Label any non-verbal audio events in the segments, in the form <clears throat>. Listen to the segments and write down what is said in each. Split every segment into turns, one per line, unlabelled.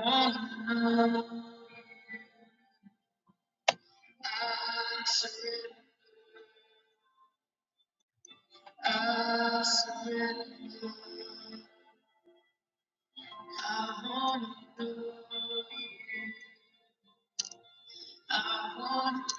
I want you. I want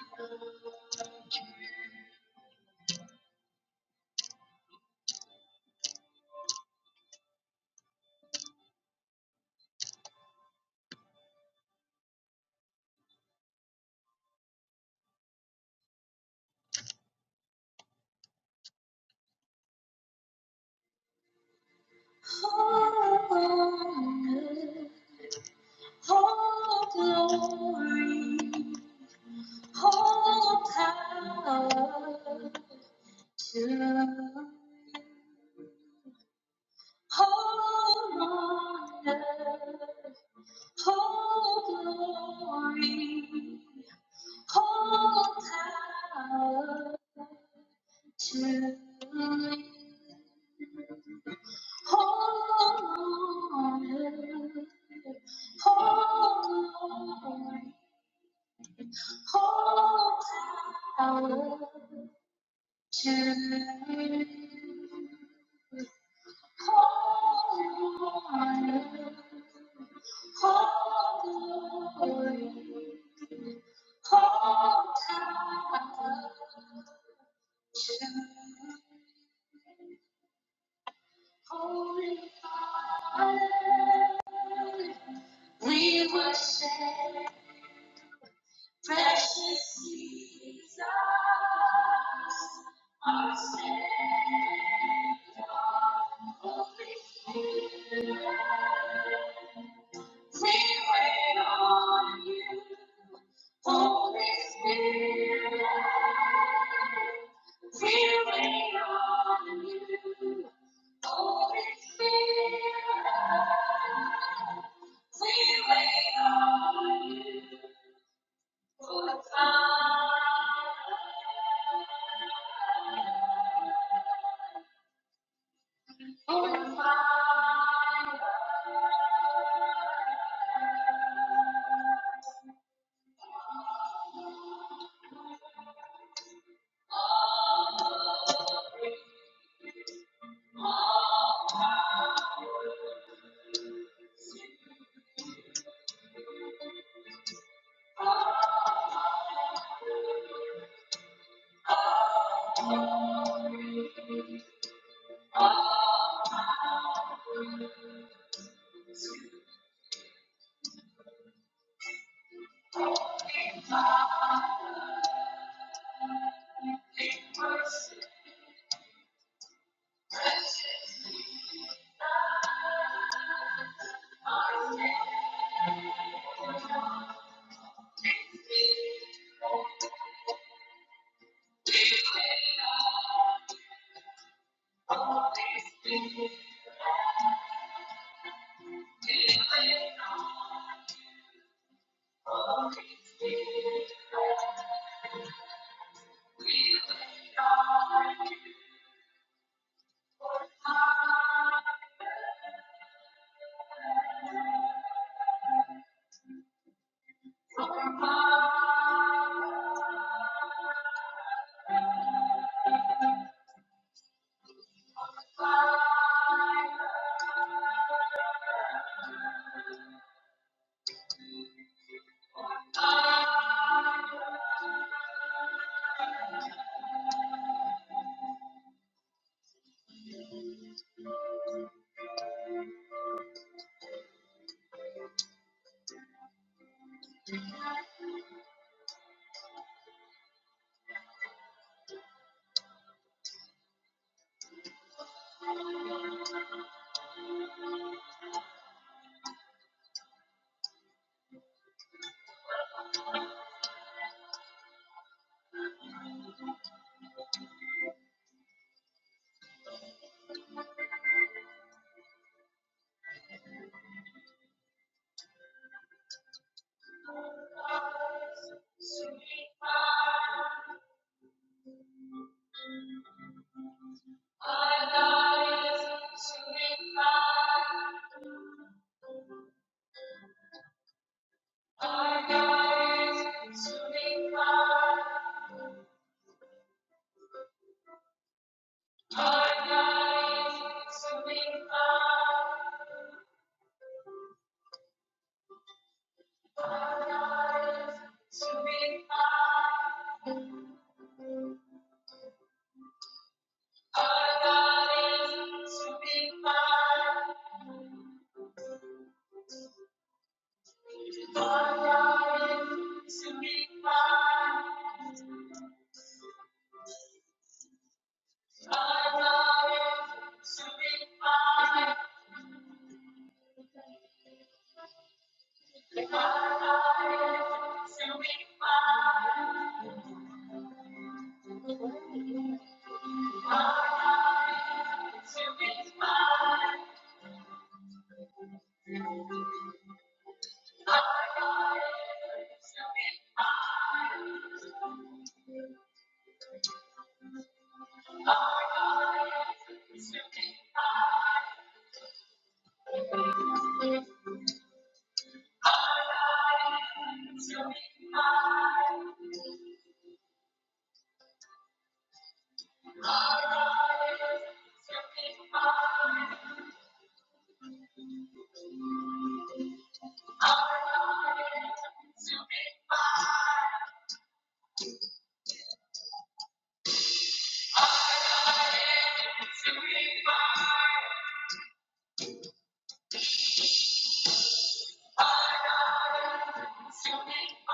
your power. Hold on, glory power to you. Holy Father, we worship precious Jesus. We wait on you, Holy Spirit. We wait on you, Holy Spirit. We wait on you for the fire, for the fire. Our God is To be Sumikpa, My God is consuming fire. My God is consuming fire. Consuming fire. My God is consuming fire. Consuming fire. Consuming fire. Consuming fire. Consuming fire. Consuming fire. Consuming fire.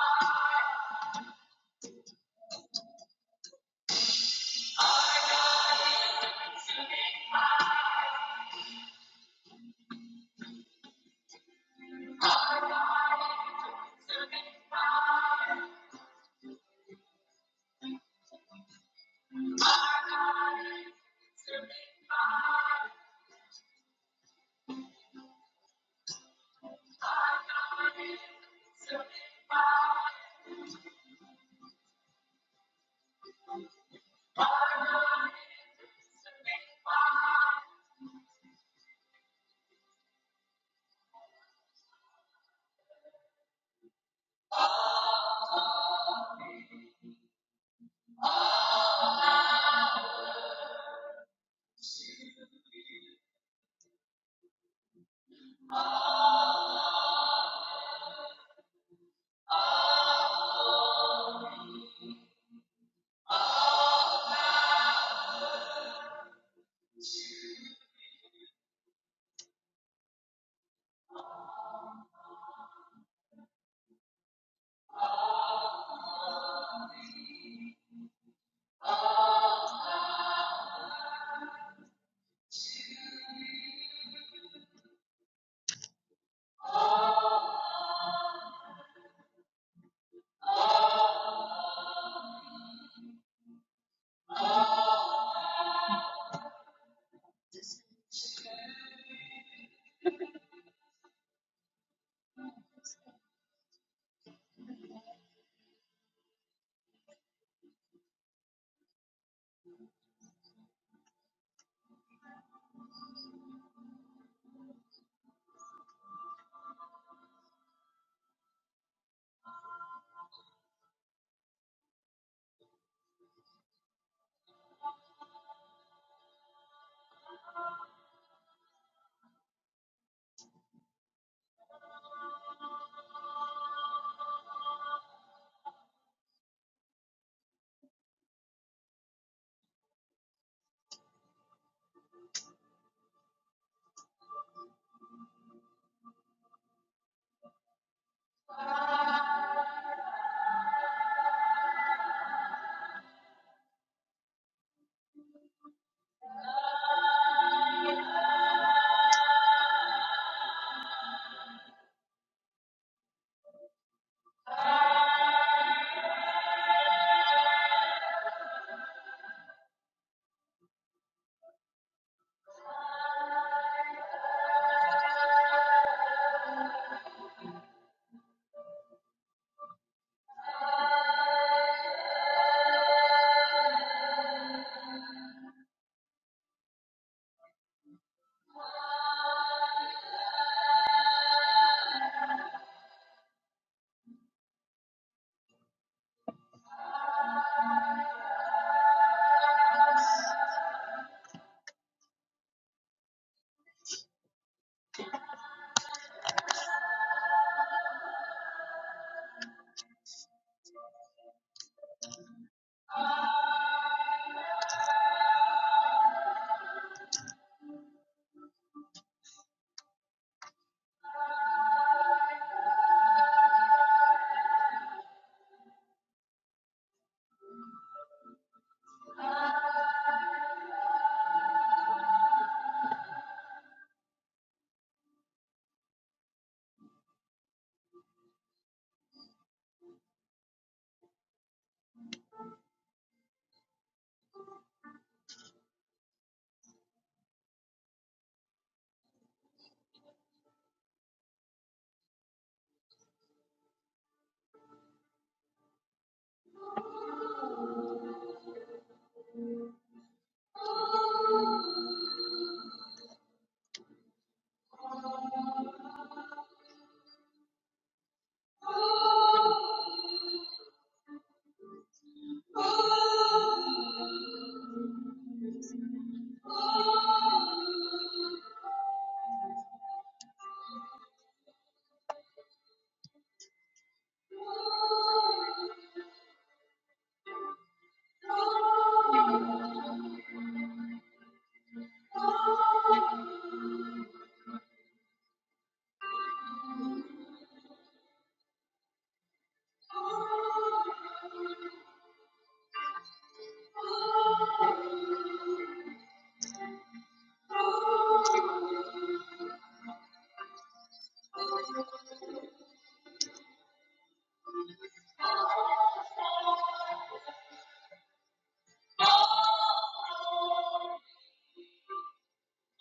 Hallelujah.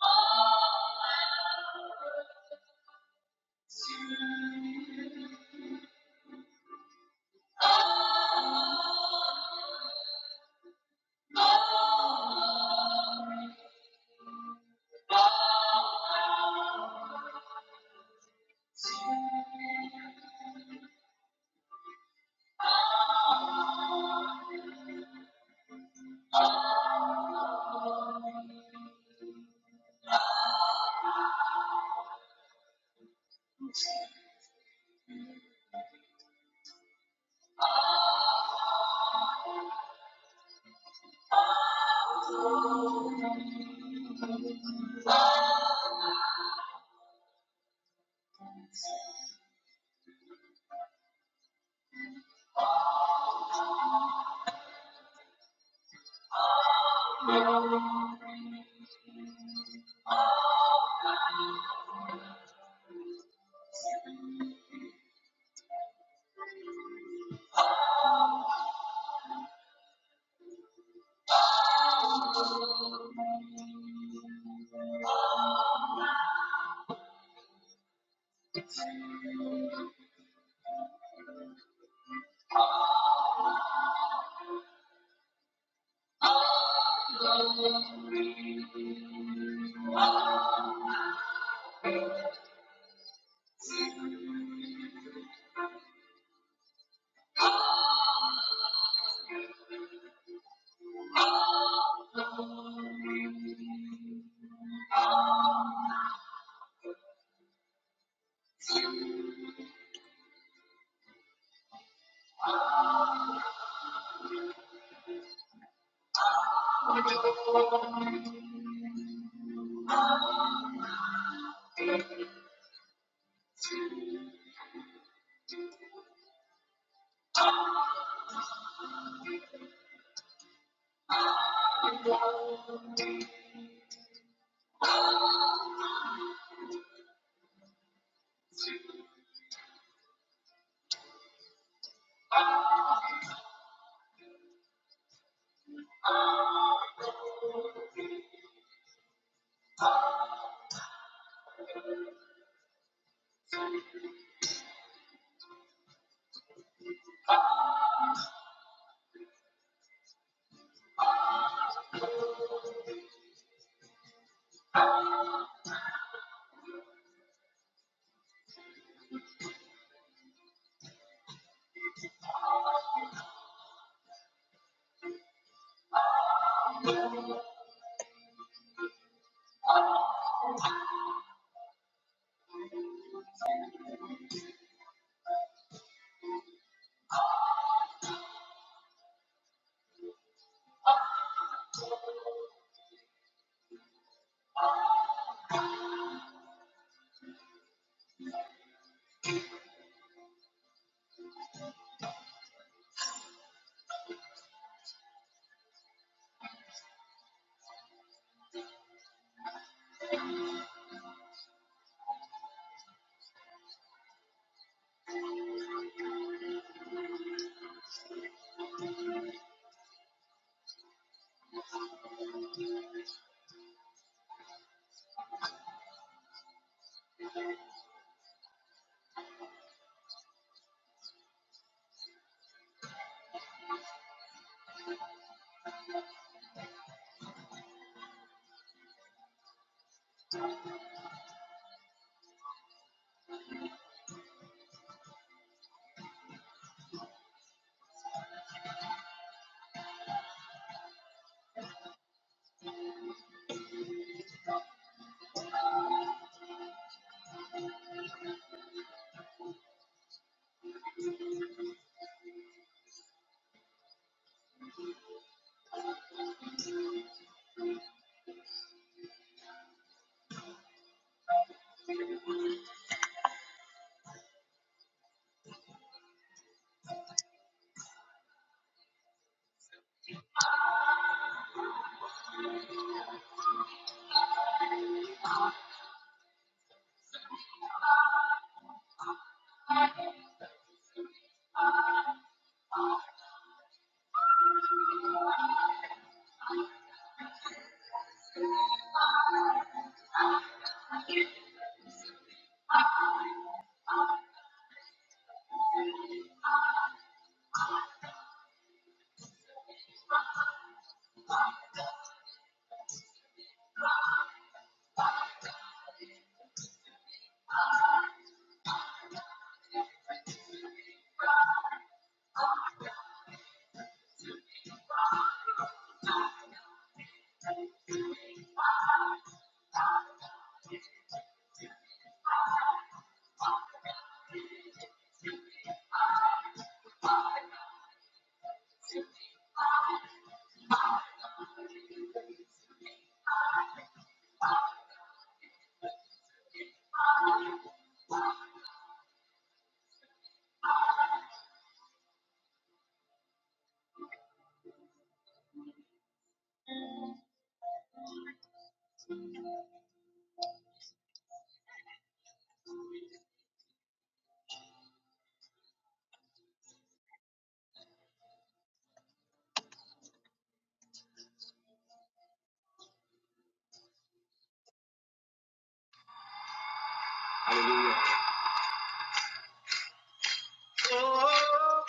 Oh,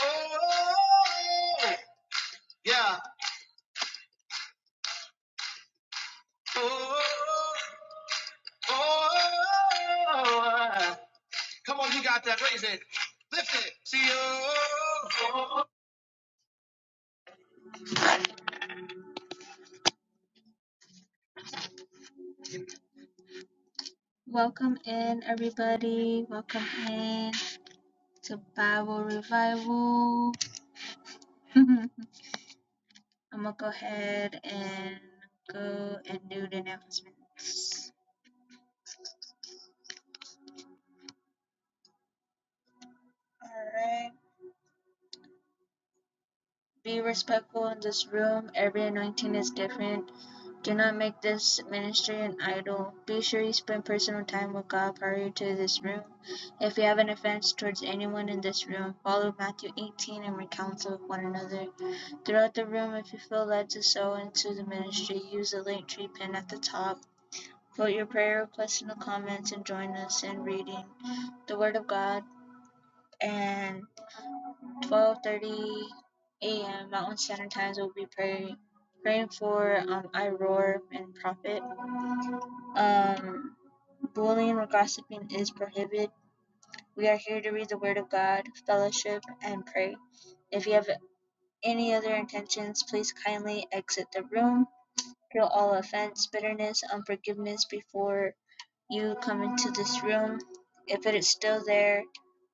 oh, yeah. Oh, oh, Come on, you got that. Raise it. Lift it. See you. Oh. Welcome in, everybody. Welcome in to Bible Revival. <laughs> I'm going to go ahead and go and do the announcement. All right. Be respectful in this room. Every anointing is different. Do not make this ministry an idol. Be sure you spend personal time with God prior to this room. If you have an offense towards anyone in this room, follow Matthew 18 and recounsel with one another. Throughout the room, if you feel led to sow into the ministry, use the link tree pin at the top. Put your prayer request in the comments and join us in reading the Word of God and 12:30 a.m. Mountain Standard Times. We'll be praying praying for um Iroar and Prophet. Um, bullying or gossiping is prohibited. We are here to read the Word of God, fellowship, and pray. If you have any other intentions, please kindly exit the room. Kill all offense, bitterness, unforgiveness before you come into this room. If it is still there,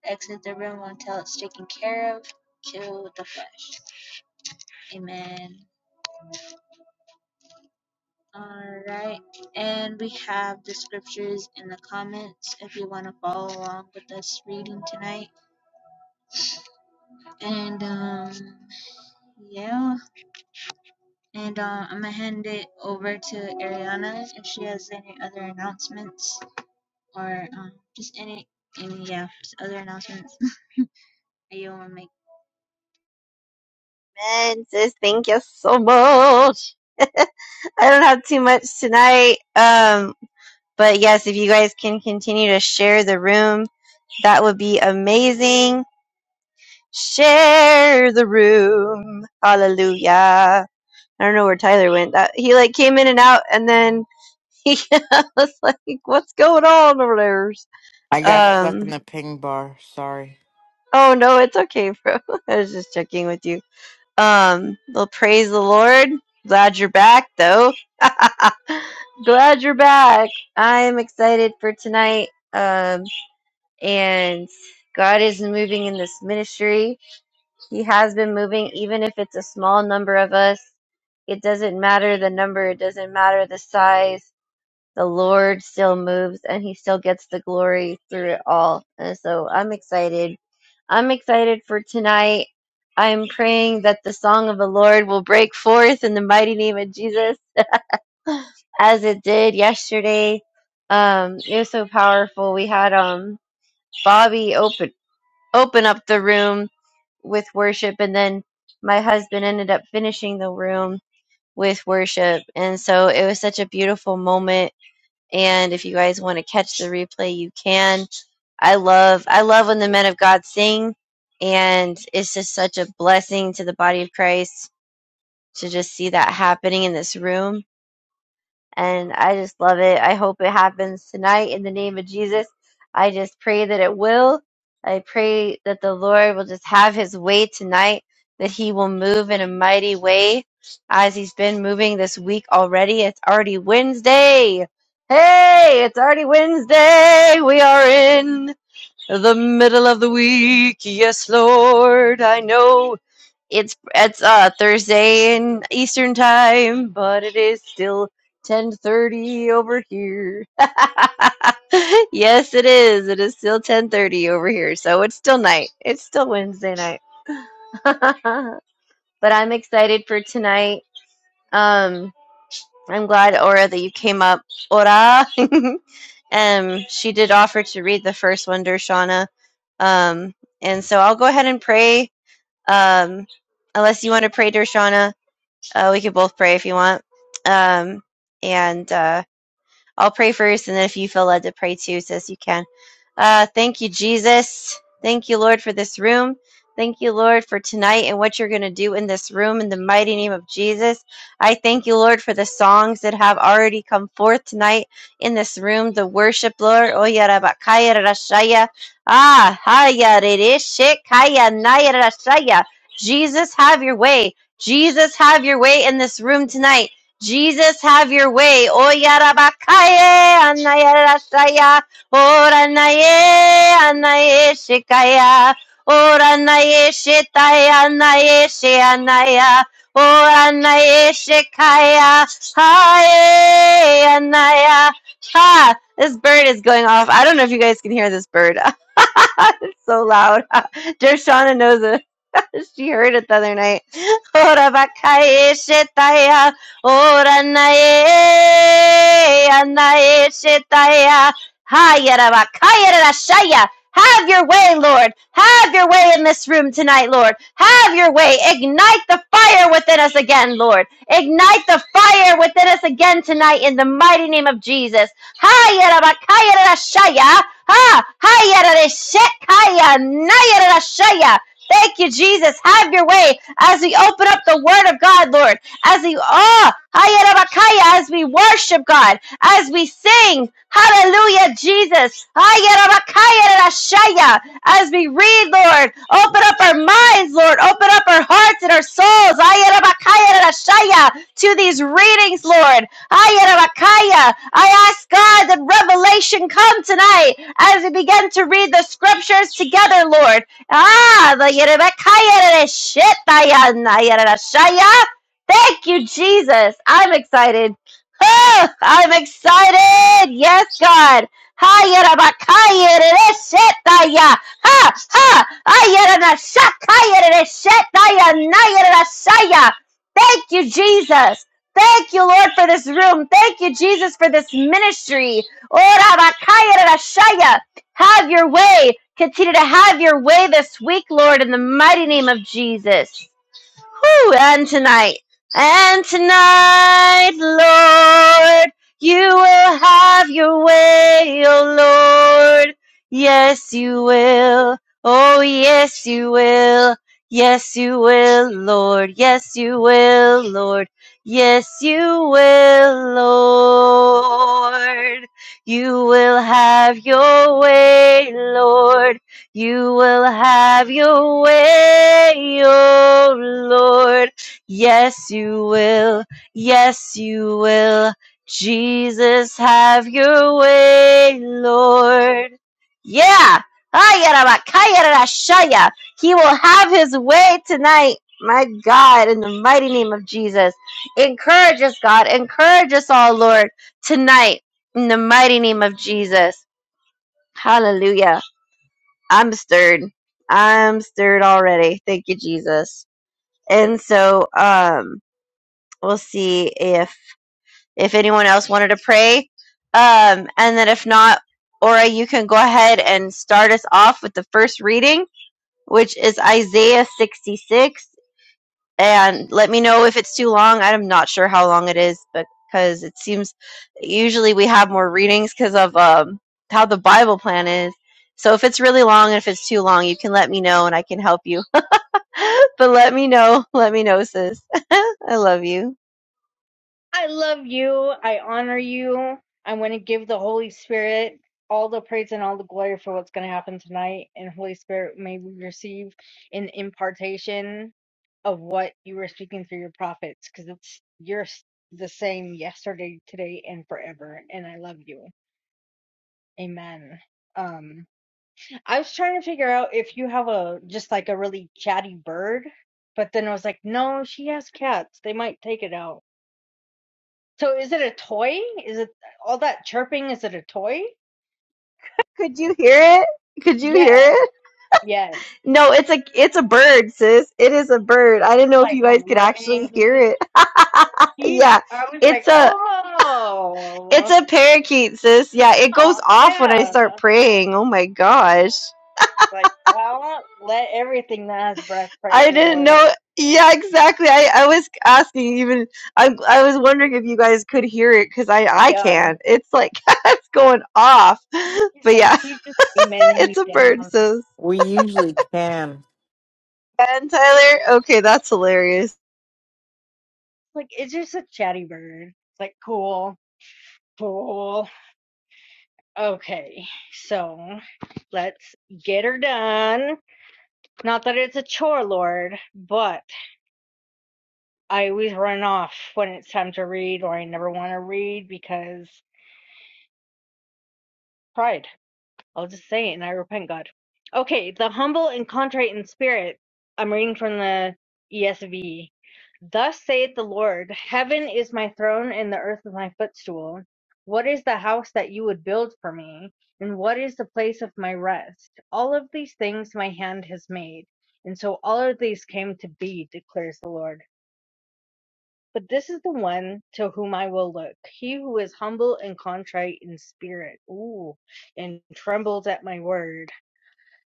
exit the room until it's taken care of. Kill the flesh. Amen. All right. And we have the scriptures in the comments if you want to follow along with us reading tonight. And um yeah, and uh, I'm gonna hand it over to Ariana if she has any other announcements or um just any any yeah, just other announcements. that you want to make?
And sis, thank you so much. <laughs> I don't have too much tonight. Um, but yes, if you guys can continue to share the room, that would be amazing. Share the room. Hallelujah. I don't know where Tyler went. That, he like came in and out and then <laughs> he was like, what's going on over there?
I got stuck in
Um,
the ping bar. Sorry.
oh no, it's okay, bro. <laughs> I was just checking with you. Um, well, praise the Lord. Glad you're back, though. <laughs> Glad you're back. I am excited for tonight. Um, and God is moving in this ministry. He has been moving, even if it's a small number of us. It doesn't matter the number. It doesn't matter the size the Lord still moves and he still gets the glory through it all. And so I'm excited. I'm excited for tonight. I'm praying that the song of the Lord will break forth in the mighty name of Jesus as it did yesterday. Um, it was so powerful. We had um Bobby open open up the room with worship, and then my husband ended up finishing the room with worship. And so it was such a beautiful moment and if you guys want to catch the replay, you can. I love I love when the men of God sing and it's just such a blessing to the body of Christ to just see that happening in this room and I just love it. I hope it happens tonight in the name of Jesus. I just pray that it will. I pray that the Lord will just have his way tonight, that he will move in a mighty way as he's been moving this week already. It's already Wednesday. Hey, it's already Wednesday. We are in the middle of the week. Yes, Lord, I know it's it's uh Thursday in Eastern time, but it is still 10:30 over here. <laughs> yes, it is. It is still 10:30 over here, so it's still night. It's still Wednesday night. <laughs> but I'm excited for tonight. Um I'm glad Aura that you came up. Aura. <laughs> Um, she did offer to read the first one, Dershana. Um, and so I'll go ahead and pray. Um, unless you want to pray, Dershana, uh, we could both pray if you want. Um, and uh, I'll pray first, and then if you feel led to pray too, sis, you can. Uh, thank you, Jesus. Thank you, Lord, for this room. Thank you, Lord, for tonight and what you're going to do in this room in the mighty name of Jesus. I thank you, Lord, for the songs that have already come forth tonight in this room. The worship, Lord. Oya rabakaya rashaya. Ah, haya rereshe kaya naya rashaya. Jesus, have your way. Jesus, have your way in this room tonight. Jesus, have your way. Oyarabakaye, anayarashaya, oranaye, anayeshikaya, oranayeshitaya, anayeshe, anaya, oranayeshikaya, haye, anaya. Ha! This bird is going off. I don't know if you guys can hear this bird. <laughs> it's so loud. <laughs> Dershana knows it. <laughs> she heard it the other night. Ora bakaye shetaya, ora nae, anae shetaya, hayara bakaya rashaya. Have your way, Lord. Have your way in this room tonight, Lord. Have your way. Ignite the fire within us again, Lord. Ignite the fire within us again tonight in the mighty name of Jesus. Hayara bakaya rashaya. Ha! Hayara reshekaya, nayara rashaya. Thank you, Jesus. Have your way as we open up the Word of God, Lord. As we ah, hayarabakaya, as we worship God, as we sing, Hallelujah, Jesus. Hayarabakaya rashaya, As we read, Lord, open up our minds, Lord. Open up our hearts and our souls. Hayarabakaya rashaya, To these readings, Lord. Hayarabakaya. I ask God that revelation come tonight as we begin to read the scriptures together, Lord. Ah, the Yerebekaya shit Shaya. Thank you, Jesus. I'm excited. Ah, I'm excited. Yes, God. Ha Yerebekaya shit Ha ha. Ayeranashakaya shit Shaya. Thank you, Jesus. Thank you, Lord, for this room. Thank you, Jesus, for this ministry. Ora bakaya have your way. Continue to have your way this week, Lord, in the mighty name of Jesus. Woo! And tonight, and tonight, Lord, you will have your way, oh Lord. Yes, you will. Oh, yes, you will. Yes, you will, Lord. Yes, you will, Lord. Yes, you will, Lord. You will have your way, Lord. You will have your way, oh Lord. Yes, you will. Yes, you will. Jesus, have your way, Lord. Yeah. Ayarabakayarashaya. He will have his way tonight. My God, in the mighty name of Jesus. Encourage us, God. Encourage us all, Lord, tonight, in the mighty name of Jesus. Hallelujah. I'm stirred. I'm stirred already. Thank you, Jesus. And so, um, we'll see if if anyone else wanted to pray. Um, and then if not, Ora, you can go ahead and start us off with the first reading, which is Isaiah 66 and let me know if it's too long. I'm not sure how long it is but because it seems usually we have more readings because of um, how the Bible plan is. So if it's really long and if it's too long, you can let me know and I can help you. <laughs> but let me know. Let me know, sis. <laughs> I love you.
I love you. I honor you. I want to give the Holy Spirit all the praise and all the glory for what's going to happen tonight. And Holy Spirit, may we receive an impartation of what you were speaking through your prophets because it's you're s- the same yesterday, today, and forever. And I love you. Amen. Um, I was trying to figure out if you have a just like a really chatty bird, but then I was like, no, she has cats. They might take it out. So is it a toy? Is it all that chirping? Is it a toy?
Could you hear it? Could you hear
Yes,
it?
yes.
No, it's a it's a bird, sis. It is a bird. I didn't know if
Like
you guys
home
could
living.
actually hear
Mhm.
it. <laughs>
She's.
yeah,
I was like,
it's a It's
oh,
a parakeet, sis. Yeah, it goes
oh,
off when I
yeah.
start praying. Oh my gosh.
Like, well, let everything that has breath praise
I
the
didn't
Lord.
know. Yeah, exactly. I, I was asking even I I was wondering if you guys could hear it cuz I
Oh
I
yeah.
can. It's like <laughs> it's going off.
She's
But
like,
yeah,
she's just beaming
<laughs>
me
it's a
down.
bird, sis.
We usually can.
And Tyler, okay, that's hilarious.
Like, it's just a chatty bird. It's like, cool, cool. Okay, so let's get her done. Not that it's a chore, Lord, but. I always run off when it's time to read, or I never want to read because pride. I'll just say it and I repent, God. Okay, the humble and contrite in spirit. I'm reading from the ESV. Thus saith the Lord Heaven is my throne, and the earth is my footstool. What is the house that you would build for me? And what is the place of my rest? All of these things my hand has made. And so all of these came to be, declares the Lord. But this is the one to whom I will look, he who is humble and contrite in spirit, ooh, and trembles at my word.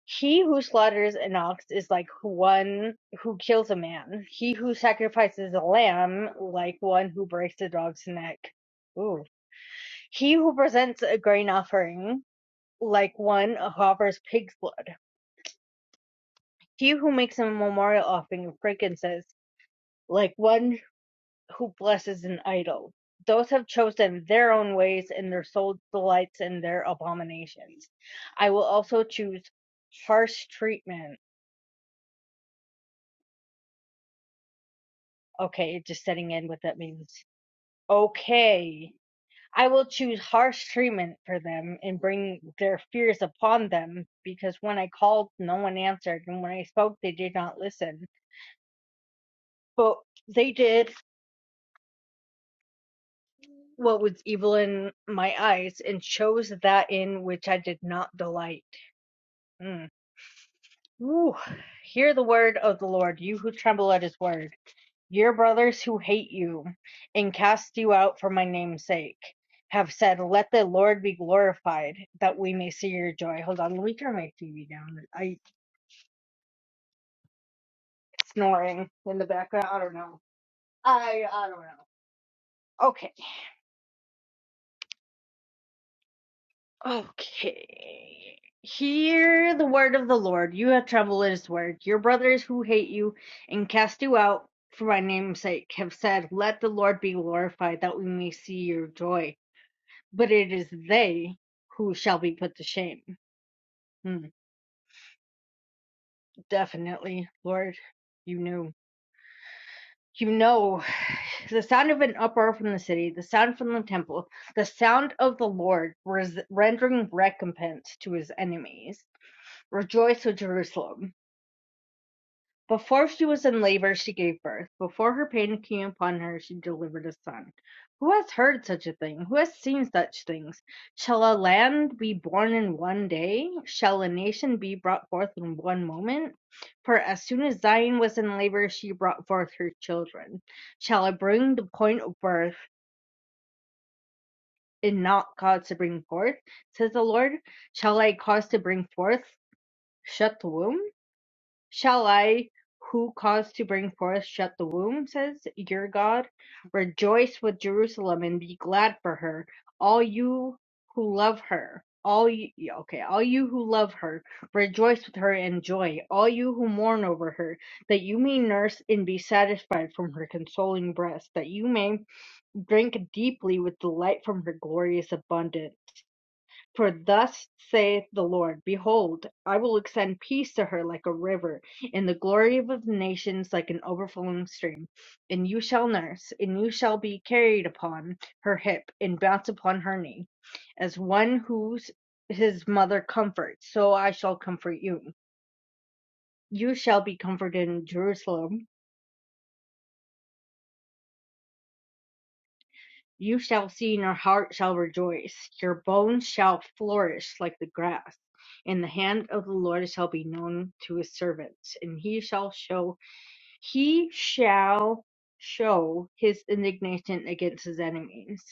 He who slaughters an ox is like one who kills a man. He who sacrifices a lamb, like one who breaks a dog's neck. Ooh. He who presents a grain offering, like one who offers pig's blood. He who makes a memorial offering of frankincense, like one who blesses an idol. Those have chosen their own ways, and their soul delights in their abominations. I will also choose harsh treatment. Okay, just setting in what that means. Okay. I will choose harsh treatment for them and bring their fears upon them, because when I called, no one answered, and when I spoke, they did not listen. But they did what was evil in my eyes and chose that in which I did not delight. Hmm. Woo. Hear the word of the Lord, you who tremble at his word. Your brothers who hate you and cast you out for my name's sake have said, Let the Lord be glorified, that we may see your joy. Hold on, let me turn my TV down. I snoring in the background. I don't know. I I don't know. Okay. Okay. Hear the word of the Lord. You have trembled at his word. Your brothers who hate you and cast you out for my name's sake have said, Let the Lord be glorified, that we may see your joy. But it is they who shall be put to shame. Hmm, definitely, Lord, you knew. You know <sighs> the sound of an uproar from the city, the sound from the temple, the sound of the Lord res- rendering recompense to his enemies. Rejoice, O Jerusalem Before she was in labour she gave birth; before her pain came upon her she delivered a son. Who has heard such a thing? Who has seen such things? Shall a land be born in one day? Shall a nation be brought forth in one moment? For as soon as Zion was in labour she brought forth her children. Shall I bring the point of birth and not cause to bring forth? says the Lord. Shall I cause to bring forth? Shut the womb? Shall I, who caused to bring forth shut the womb, says your God? Rejoice with Jerusalem and be glad for her, all you who love her. All you, yeah, okay, all you who love her, rejoice with her and joy. All you who mourn over her, that you may nurse and be satisfied from her consoling breast, that you may drink deeply with delight from her glorious abundance. For thus saith the Lord, Behold, I will extend peace to her like a river, and the glory of the nations like an overflowing stream. And you shall nurse, and you shall be carried upon her hip, and bounce upon her knee. As one whose his mother comforts, so I shall comfort you. You shall be comforted in Jerusalem You shall see and your heart shall rejoice. Your bones shall flourish like the grass. And the hand of the Lord shall be known to his servants, and he shall show he shall show his indignation against his enemies.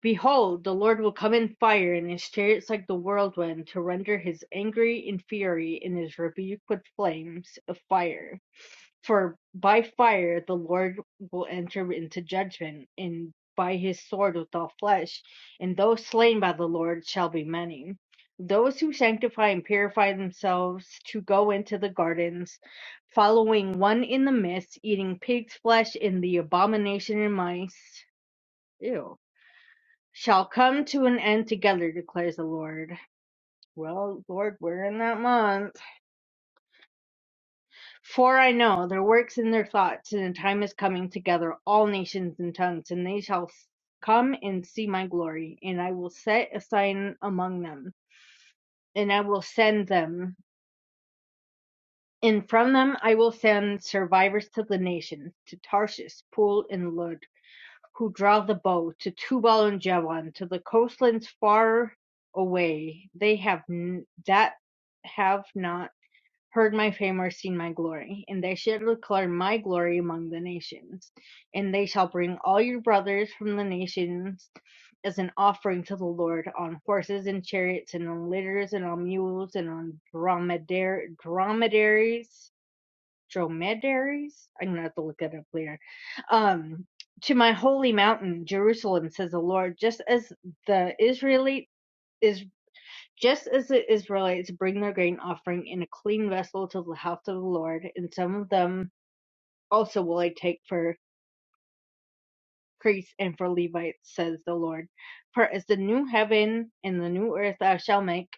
Behold, the Lord will come in fire in his chariots like the whirlwind, to render his angry and fury and his rebuke with flames of fire. For by fire the Lord will enter into judgment, and by his sword with all flesh, and those slain by the Lord shall be many. Those who sanctify and purify themselves to go into the gardens, following one in the midst, eating pig's flesh and the abomination and mice. Ew shall come to an end together, declares the Lord. Well, Lord, we're in that month. For I know their works and their thoughts, and a time is coming together, all nations and tongues, and they shall come and see my glory, and I will set a sign among them, and I will send them. And from them I will send survivors to the nations, to Tarshish, Pool, and Lud. who draw the bow to Tubal and Jevon, to the coastlands far away. They have n- that have not heard my fame or seen my glory, and they shall declare my glory among the nations. And they shall bring all your brothers from the nations as an offering to the Lord on horses and chariots and on litters and on mules and on dromedar- dromedaries dromedaries. I'm gonna have to look it up later. Um, to my holy mountain, Jerusalem, says the Lord, just as the Israelite is just as the Israelites bring their grain offering in a clean vessel to the house of the Lord, and some of them also will I take for priests and for Levites, says the Lord. For as the new heaven and the new earth I shall make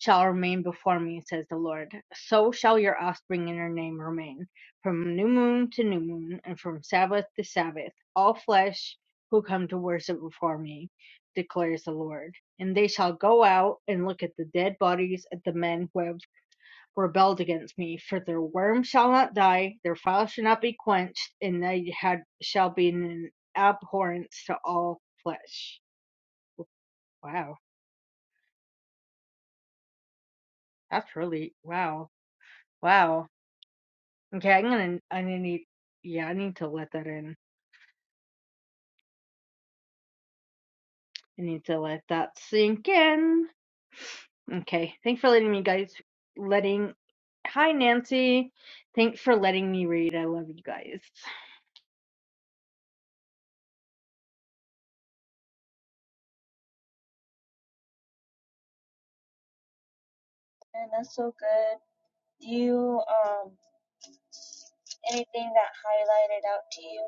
shall remain before me, says the Lord, so shall your offspring and your name remain. From new moon to new moon, and from Sabbath to Sabbath, all flesh who come to worship before me, declares the Lord. And they shall go out and look at the dead bodies of the men who have rebelled against me. For their worm shall not die, their fire shall not be quenched, and they had shall be an abhorrence to all flesh. Wow, that's really wow, wow. Okay, I'm gonna, I need, yeah, I need to let that in. I need to let that sink in. Okay, thanks for letting me guys, letting. Hi Nancy, thanks for letting me read. I love you guys.
And that's so good. Do you um anything that highlighted out to you?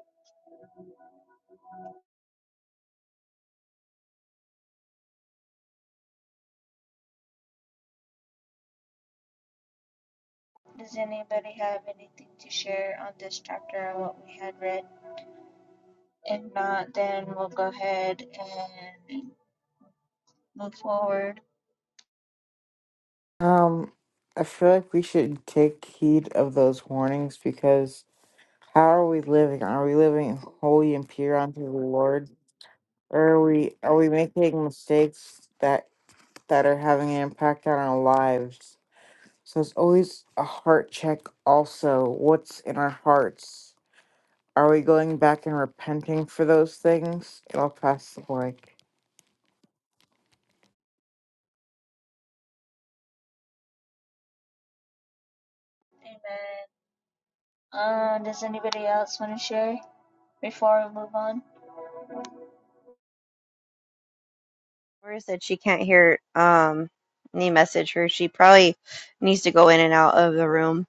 Does anybody have anything to share on this chapter or what we had read? If not, then we'll go ahead and move forward.
Um, I feel like we should take heed of those warnings because how are we living? Are we living holy and pure unto the Lord, or are we are we making mistakes that that are having an impact on our lives? So it's always a heart check. Also, what's in our hearts? Are we going back and repenting for those things? I'll pass the mic.
Amen. Um, does anybody else want to share before we move on?
Laura said she can't hear um me message her. She probably needs to go in and out of the room.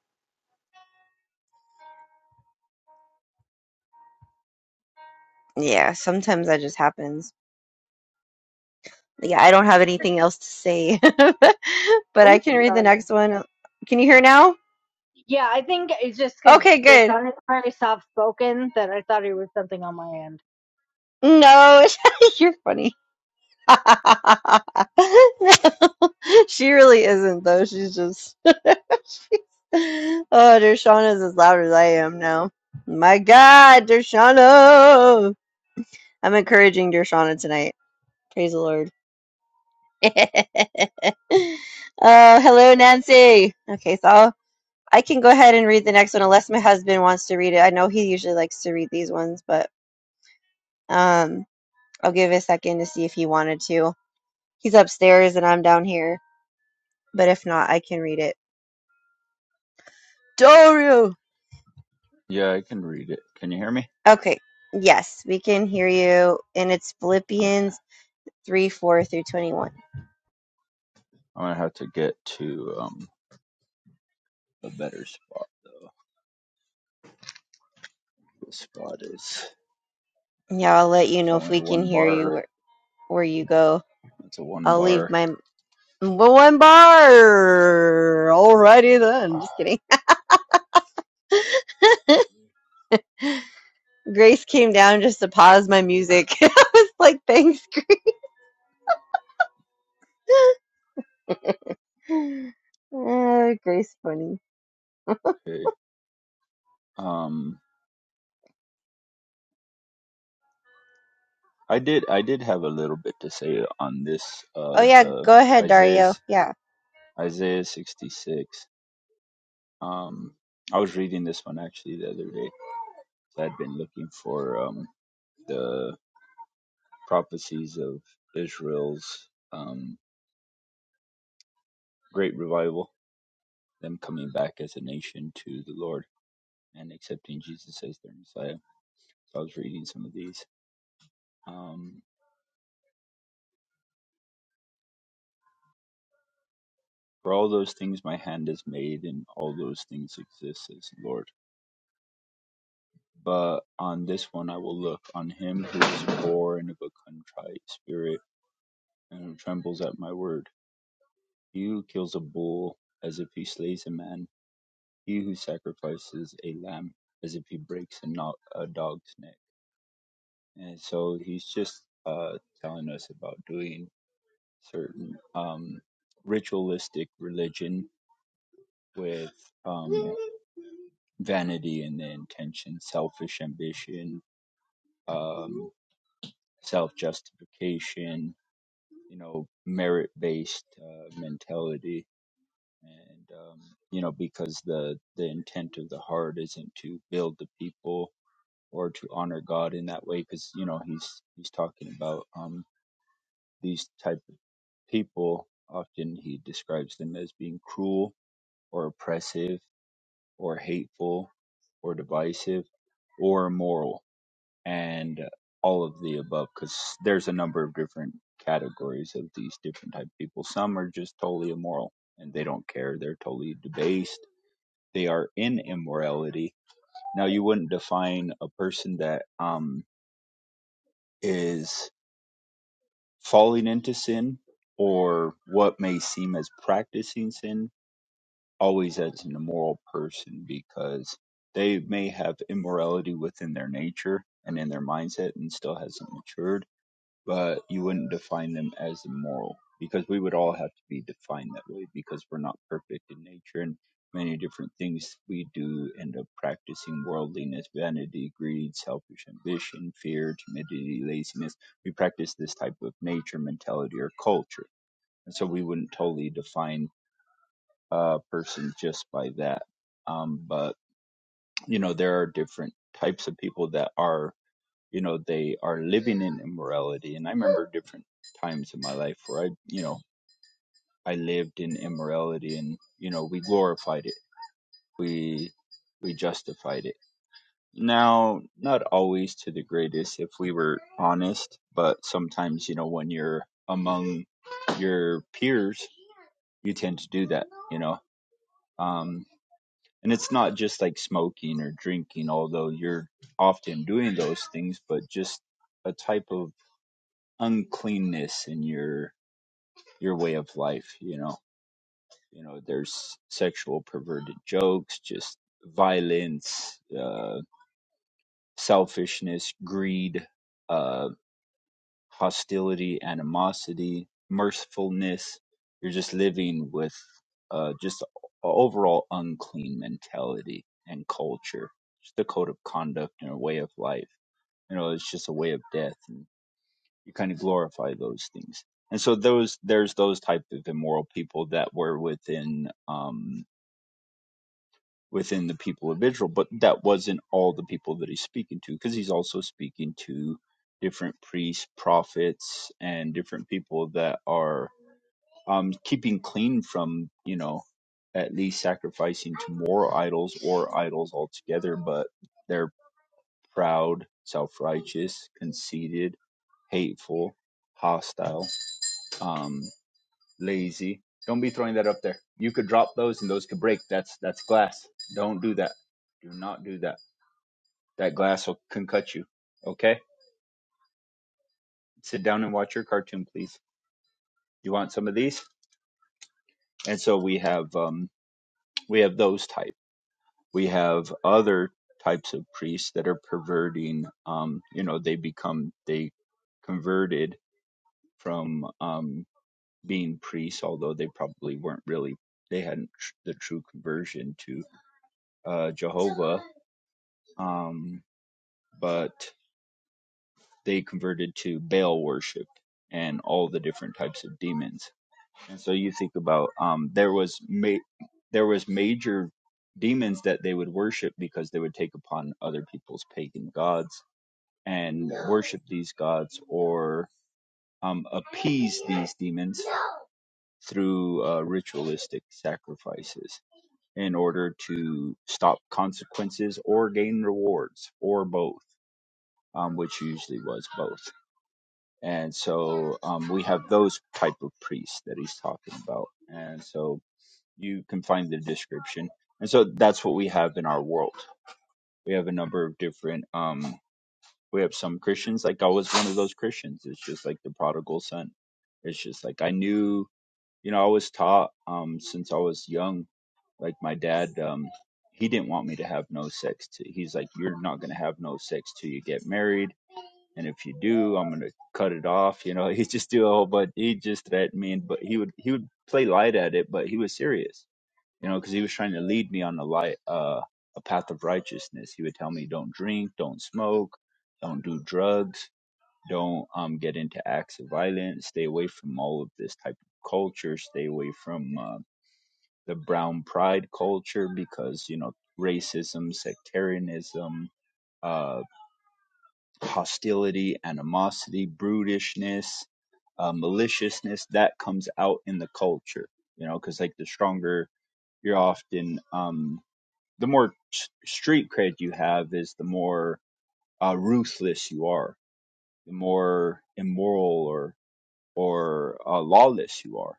Yeah, sometimes that just happens. Yeah, I don't have anything else to say, <laughs> but I
Oh,
can read the
sorry.
next one. Can you hear now?
Yeah, I think it's just because
Okay, good.
Dershon is very soft spoken that I thought it was something on my end.
No, <laughs> you're funny. <laughs> no, she really isn't though. She's just. <laughs> she's, oh, Dershana is as loud as I am now. My God, Dershana! I'm encouraging Dershana tonight. Praise the Lord. <laughs> oh, hello, Nancy. Okay, so. I can go ahead and read the next one unless my husband wants to read it. I know he usually likes to read these ones, but um, I'll give it a second to see if he wanted to. He's upstairs and I'm down here, but if not, I can read it. Dario!
Yeah, I can read it. Can you hear me?
Okay, yes, we can hear you, and it's
Okay.
Philippians 3 4 through 21.
I'm gonna have to get to um a better spot though. The spot is
Yeah, I'll let you
just
know if
only
we can
one
hear you
bar.
where, where you go.
That's a one
I'll leave
bar.
my one bar! Alrighty then,
Ah,
just kidding.
let's
Grace came down just to pause my music. <laughs> I was like, thanks. <laughs> Uh, Grace, funny.
see. Okay. Um I did I did have a little bit to say on this
Oh,
uh
yeah,
the
go ahead, Dario.
Isaiah's
Yeah. Thank
Isaiah sixty six. Um I was reading this one actually the other day. I'd been looking for um the prophecies of Israel's um great revival them coming back as a nation to the Lord and accepting Jesus as their Messiah. So I was reading some of these. Um, For all those things my hand has made, and all those things exist, says the Lord. But on this one I will look, on him who is poor and of a contrite spirit, and who trembles at my word. He who kills a bull as if he slays a man, he who sacrifices a lamb as if he breaks a, no- a dog's neck. And so he's just uh, telling us about doing certain um, ritualistic religion with um, vanity in the intention, selfish ambition, um, self justification, you know, merit based uh, mentality. And, um, you know, because the, the intent of the heart isn't to build the people or to honor God in that way, because, you know, he's, he's talking about um, these type of people. Often he describes them as being cruel or oppressive or hateful or divisive or immoral and all of the above because there's a number of different categories of these different type of people some are just totally immoral and they don't care they're totally debased they are in immorality now you wouldn't define a person that um is falling into sin or what may seem as practicing sin always as an immoral person because they may have immorality within their nature and in their mindset and still hasn't matured, but you wouldn't define them as immoral because we would all have to be defined that way because we're not perfect in nature and many different things we do end up practicing worldliness, vanity, greed, selfish ambition, fear, timidity, laziness. We practice this type of nature mentality or culture. And so we wouldn't totally define uh, person just by that. Um, but you know, there are different types of people that are, you know, they are living in immorality. And I remember different times in my life where I, you know, I lived in immorality, and you know, we glorified it, we we justified it. Now, not always to the greatest, if we were honest, but sometimes, you know, when you're among your peers, you tend to do that, you know. Um, And it's not just like smoking or drinking, although you're often doing those things, but just a type of uncleanness in your your way of life, you know. You know, there's sexual perverted jokes, just violence, uh, selfishness, greed. uh, hostility, animosity, mercifulness. You're just living with uh, just a overall unclean mentality and culture, just a code of conduct and a way of life. You know, it's just a way of death, and you kind of glorify those things. And so those there's those type of immoral people that were within. um, within the people of Israel, but that wasn't all the people that he's speaking to, because he's also speaking to different priests, prophets, and different people that are um, keeping clean from, you know, at least sacrificing to more idols or idols altogether, but they're proud, self righteous, conceited, hateful, hostile. Um, lazy. Don't be throwing that up there. You could drop those and those could break. That's that's glass. Don't do that. Do not do that. That glass will, can cut you. Okay? Sit down and watch your cartoon, please. You want some of these? And so we have um we have those type. We have other types of priests that are perverting um you know they become they converted from um being priests although they probably weren't really they hadn't tr- the true conversion to uh Jehovah um, but they converted to Baal worship and all the different types of demons. And so you think about um, there was ma- there was major demons that they would worship because they would take upon other people's pagan gods and worship these gods or um, appease these demons through uh, ritualistic sacrifices in order to stop consequences or gain rewards or both, um, which usually was both. and so um, we have those type of priests that he's talking about and so you can find the description and so that's what we have in our world we have a number of different um, we have some christians like i was one of those christians it's just like the prodigal son it's just like i knew you know i was taught um, since i was young like my dad um, he didn't want me to have no sex to, he's like you're not going to have no sex till you get married and if you do, I'm gonna cut it off. You know, <laughs> he just do a whole bunch. He just threatened me, but he would he would play light at it, but he was serious. You know, because he was trying to lead me on a light, uh, a path of righteousness. He would tell me, don't drink, don't smoke, don't do drugs, don't um get into acts of violence, stay away from all of this type of culture, stay away from uh, the brown pride culture because you know racism, sectarianism. uh hostility, animosity, brutishness, uh, maliciousness that comes out in the culture, you know, because like the stronger you're often, um, the more s- street cred you have is the more uh, ruthless you are, the more immoral or or uh, lawless you are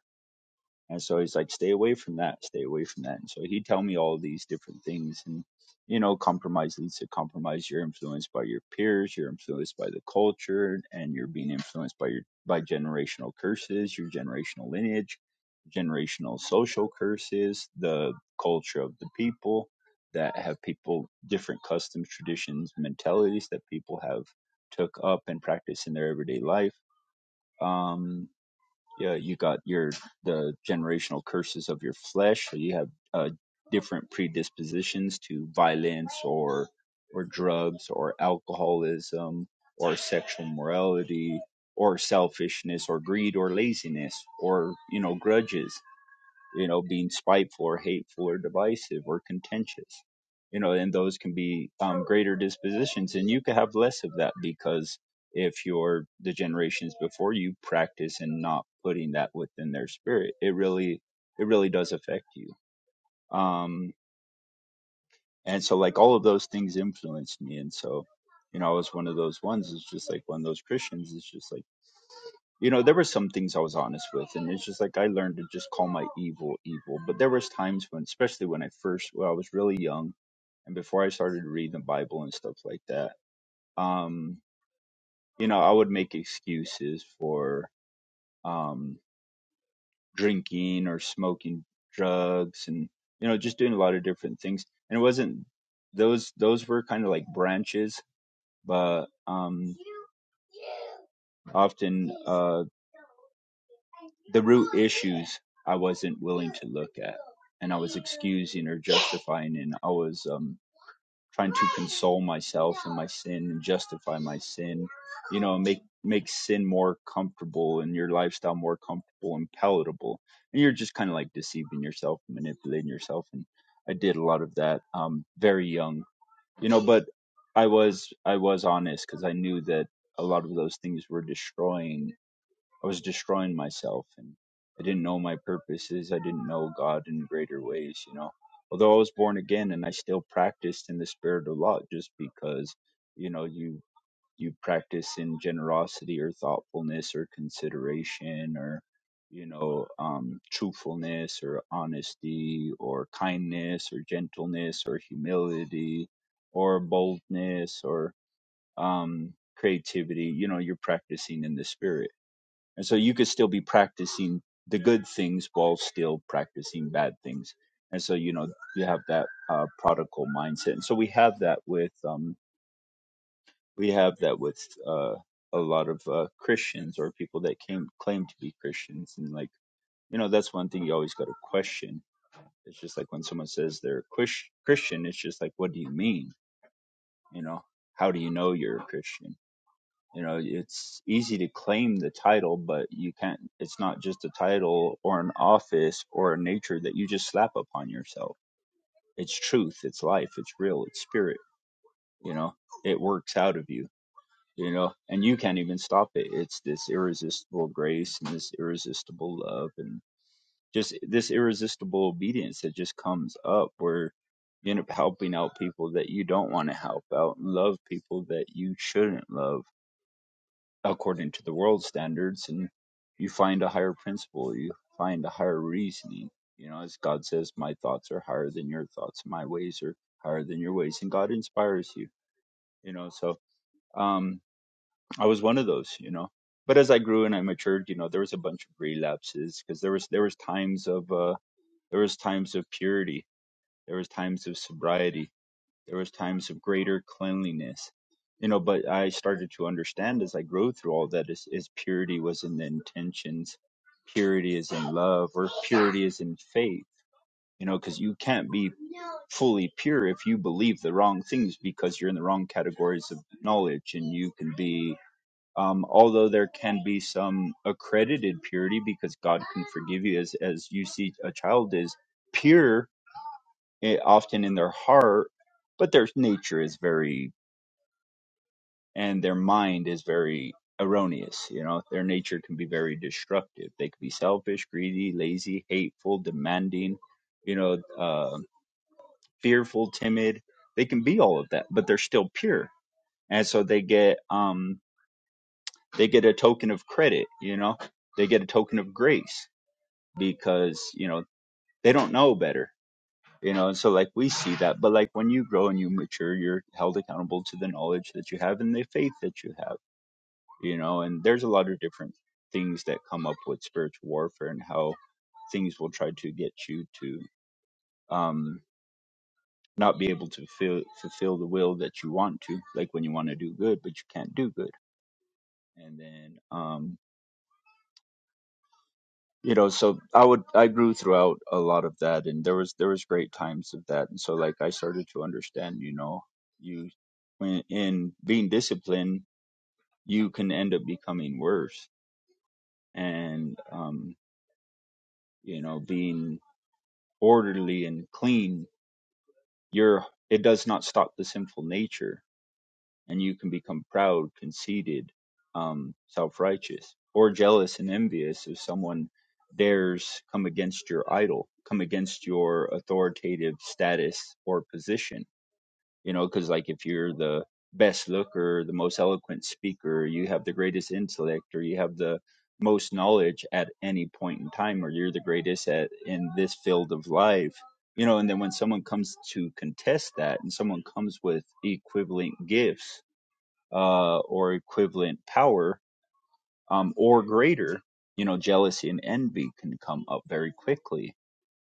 and so he's like, stay away from that, stay away from that. And so he'd tell me all these different things. And, you know, compromise leads to compromise. You're influenced by your peers, you're influenced by the culture, and you're being influenced by your by generational curses, your generational lineage, generational social curses, the culture of the people that have people different customs, traditions, mentalities that people have took up and practiced in their everyday life. Um, yeah, you got your the generational curses of your flesh. So you have uh, different predispositions to violence or or drugs or alcoholism or sexual morality or selfishness or greed or laziness or you know grudges you know, being spiteful or hateful or divisive or contentious. You know, and those can be um, greater dispositions, and you can have less of that because if you're the generations before you practice and not putting that within their spirit, it really, it really does affect you. Um, and so, like all of those things influenced me, and so, you know, I was one of those ones. It's just like one of those Christians. It's just like you know there were some things i was honest with and it's just like i learned to just call my evil evil but there was times when especially when i first well, i was really young and before i started reading the bible and stuff like that um you know i would make excuses for um drinking or smoking drugs and you know just doing a lot of different things and it wasn't those those were kind of like branches but um often uh, The root issues I wasn't willing to look at, and I was excusing or justifying, and I was um, trying to console myself in my sin and justify my sin, you know, make make sin more comfortable and your lifestyle more comfortable and palatable, and you're just kind of like deceiving yourself, manipulating yourself, and I did a lot of that um, very young, you know, but I was I was honest because I knew that a lot of those things were destroying I was destroying myself and I didn't know my purposes. I didn't know God in greater ways, you know. Although I was born again and I still practiced in the spirit a lot just because, you know, you you practice in generosity or thoughtfulness or consideration or you know um truthfulness or honesty or kindness or gentleness or humility or boldness or um creativity you know you're practicing in the spirit and so you could still be practicing the good things while still practicing bad things. And so, you know, you have that uh, prodigal mindset. And so we have that with, um, we have that with uh, a lot of uh, Christians or people that came, claim to be Christians. And like, you know, that's one thing you always got to question. It's just like when someone says they're a Chris- Christian, it's just like, what do you mean? You know, how do you know you're a Christian? you know it's easy to claim the title but you can't it's not just a title or an office or a nature that you just slap upon yourself it's truth it's life it's real it's spirit you know it works out of you you know and you can't even stop it it's this irresistible grace and this irresistible love and just this irresistible obedience that just comes up where you end up helping out people that you don't want to help out and love people that you shouldn't love according to the world standards and you find a higher principle you find a higher reasoning you know as god says my thoughts are higher than your thoughts my ways are higher than your ways and god inspires you you know so um i was one of those you know but as i grew and i matured you know there was a bunch of relapses because there was there was times of uh there was times of purity there was times of sobriety there was times of greater cleanliness, you know. But I started to understand as I grew through all that is, is purity was in the intentions, purity is in love, or purity is in faith. You know, because you can't be fully pure if you believe the wrong things because you're in the wrong categories of knowledge, and you can be. Um, although there can be some accredited purity because God can forgive you, as as you see a child is pure eh, often in their heart, but their nature is very and their mind is very erroneous. You know, their nature can be very destructive. They could be selfish, greedy, lazy, hateful, demanding, you know, uh, fearful, timid. They can be all of that, but they're still pure, and so they get um they get a token of credit. You know, they get a token of grace because you know they don't know better. You know, and so like we see that, but like when you grow and you mature, you're held accountable to the knowledge that you have and the faith that you have you know and there's a lot of different things that come up with spiritual warfare and how things will try to get you to um not be able to feel, fulfill the will that you want to like when you want to do good but you can't do good and then um you know so i would i grew throughout a lot of that and there was there was great times of that and so like i started to understand you know you when in being disciplined you can end up becoming worse and um you know being orderly and clean, your it does not stop the sinful nature, and you can become proud, conceited, um, self-righteous, or jealous and envious if someone dares come against your idol, come against your authoritative status or position you know because like if you're the best looker the most eloquent speaker you have the greatest intellect or you have the most knowledge at any point in time or you're the greatest at in this field of life you know and then when someone comes to contest that and someone comes with equivalent gifts uh or equivalent power um or greater you know jealousy and envy can come up very quickly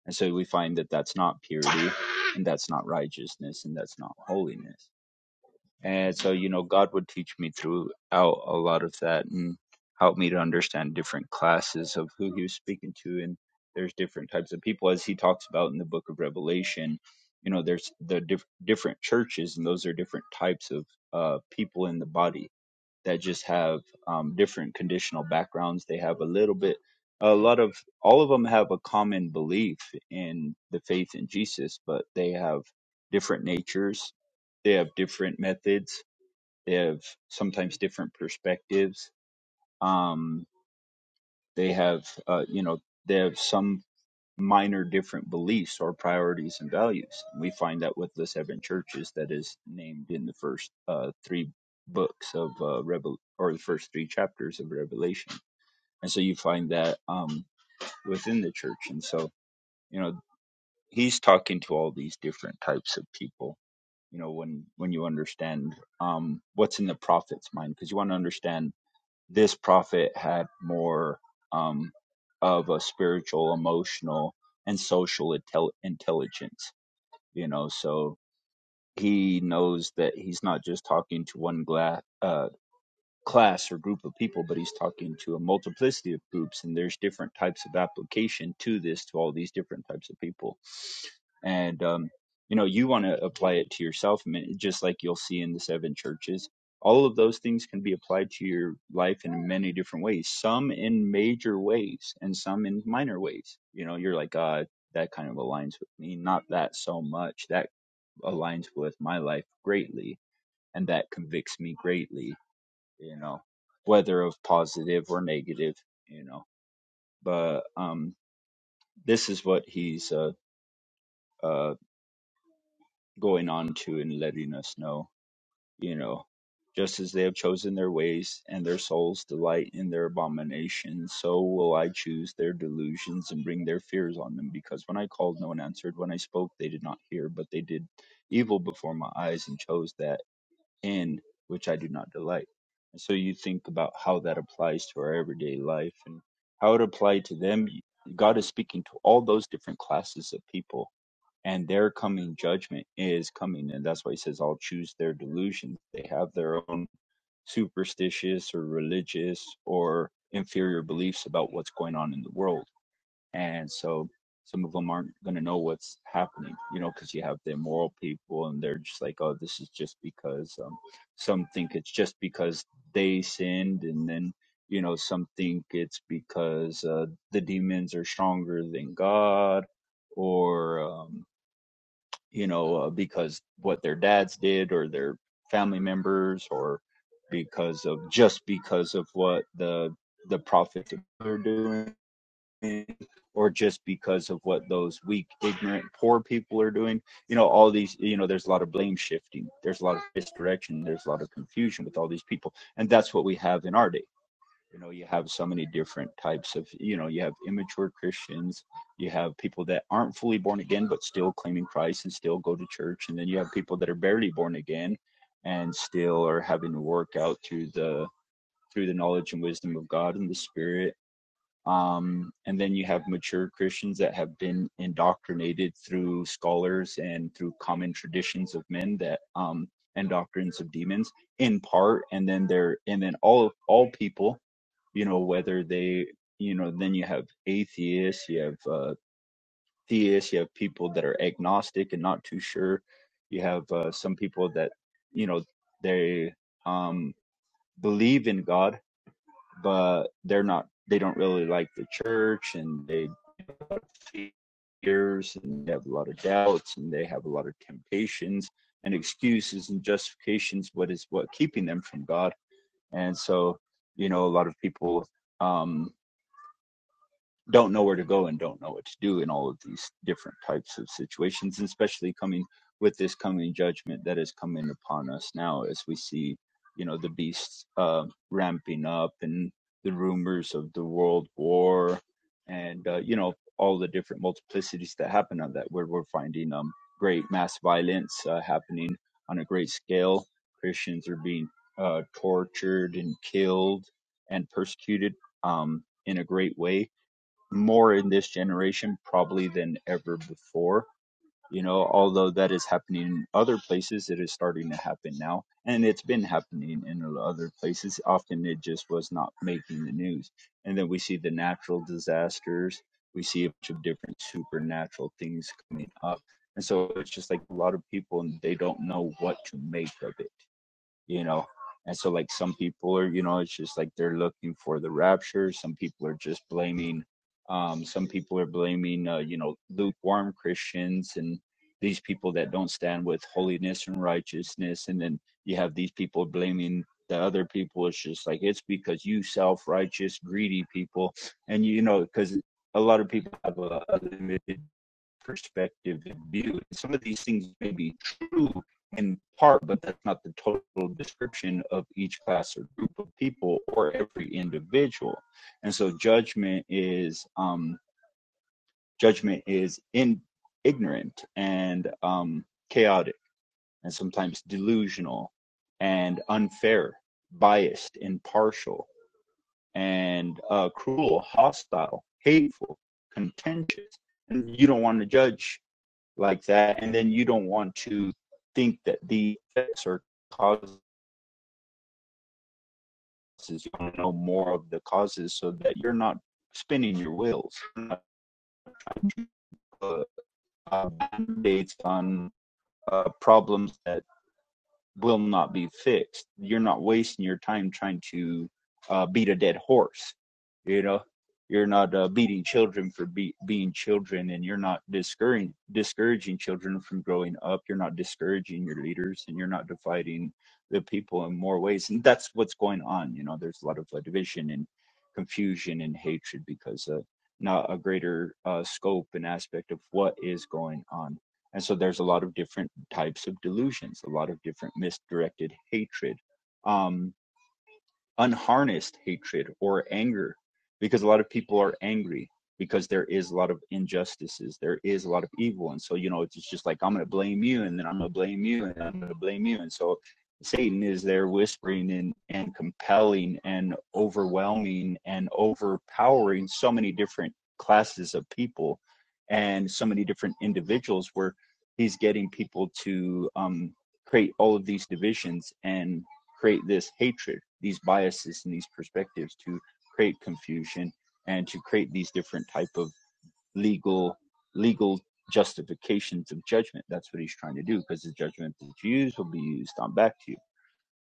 and so we find that that's not purity and that's not righteousness and that's not holiness and so, you know, God would teach me throughout a lot of that and help me to understand different classes of who he was speaking to. And there's different types of people, as he talks about in the book of Revelation. You know, there's the diff- different churches, and those are different types of uh, people in the body that just have um, different conditional backgrounds. They have a little bit, a lot of, all of them have a common belief in the faith in Jesus, but they have different natures. They have different methods. They have sometimes different perspectives. Um, they have, uh, you know, they have some minor different beliefs or priorities and values. We find that with the seven churches that is named in the first uh, three books of uh, Revel or the first three chapters of Revelation. And so you find that um, within the church. And so you know he's talking to all these different types of people. You know when when you understand um, what's in the prophet's mind, because you want to understand this prophet had more um, of a spiritual, emotional, and social intel- intelligence. You know, so he knows that he's not just talking to one gla- uh, class or group of people, but he's talking to a multiplicity of groups, and there's different types of application to this to all these different types of people and um, you know you want to apply it to yourself I mean, just like you'll see in the seven churches all of those things can be applied to your life in many different ways some in major ways and some in minor ways you know you're like uh that kind of aligns with me not that so much that aligns with my life greatly and that convicts me greatly you know whether of positive or negative you know but um this is what he's uh uh going on to and letting us know you know, just as they have chosen their ways, and their souls delight in their abominations, so will I choose their delusions and bring their fears on them. Because when I called, no one answered. When I spoke, they did not hear, but they did evil before my eyes and chose that in which I do not delight. And so you think about how that applies to our everyday life and how it applied to them. God is speaking to all those different classes of people and their coming judgment is coming and that's why he says i'll choose their delusions they have their own superstitious or religious or inferior beliefs about what's going on in the world and so some of them aren't going to know what's happening you know because you have the immoral people and they're just like oh this is just because um, some think it's just because they sinned and then you know some think it's because uh, the demons are stronger than god or um, you know, uh, because what their dads did or their family members or because of just because of what the the prophets are doing or just because of what those weak ignorant poor people are doing you know all these you know there's a lot of blame shifting there's a lot of misdirection there's a lot of confusion with all these people and that's what we have in our day you know you have so many different types of you know you have immature christians you have people that aren't fully born again but still claiming christ and still go to church and then you have people that are barely born again and still are having to work out through the through the knowledge and wisdom of god and the spirit um, and then you have mature christians that have been indoctrinated through scholars and through common traditions of men that um, and doctrines of demons in part and then they're and then all all people you know whether they you know then you have atheists you have uh, theists you have people that are agnostic and not too sure you have uh, some people that you know they um believe in god but they're not they don't really like the church and they fears and they have a lot of doubts and they have a lot of temptations and excuses and justifications what is what keeping them from god and so you know a lot of people um, don't know where to go and don't know what to do in all of these different types of situations, and especially coming with this coming judgment that is coming upon us now as we see, you know, the beasts uh, ramping up and the rumors of the world war and, uh, you know, all the different multiplicities that happen on that, where we're finding um, great mass violence uh, happening on a great scale. Christians are being uh, tortured and killed and persecuted um, in a great way more in this generation probably than ever before you know although that is happening in other places it is starting to happen now and it's been happening in other places often it just was not making the news and then we see the natural disasters we see a bunch of different supernatural things coming up and so it's just like a lot of people and they don't know what to make of it you know and so like some people are you know it's just like they're looking for the rapture some people are just blaming um some people are blaming uh, you know lukewarm christians and these people that don't stand with holiness and righteousness and then you have these people blaming the other people it's just like it's because you self-righteous greedy people and you know because a lot of people have a, a limited perspective and view. Some of these things may be true in part, but that's not the total description of each class or group of people or every individual. And so judgment is um, judgment is in ignorant and um, chaotic and sometimes delusional and unfair, biased, impartial, and uh, cruel, hostile, hateful, contentious. And you don't want to judge like that, and then you don't want to think that the effects or causes. You want to know more of the causes so that you're not spinning your wheels, you're not, uh, uh, band-aids on uh, problems that will not be fixed. You're not wasting your time trying to uh, beat a dead horse. You know, you're not uh, beating children for be- being children, and you're not discouraging discouraging children from growing up. You're not discouraging your leaders, and you're not dividing the people in more ways. And that's what's going on. You know, there's a lot of uh, division and confusion and hatred because of not a greater uh, scope and aspect of what is going on and so there's a lot of different types of delusions, a lot of different misdirected hatred. Um, unharnessed hatred or anger because a lot of people are angry because there is a lot of injustices there is a lot of evil and so you know it's just like i'm going to blame you and then i'm going to blame you and i'm going to blame you and so satan is there whispering and and compelling and overwhelming and overpowering so many different classes of people and so many different individuals where he's getting people to um create all of these divisions and create this hatred, these biases, and these perspectives to create confusion and to create these different type of legal legal justifications of judgment. That's what he's trying to do because the judgment that you use will be used on back to you.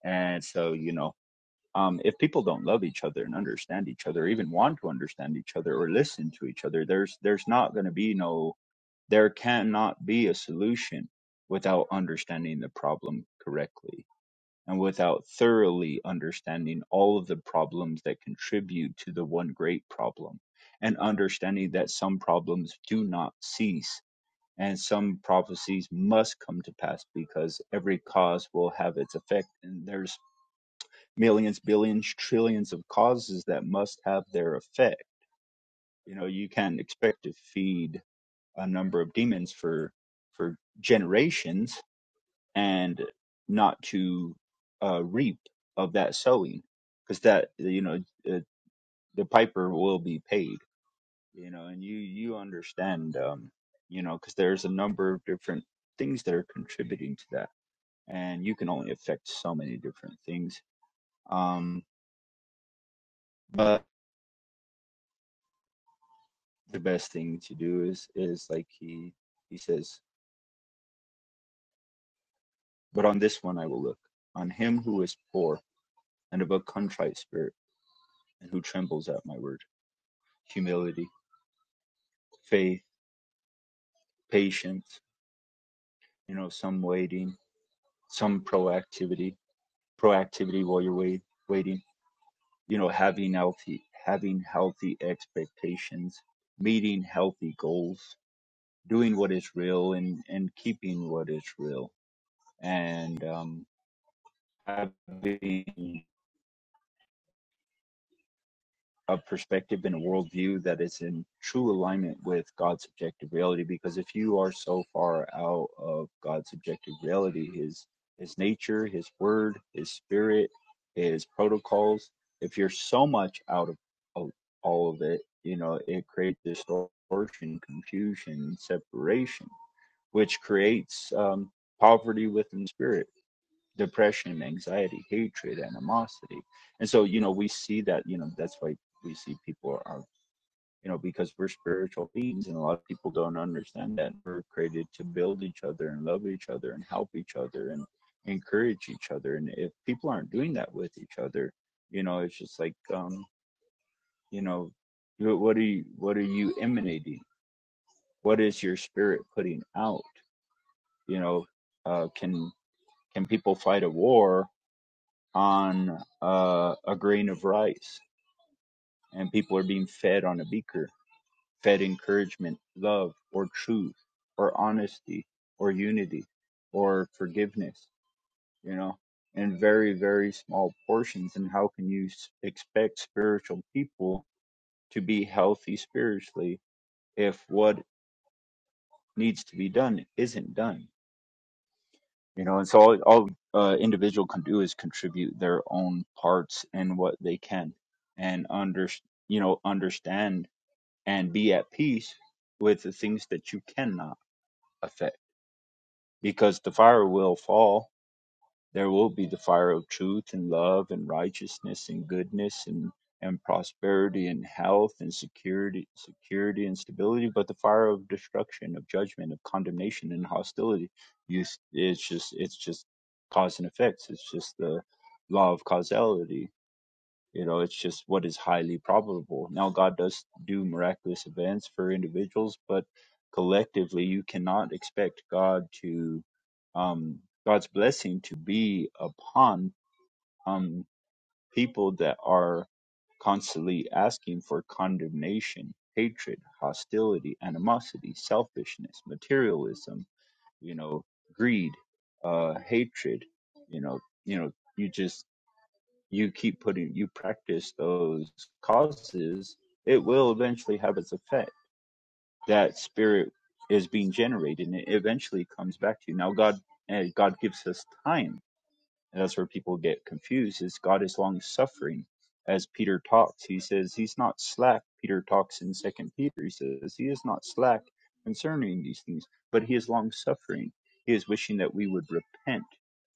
And so, you know, um, if people don't love each other and understand each other, or even want to understand each other or listen to each other, there's there's not going to be no there cannot be a solution without understanding the problem correctly and without thoroughly understanding all of the problems that contribute to the one great problem, and understanding that some problems do not cease, and some prophecies must come to pass because every cause will have its effect, and there's millions, billions, trillions of causes that must have their effect. You know, you can't expect to feed a number of demons for for generations and not to uh, reap of that sowing because that you know uh, the piper will be paid you know and you you understand um you know because there's a number of different things that are contributing to that and you can only affect so many different things um but the best thing to do is is like he he says but on this one i will look on him who is poor and of a contrite spirit and who trembles at my word humility faith patience, you know, some waiting, some proactivity, proactivity while you're wait, waiting, you know, having healthy, having healthy expectations, meeting healthy goals, doing what is real and, and keeping what is real and, um, having a perspective and a worldview that is in true alignment with God's objective reality. Because if you are so far out of God's objective reality, his his nature, his word, his spirit, his protocols, if you're so much out of, of all of it, you know, it creates distortion, confusion, separation, which creates um, poverty within the spirit depression, anxiety, hatred, animosity. And so, you know, we see that, you know, that's why we see people are, you know, because we're spiritual beings and a lot of people don't understand that we're created to build each other and love each other and help each other and encourage each other. And if people aren't doing that with each other, you know, it's just like, um, you know, what are you, what are you emanating? What is your spirit putting out? You know, uh, can, can people fight a war on uh, a grain of rice, and people are being fed on a beaker, fed encouragement, love, or truth, or honesty, or unity, or forgiveness, you know, in very, very small portions. And how can you s- expect spiritual people to be healthy spiritually if what needs to be done isn't done? you know and so all, all uh, individual can do is contribute their own parts in what they can and under you know understand and be at peace with the things that you cannot affect because the fire will fall there will be the fire of truth and love and righteousness and goodness and and prosperity and health and security security and stability but the fire of destruction of judgment of condemnation and hostility you, it's just it's just cause and effects it's just the law of causality you know it's just what is highly probable now god does do miraculous events for individuals but collectively you cannot expect god to um god's blessing to be upon um people that are constantly asking for condemnation hatred hostility animosity selfishness materialism you know greed uh hatred you know you know you just you keep putting you practice those causes it will eventually have its effect that spirit is being generated and it eventually comes back to you now god eh, god gives us time and that's where people get confused is God is long suffering. As Peter talks, he says he's not slack. Peter talks in second Peter. He says he is not slack concerning these things, but he is long suffering. He is wishing that we would repent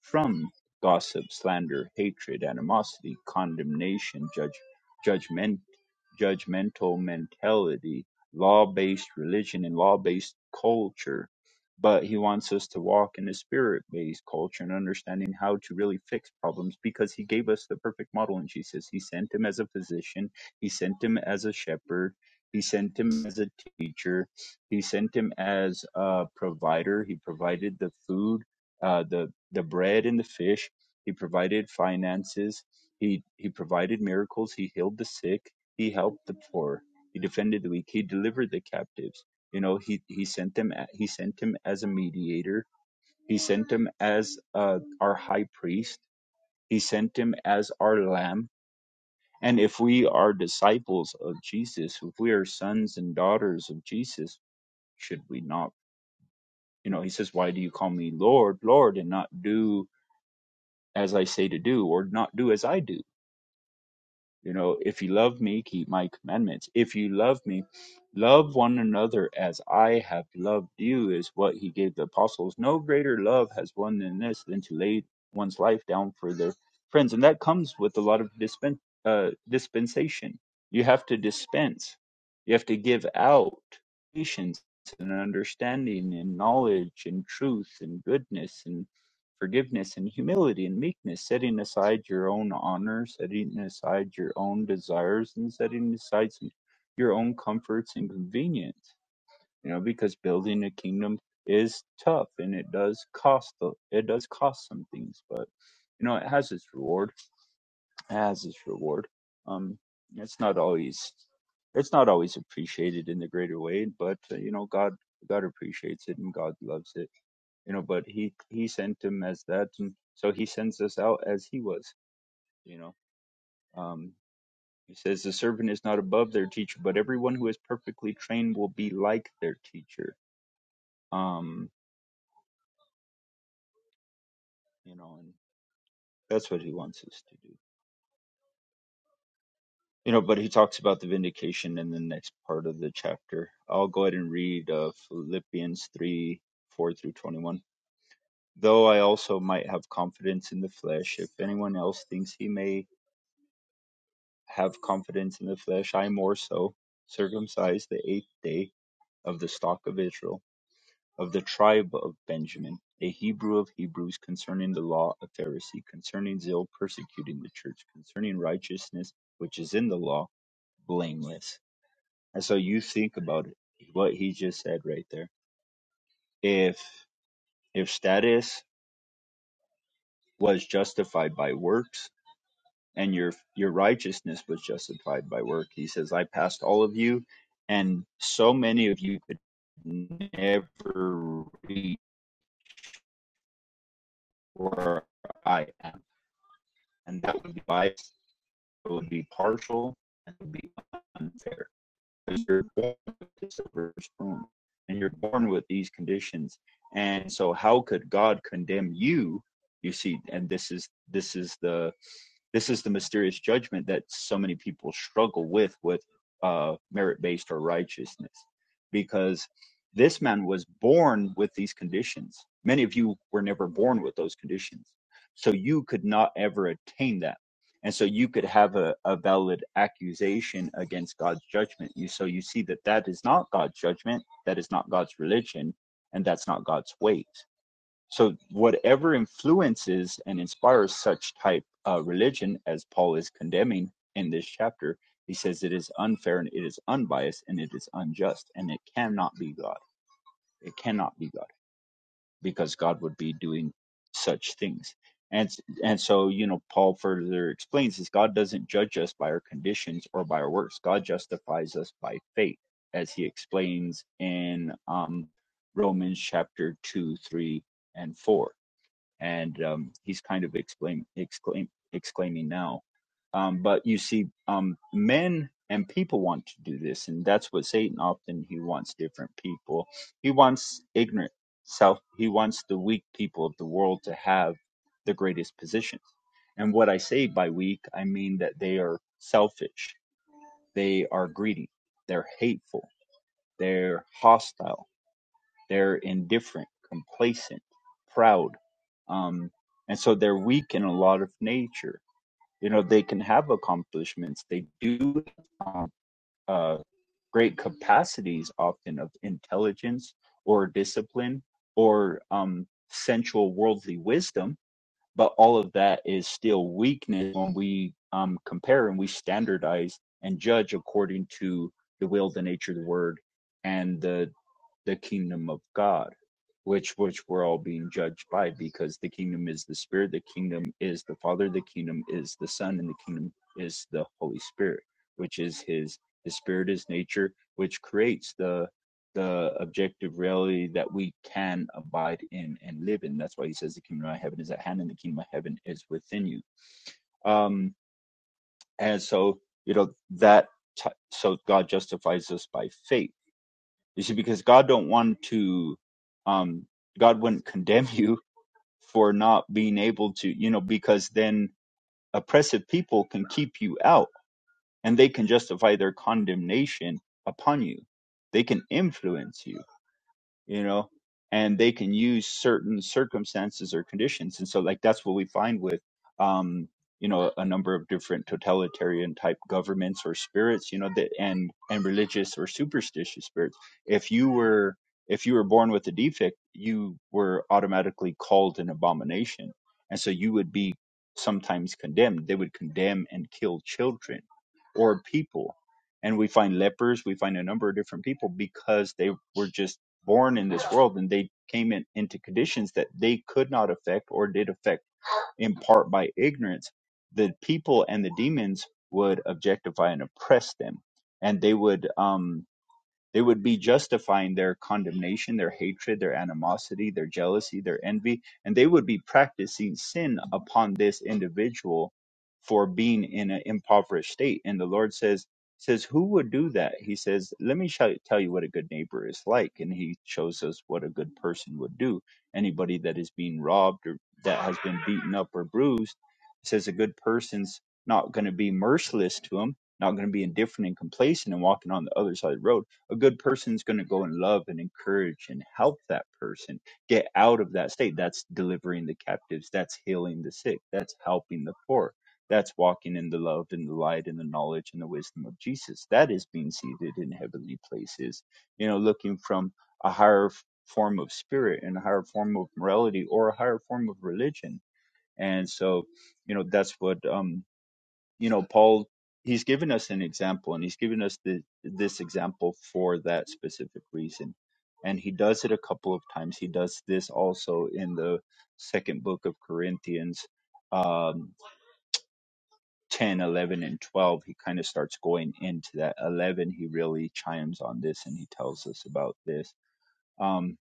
from gossip, slander, hatred, animosity, condemnation, judge, judgment, judgmental mentality, law-based religion and law-based culture but he wants us to walk in a spirit based culture and understanding how to really fix problems because he gave us the perfect model in Jesus. He sent him as a physician, he sent him as a shepherd, he sent him as a teacher, he sent him as a provider. He provided the food, uh, the, the bread and the fish, he provided finances, he, he provided miracles, he healed the sick, he helped the poor, he defended the weak, he delivered the captives you know, he he sent him a- he sent him as a mediator. He sent him as uh, our high priest. He sent him as our lamb. And if we are disciples of Jesus, if we are sons and daughters of Jesus, should we not? You know, he says, "Why do you call me Lord, Lord, and not do as I say to do, or not do as I do?" You know, if you love me, keep my commandments. If you love me, love one another as I have loved you, is what he gave the apostles. No greater love has one than this, than to lay one's life down for their friends. And that comes with a lot of dispen- uh, dispensation. You have to dispense, you have to give out patience and understanding and knowledge and truth and goodness and forgiveness and humility and meekness, setting aside your own honor, setting aside your own desires, and setting aside some, your own comforts and convenience. You know, because building a kingdom is tough and it does cost a- it does cost some things, but you know it has its reward. It has its reward. Um, it's not always it's not always appreciated in the greater way, but uh, you know God God appreciates it and God loves it you know but he he sent him as that and so he sends us out as he was you know um he says the servant is not above their teacher but everyone who is perfectly trained will be like their teacher um you know and that's what he wants us to do you know but he talks about the vindication in the next part of the chapter i'll go ahead and read uh, philippians 3 4 through 21 though i also might have confidence in the flesh if anyone else thinks he may have confidence in the flesh, I more so, circumcised the eighth day of the stock of Israel, of the tribe of Benjamin, a Hebrew of Hebrews, concerning the law, a Pharisee, concerning zeal, persecuting the church, concerning righteousness, which is in the law, blameless. And so you think about it, what he just said right there. If if status was justified by works, and your your righteousness was justified by work. He says, I passed all of you, and so many of you could never reach where I am. And that would be biased, it would be partial, and it would be unfair. Because you're born with this reverse wrong, and you're born with these conditions. And so how could God condemn you? You see, and this is this is the this is the mysterious judgment that so many people struggle with with uh, merit based or righteousness because this man was born with these conditions many of you were never born with those conditions so you could not ever attain that and so you could have a, a valid accusation against god's judgment you so you see that that is not god's judgment that is not god's religion and that's not god's ways so, whatever influences and inspires such type uh, religion as Paul is condemning in this chapter, he says it is unfair and it is unbiased and it is unjust and it cannot be God. It cannot be God because God would be doing such things. And and so you know Paul further explains this: God doesn't judge us by our conditions or by our works. God justifies us by faith, as he explains in um, Romans chapter two, three, and four and um, he's kind of exclaim, exclaim, exclaiming now. Um, but you see, um, men and people want to do this, and that's what Satan often he wants different people. He wants ignorant self. He wants the weak people of the world to have the greatest positions. And what I say by weak, I mean that they are selfish, they are greedy, they're hateful, they're hostile they're indifferent, complacent, proud. Um, and so they're weak in a lot of nature. You know, they can have accomplishments. They do have uh, great capacities often of intelligence or discipline or um, sensual worldly wisdom. But all of that is still weakness when we um, compare and we standardize and judge according to the will, the nature, the word, and the the kingdom of God, which which we're all being judged by, because the kingdom is the Spirit, the kingdom is the Father, the kingdom is the Son, and the kingdom is the Holy Spirit, which is His. The Spirit is nature, which creates the the objective reality that we can abide in and live in. That's why He says the kingdom of heaven is at hand, and the kingdom of heaven is within you. Um, and so you know that. T- so God justifies us by faith you see, because God don't want to, um, God wouldn't condemn <laughs> you for not being able to, you know, because then oppressive people can keep you out and they can justify their condemnation upon you. They can influence you you know, and they can use certain circumstances or conditions. And so, like, that's what we find with, um, you know, a number of different totalitarian type governments or spirits, you know, that and and religious or superstitious spirits. If you were if you were born with a defect, you were automatically called an abomination, and so you would be sometimes condemned. They would condemn and kill children or people, and we find lepers, we find a number of different people because they were just born in this world and they came in, into conditions that they could not affect or did affect in part by ignorance the people and the demons would objectify and oppress them and they would um they would be justifying their condemnation, their hatred, their animosity, their jealousy, their envy, and they would be practicing sin upon this individual for being in an impoverished state. And the Lord says, says who would do that? He says, let me show, tell you what a good neighbor is like. And he shows us what a good person would do. Anybody that is being robbed or that has been beaten up or bruised, he says a good person's not going to be merciless to him, not going to be indifferent and complacent and walking on the other side of the road a good person's going to go and love and encourage and help that person get out of that state that's delivering the captives that's healing the sick that's helping the poor that's walking in the love and the light and the knowledge and the wisdom of jesus that is being seated in heavenly places you know looking from a higher f- form of spirit and a higher form of morality or a higher form of religion and so you know that's what um you know paul he's given us an example and he's given us the, this example for that specific reason and he does it a couple of times he does this also in the second book of corinthians um, 10 eleven, and 12 he kind of starts going into that 11 he really chimes on this and he tells us about this um,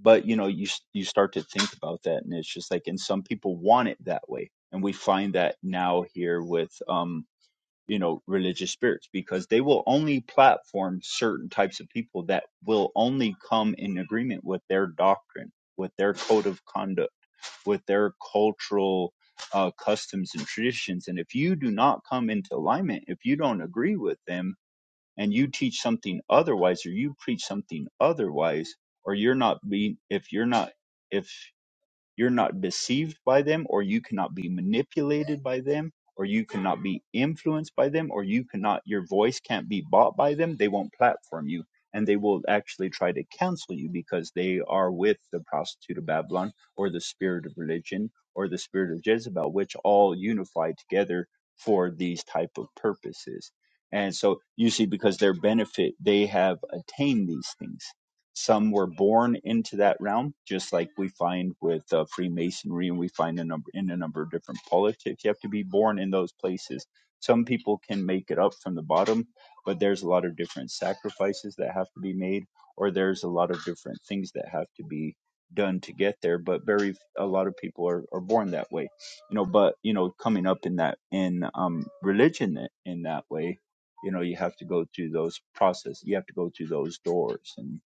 but you know you s- you start to think about that and it's just like and some people want it that way and we find that now here with um, you know religious spirits because they will only platform certain types of people that will only come in agreement with their doctrine with their code of conduct with their cultural uh, customs and traditions and if you do not come into alignment if you don't agree with them and you teach something otherwise or you preach something otherwise or you're not being if you're not if you're not deceived by them, or you cannot be manipulated by them, or you cannot be influenced by them, or you cannot, your voice can't be bought by them. They won't platform you, and they will actually try to cancel you because they are with the prostitute of Babylon, or the spirit of religion, or the spirit of Jezebel, which all unify together for these type of purposes. And so you see, because their benefit, they have attained these things some were born into that realm, just like we find with uh, Freemasonry, and we find a number in a number of different politics. You have to be born in those places. Some people can make it up from the bottom, but there's a lot of different sacrifices that have to be made, or there's a lot of different things that have to be done to get there. But very a lot of people are, are born that way, you know. But you know, coming up in that in um, religion in that way, you know, you have to go through those process. You have to go through those doors and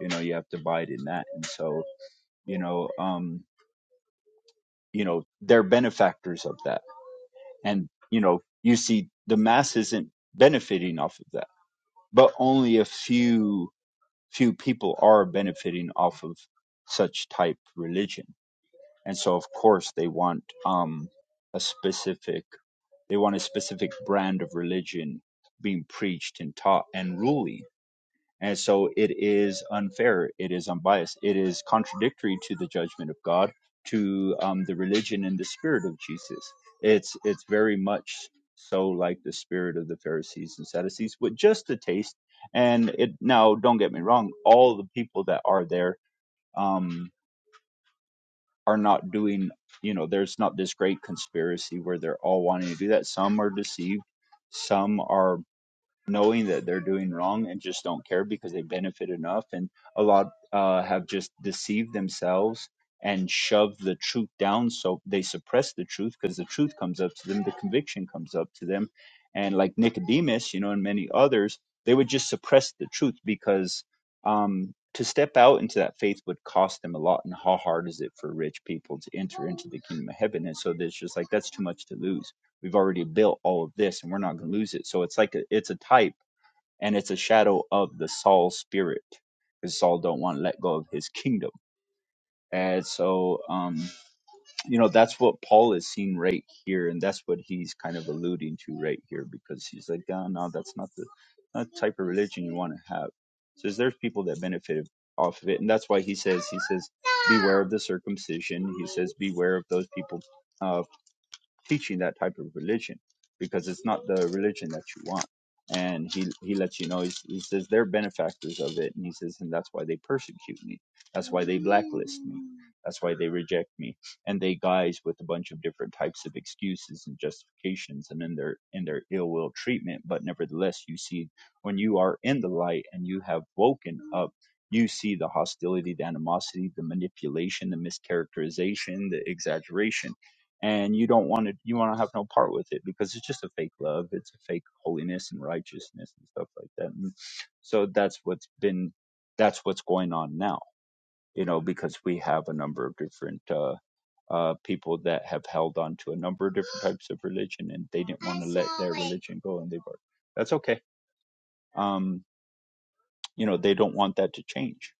you know you have to abide in that and so you know um you know they're benefactors of that and you know you see the mass isn't benefiting off of that but only a few few people are benefiting off of such type religion and so of course they want um a specific they want a specific brand of religion being preached and taught and ruling And so it is unfair, it is unbiased, it is contradictory to the judgment of God, to um, the religion and the spirit of Jesus. It's it's very much so like the spirit of the Pharisees and Sadducees, with just a taste. And it now, don't get me wrong, all the people that are there um, are not doing. You know, there's not this great conspiracy where they're all wanting to do that. Some are deceived, some are knowing that they're doing wrong and just don't care because they benefit enough and a lot uh, have just deceived themselves and shoved the truth down so they suppress the truth because the truth comes up to them the conviction comes up to them and like nicodemus you know and many others they would just suppress the truth because um, to step out into that faith would cost them a lot and how hard is it for rich people to enter into the kingdom of heaven and so there's just like that's too much to lose We've already built all of this and we're not going to lose it. So it's like a, it's a type and it's a shadow of the Saul spirit because Saul don't want to let go of his kingdom. And so, um, you know, that's what Paul is seeing right here. And that's what he's kind of alluding to right here because he's like, oh, no, that's not the, not the type of religion you want to have. Says there's people that benefited off of it. And that's why he says, he says, beware of the circumcision. He says, beware of those people uh, teaching that type of religion because it's not the religion that you want. And he he lets you know he's, he says they're benefactors of it, and he says, and that's why they persecute me. That's why they blacklist me. That's why they reject me. And they guise with a bunch of different types of excuses and justifications, and in their in their ill will treatment. But nevertheless, you see when you are in the light and you have woken up. You see the hostility, the animosity, the manipulation, the mischaracterization, the exaggeration and you don't want to you want to have no part with it because it's just a fake love it's a fake holiness and righteousness and stuff like that and so that's what's been that's what's going on now you know because we have a number of different uh uh, people that have held on to a number of different types of religion and they didn't want to let their religion go and they've that's okay um you know they don't want that to change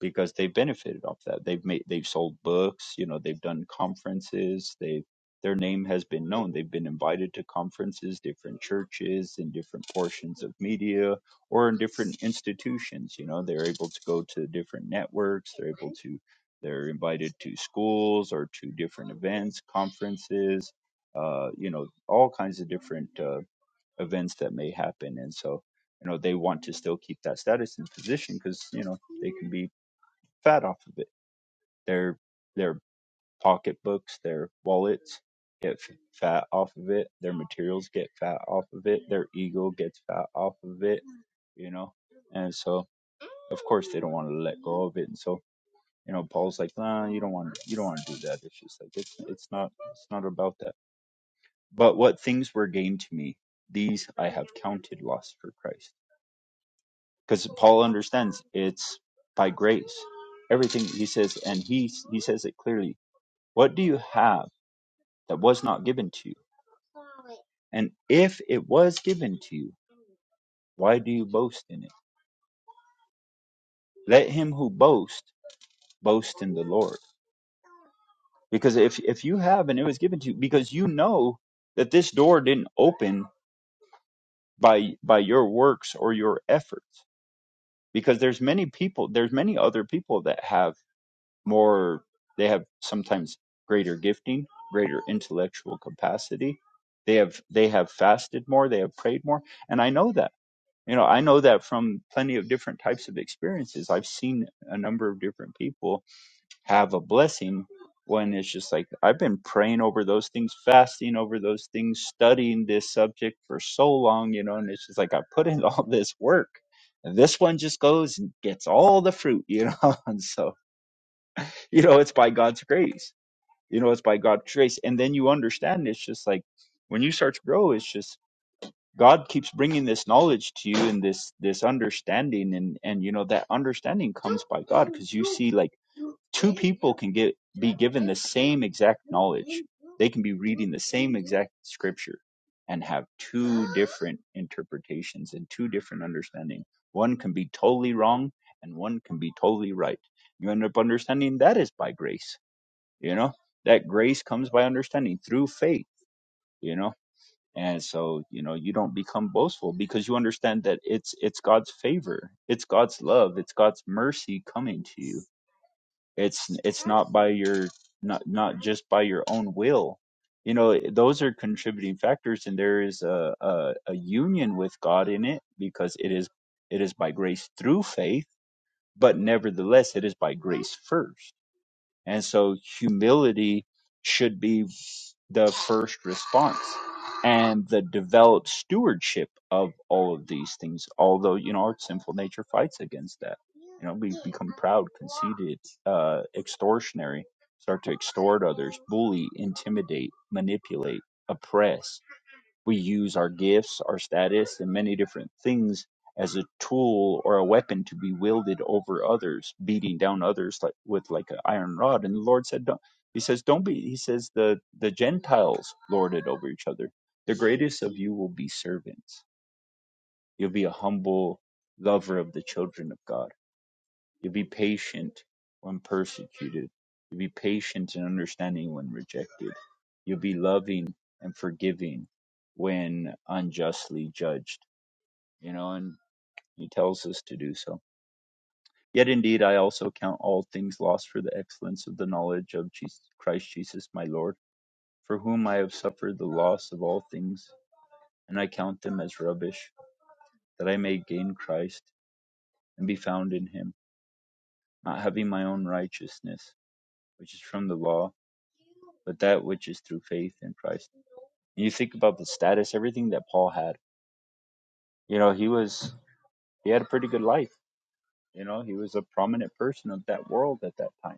because they've benefited off that. They've made they've sold books, you know, they've done conferences, they their name has been known. They've been invited to conferences, different churches in different portions of media or in different institutions, you know, they're able to go to different networks, they're able to they're invited to schools or to different events, conferences, uh, you know, all kinds of different uh, events that may happen. And so, you know, they want to still keep that status and position because, you know, they can be fat off of it. Their their pocketbooks, their wallets get fat off of it. Their materials get fat off of it. Their ego gets fat off of it. You know, and so of course they don't want to let go of it. And so you know, Paul's like, nah, you don't want to, you don't want to do that. It's just like it's it's not it's not about that. But what things were gained to me, these I have counted loss for Christ. Because Paul understands it's by grace everything he says and he he says it clearly What do you have that was not given to you? And if it was given to you, why do you boast in it? Let him who boasts boast in the Lord. Because if, if you have and it was given to you, because you know that this door didn't open by by your works or your efforts. Because there's many people, there's many other people that have more they have sometimes greater gifting, greater intellectual capacity. They have they have fasted more, they have prayed more. And I know that you know i know that from plenty of different types of experiences i've seen a number of different people have a blessing when it's just like i've been praying over those things fasting over those things studying this subject for so long you know and it's just like i put in <laughs> all this work and this one just goes and gets all the fruit you know <laughs> and so you know it's by god's grace you know it's by god's grace and then you understand it's just like when you start to grow it's just God keeps bringing this knowledge to you and this this understanding and and you know that understanding comes by God because you see like two people can get be given the same exact knowledge. They can be reading the same exact scripture and have two different interpretations and two different understanding. One can be totally wrong and one can be totally right. You end up understanding that is by grace, you know? That grace comes by understanding through faith, you know? and so you know you don't become boastful because you understand that it's it's god's favor it's god's love it's god's mercy coming to you it's it's not by your not not just by your own will you know eh, those are contributing factors and there is a a, a union with god in it because it is it is by grace through faith but nevertheless it is by grace first and so humility should be the first response and the developed stewardship of all of these things although you know our sinful nature fights against that you know we become proud conceited uh extortionary start to extort others bully intimidate manipulate oppress we use our gifts, our status, and many different things as a tool or a weapon to be wielded over others, beating down others like with like an iron rod. And the Lord said, "Don't." He says, "Don't be." He says, "The the Gentiles lord it over each other. The greatest of you will be servants. You'll be a humble lover of the children of God." You be patient when persecuted. You be patient and understanding when rejected. You be loving and forgiving when unjustly judged. You know, and he tells us to do so. Yet indeed, I also count all things lost for the excellence of the knowledge of Jesus, Christ Jesus my Lord, for whom I have suffered the loss of all things, and I count them as rubbish, that I may gain Christ and be found in him, not having my own righteousness, which is from the law but that which is through faith in Christ. You think about the status, everything that Paul had. You know, he was he had a pretty good life. You know, he was a prominent person of that world at that time.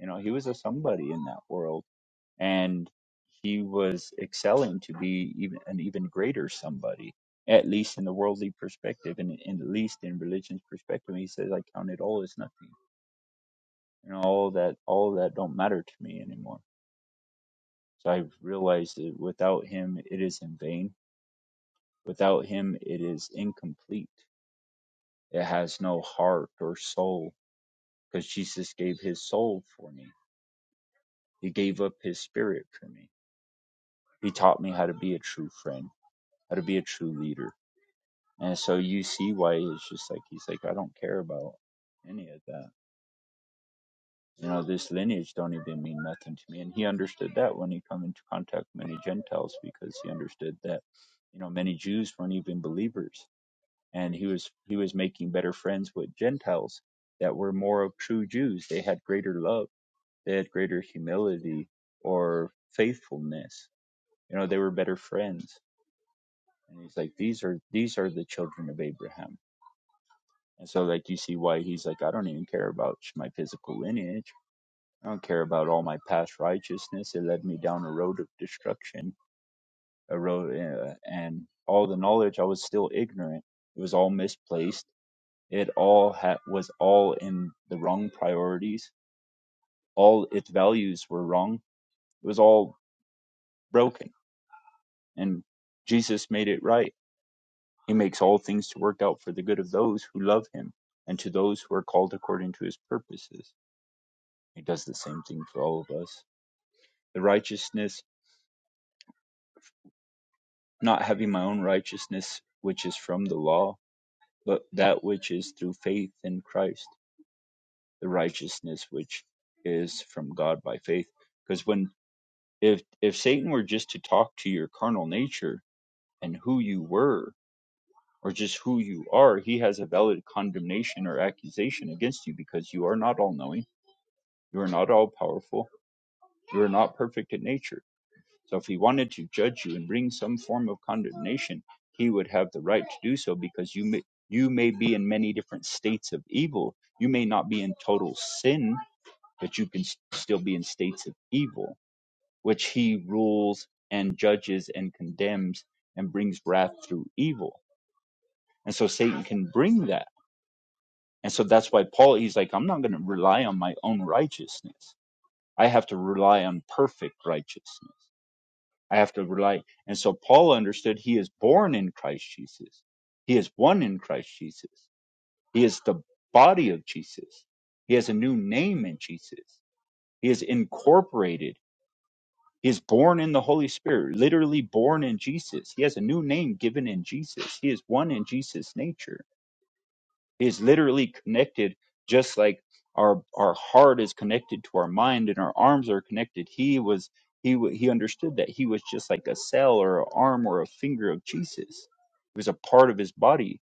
You know, he was a somebody in that world, and he was excelling to be even an even greater somebody, at least in the worldly perspective, and, and at least in religion's perspective. He says, "I count it all as nothing. You know, all that all that don't matter to me anymore." So I realized that without him, it is in vain Without him, it is incomplete. It has no heart or soul because Jesus gave his soul for me. He gave up his spirit for me. He taught me how to be a true friend, how to be a true leader. And so you see why it's just like, he's like, I don't care about any of that. You know, this lineage don't even mean nothing to me. And he understood that when he come into contact with many Gentiles because he understood that, you know, many Jews weren't even believers and he was he was making better friends with Gentiles that were more of true Jews. They had greater love, they had greater humility or faithfulness. You know, they were better friends. And he's like, these are these are the children of Abraham. And so like you see why he's like, I don't even care about my physical lineage. I don't care about all my past righteousness. It led me down a road of destruction, a road, uh, and all the knowledge I was still ignorant. It was all misplaced It all ha- was all in the wrong priorities. All its values were wrong. It was all broken, and Jesus made it right. He makes all things to work out for the good of those who love Him and to those who are called according to His purposes. He does the same thing for all of us. The righteousness, not having my own righteousness, which is from the law, but that which is through faith in Christ, the righteousness which is from God by faith. Because when If if Satan were just to talk to your carnal nature and who you were or just who you are, he has a valid condemnation or accusation against you because you are not all knowing, you are not all powerful, you are not perfect in nature. So if he wanted to judge you and bring some form of condemnation, he would have the right to do so because you may, you may be in many different states of evil. You may not be in total sin, but you can s- still be in states of evil which he rules and judges and condemns and brings wrath through evil. And so Satan can bring that. And so that's why Paul, he's like, I'm not going to rely on my own righteousness. I have to rely on perfect righteousness. I have to rely. And so Paul understood he is born in Christ Jesus. He is one in Christ Jesus. He is the body of Jesus. He has a new name in Jesus. He is incorporated is born in the Holy Spirit, literally born in Jesus. He has a new name given in Jesus. He is one in Jesus' nature. He is literally connected, just like our our heart is connected to our mind and our arms are connected. He was he wa- he understood that he was just like a cell or an arm or a finger of Jesus. He was a part of his body.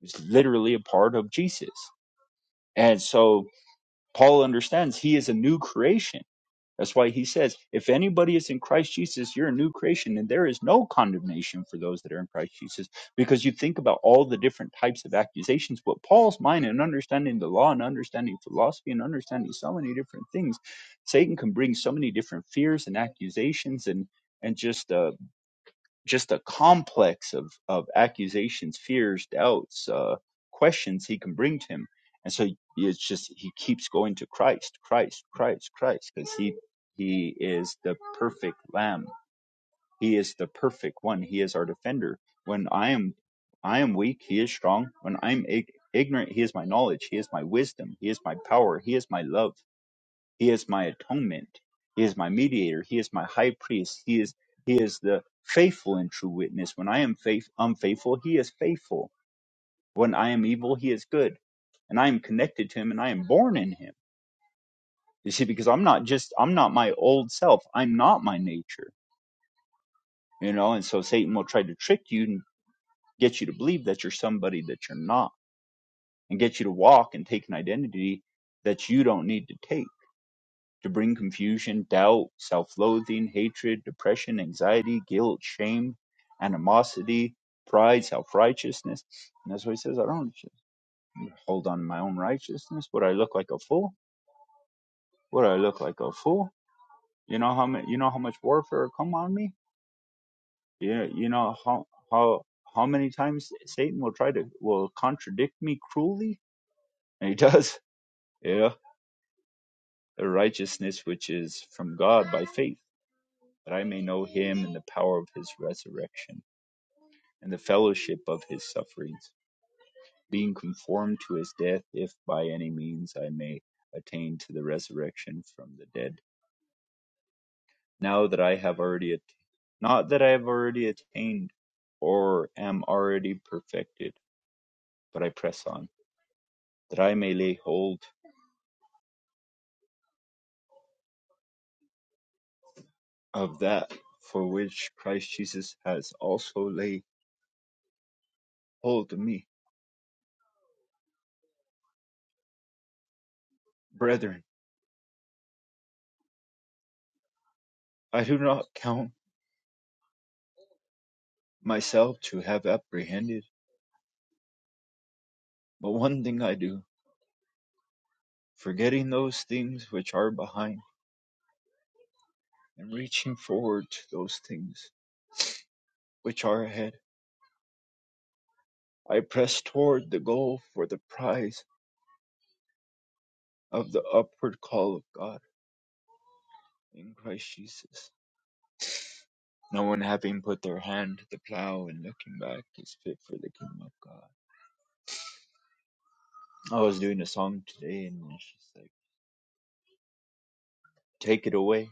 He was literally a part of Jesus. And so Paul understands he is a new creation that's why he says, if anybody is in Christ Jesus, you're a new creation, and there is no condemnation for those that are in Christ Jesus. Because you think about all the different types of accusations, what Paul's mind and understanding the law and understanding philosophy and understanding so many different things, Satan can bring so many different fears and accusations and and just uh, just a complex of, of accusations, fears, doubts, uh, questions he can bring to him. And so it's just he keeps going to Christ, Christ, Christ, Christ, because he he is the perfect lamb. He is the perfect one. He is our defender. When I am I am weak, he is strong. When I'm ig- ignorant, he is my knowledge. He is my wisdom. He is my power. He is my love. He is my atonement. He is my mediator. He is my high priest. He is he is the faithful and true witness. When I am faith unfaithful, he is faithful. When I am evil, he is good. And I am connected to him and I am born in him. You see, because I'm not just I'm not my old self. I'm not my nature. You know, and so Satan will try to trick you and get you to believe that you're somebody that you're not and get you to walk and take an identity that you don't need to take to bring confusion, doubt, self loathing, hatred, depression, anxiety, guilt, shame, animosity, pride, self righteousness. And that's why he says. I don't hold on to my own righteousness. Would I look like a fool? Would I look like a fool? You know how many, you know how much warfare come on me? Yeah, you know how how how many times Satan will try to will contradict me cruelly? And he <laughs> does. Yeah. The righteousness which is from God by faith. that I may know him and the power of his resurrection, and the fellowship of his sufferings, being conformed to his death, if by any means I may attain to the resurrection from the dead. Now that I have already, at- not that I have already attained or am already perfected, but I press on, that I may lay hold of that for which Christ Jesus has also laid hold of me. Brethren, I do not count myself to have apprehended. But one thing I do, forgetting those things which are behind, and reaching forward to those things which are ahead, I press toward the goal for the prize of the upward call of God in Christ Jesus. No one having put their hand to the plow and looking back is fit for the kingdom of God. I was doing a song today, and she's like, Take it away,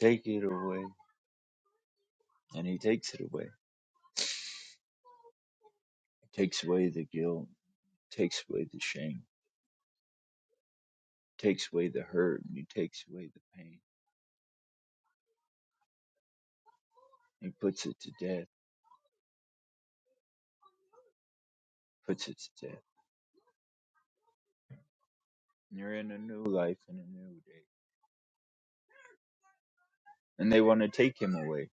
take it away. And he takes it away. He takes away the guilt, takes away the shame, takes away the hurt, and he takes away the pain He puts it to death, puts it to death. And you're in a new life and a new day. And they want to take him away.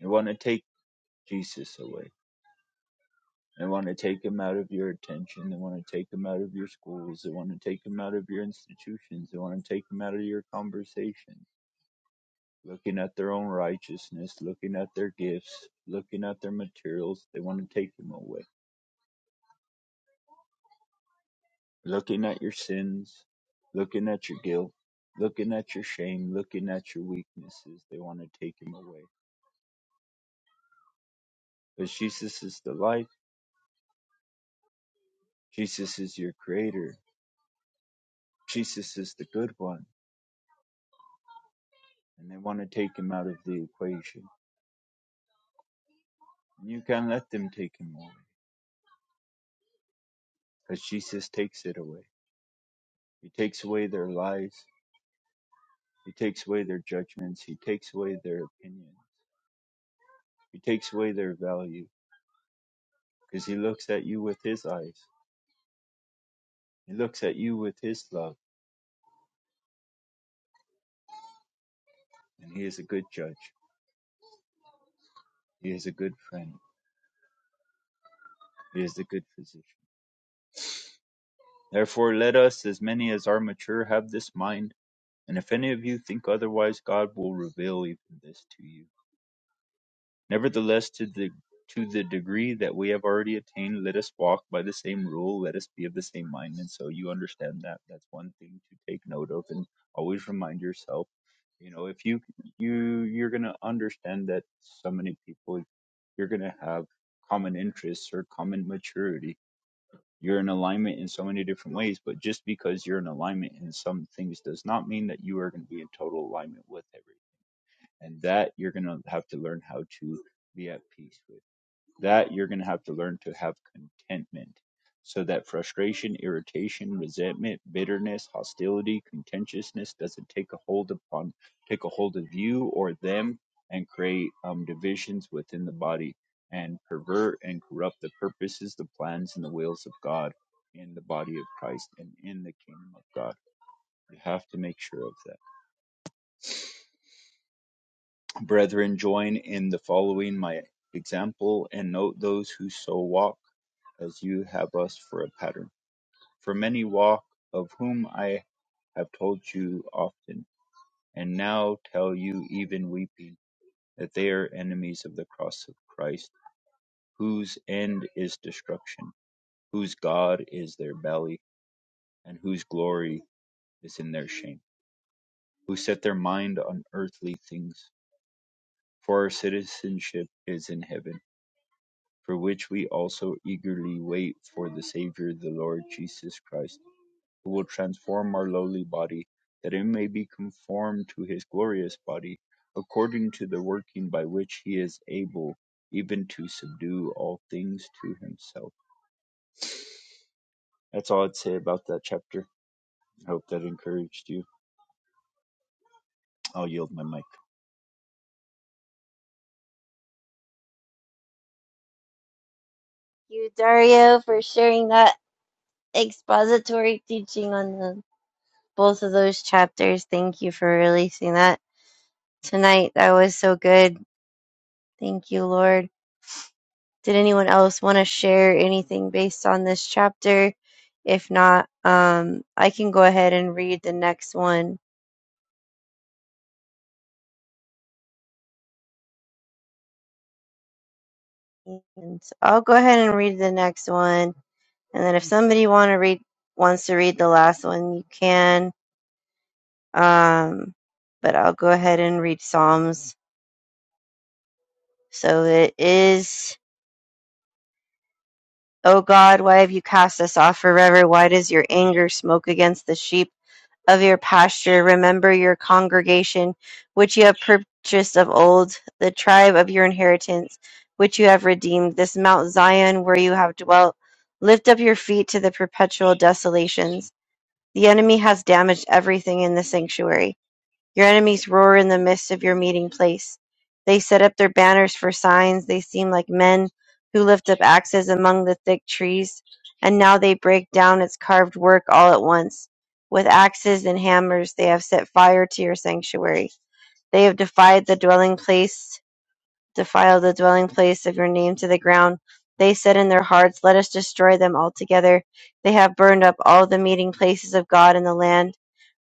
They want to take Jesus away. They want to take him out of your attention. They want to take him out of your schools. They want to take him out of your institutions. They want to take him out of your conversations. Looking at their own righteousness, looking at their gifts, looking at their materials. They want to take him away. Looking at your sins, looking at your guilt, looking at your shame, looking at your weaknesses. They want to take him away But Jesus is the life. Jesus is your creator. Jesus is the good one. And they want to take him out of the equation. And you can't let them take him away because Jesus takes it away. He takes away their lies. He takes away their judgments. He takes away their opinion. He takes away their value because he looks at you with his eyes. He looks at you with his love. And he is a good judge. He is a good friend. He is a good physician. Therefore, let us, as many as are mature, have this mind And if any of you think otherwise, God will reveal even this to you. Nevertheless, to the to the degree that we have already attained, let us walk by the same rule, let us be of the same mind. And so you understand that. That's one thing to take note of and always remind yourself. You know, if you you you're gonna understand that so many people you're gonna have common interests or common maturity you're in alignment in so many different ways, but just because you're in alignment in some things does not mean that you are going to be in total alignment with everything. And that you're going to have to learn how to be at peace with that you're going to have to learn to have contentment so that frustration, irritation, resentment, bitterness, hostility, contentiousness doesn't take a hold upon take a hold of you or them and create um, divisions within the body and pervert and corrupt the purposes, the plans and the wills of God in the body of Christ and in the kingdom of God. You have to make sure of that. Brethren, join in the following my example and note those who so walk as you have us for a pattern. For many walk, of whom I have told you often, and now tell you even weeping, that they are enemies of the cross of Christ, whose end is destruction, whose God is their belly, and whose glory is in their shame, who set their mind on earthly things. For our citizenship is in heaven, for which we also eagerly wait for the Saviour, the Lord Jesus Christ who will transform our lowly body, that it may be conformed to his glorious body, according to the working by which he is able even to subdue all things to himself. That's all I'd say about that chapter. I hope that encouraged you. I'll yield my mic.
You, Dario, for sharing that expository teaching on the, both of those chapters. Thank you for releasing that tonight. That was so good. Thank you, Lord. Did anyone else want to share anything based on this chapter? If not, um, I can go ahead and read the next one And so I'll go ahead and read the next one, and then if somebody want to read wants to read the last one, you can. Um, but I'll go ahead and read Psalms. So it is, O God, why have you cast us off forever? Why does your anger smoke against the sheep? of your pasture, remember your congregation, which you have purchased of old, the tribe of your inheritance, which you have redeemed, this Mount Zion where you have dwelt. Lift up your feet to the perpetual desolations. The enemy has damaged everything in the sanctuary. Your enemies roar in the midst of your meeting place. They set up their banners for signs. They seem like men who lift up axes among the thick trees. And now they break down its carved work all at once. With axes and hammers, they have set fire to your sanctuary. They have defied the dwelling place, defiled the dwelling place of your name to the ground. They said in their hearts, Let us destroy them altogether. They have burned up all the meeting places of God in the land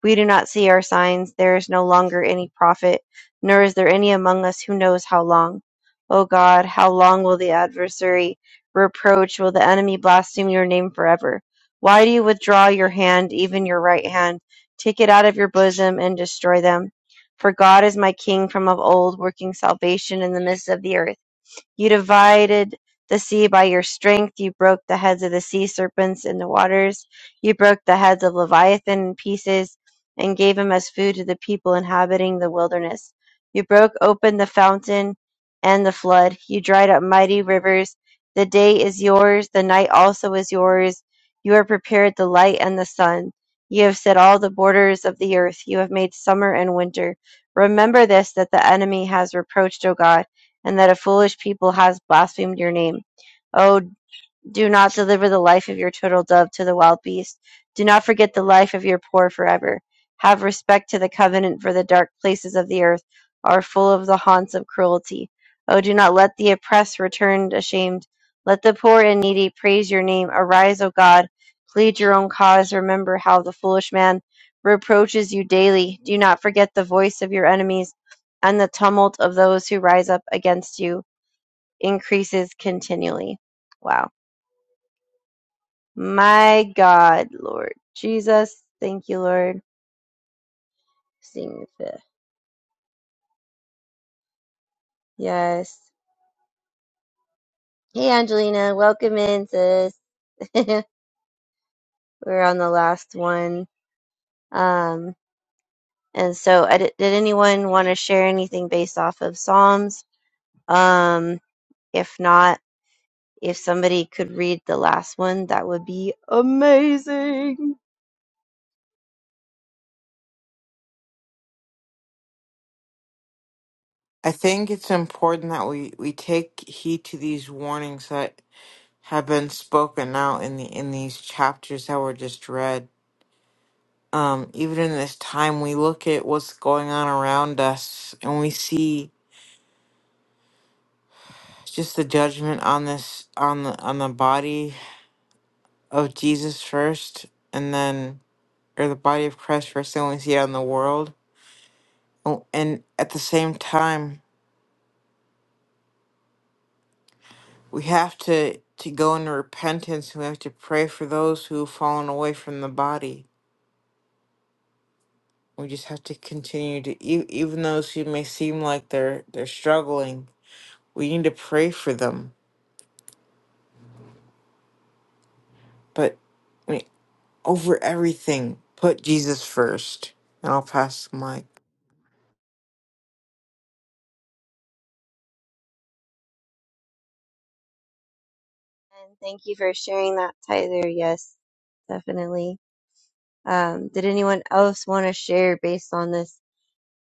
we do not see our signs. There is no longer any prophet, nor is there any among us who knows how long. O God, how long will the adversary reproach? Will the enemy blaspheme your name forever? Why do you withdraw your hand, even your right hand? Take it out of your bosom and destroy them. For God is my king from of old, working salvation in the midst of the earth. You divided the sea by your strength. You broke the heads of the sea serpents in the waters. You broke the heads of Leviathan in pieces and gave him as food to the people inhabiting the wilderness. You broke open the fountain and the flood. You dried up mighty rivers. The day is yours. The night also is yours. You have prepared the light and the sun. You have set all the borders of the earth. You have made summer and winter. Remember this that the enemy has reproached, O God and that a foolish people has blasphemed your name. O do not deliver the life of your turtle dove to the wild beast. Do not forget the life of your poor forever. Have respect to the covenant, for the dark places of the earth are full of the haunts of cruelty. Oh, do not let the oppressed return ashamed. Let the poor and needy praise your name. Arise, O God, plead your own cause. Remember how the foolish man reproaches you daily. Do not forget the voice of your enemies, and the tumult of those who rise up against you increases continually. Wow. My God, Lord Jesus, thank you, Lord. Sing the fifth. Yes. Hey, Angelina, welcome in, sis. <laughs> We're on the last one. Um, and so, I di- did anyone want to share anything based off of Psalms? Um, if not, if somebody could read the last one, that would be amazing.
I think it's important that we, we take heed to these warnings that have been spoken out in the in these chapters that were just read. Um, even in this time, we look at what's going on around us, and we see just the judgment on this on the on the body of Jesus first, and then or the body of Christ first, and we see it on the world. Oh, And at the same time, we have to to go into repentance we have to pray for those who've fallen away from the body we just have to continue to e- even those who may seem like they're they're struggling we need to pray for them but I mean, over everything put jesus first and i'll pass the mic
And thank you for sharing that, Tyler. Yes, definitely. Um, did anyone else want to share based on this?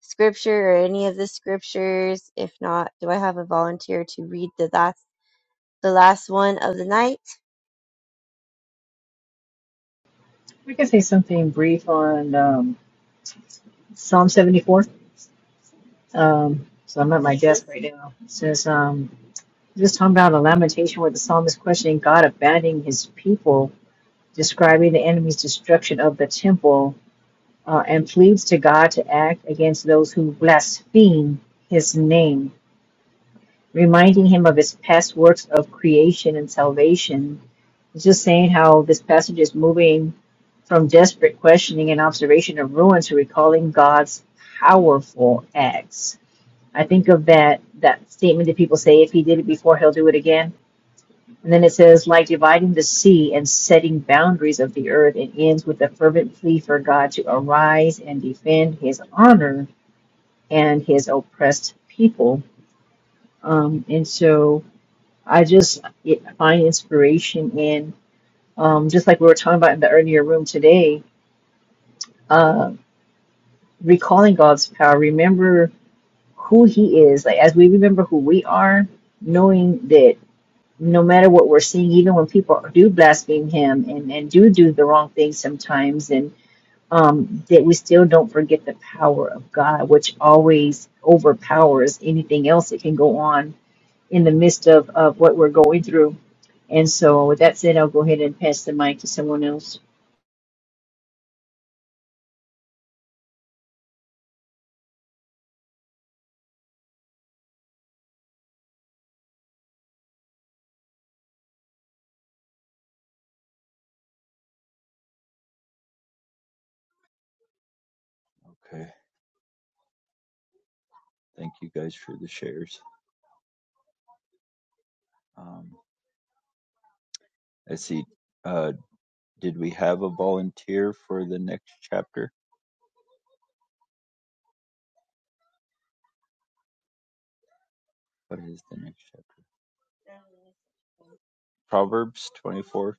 scripture or any of the scriptures? If not, do I have a volunteer to read the last the last one of the night?
I can say something brief on um, Psalm 74. Um, so I'm at my
That's this
desk right now. It says, um, just talking about a lamentation where the psalmist questioning God abandoning his people, describing the enemy's destruction of the temple, uh, and pleads to God to act against those who blaspheme his name, reminding him of his past works of creation and salvation It's just saying how this passage is moving from desperate questioning and observation of ruin to recalling God's powerful acts. I think of that that statement that people say, if he did it before, he'll do it again. And then it says, like dividing the sea and setting boundaries of the earth, it ends with a fervent plea for God to arise and defend his honor and his oppressed people. Um, and so I just it, find inspiration in. um, just like we were talking about in the earlier room today, uh, recalling God's power, remember who He is. Like as we remember who we are, knowing that no matter what we're seeing, even when people do blaspheme Him and, and do do the wrong things sometimes, and um, that we still don't forget the power of God, which always overpowers anything else that can go on in the midst of, of what we're going through. And so, with that said, I'll go ahead and pass the mic to someone else.
Okay. Thank you guys for the shares. Um, let's see. Uh, did we have a volunteer for the next chapter? What is the next chapter? Proverbs 24.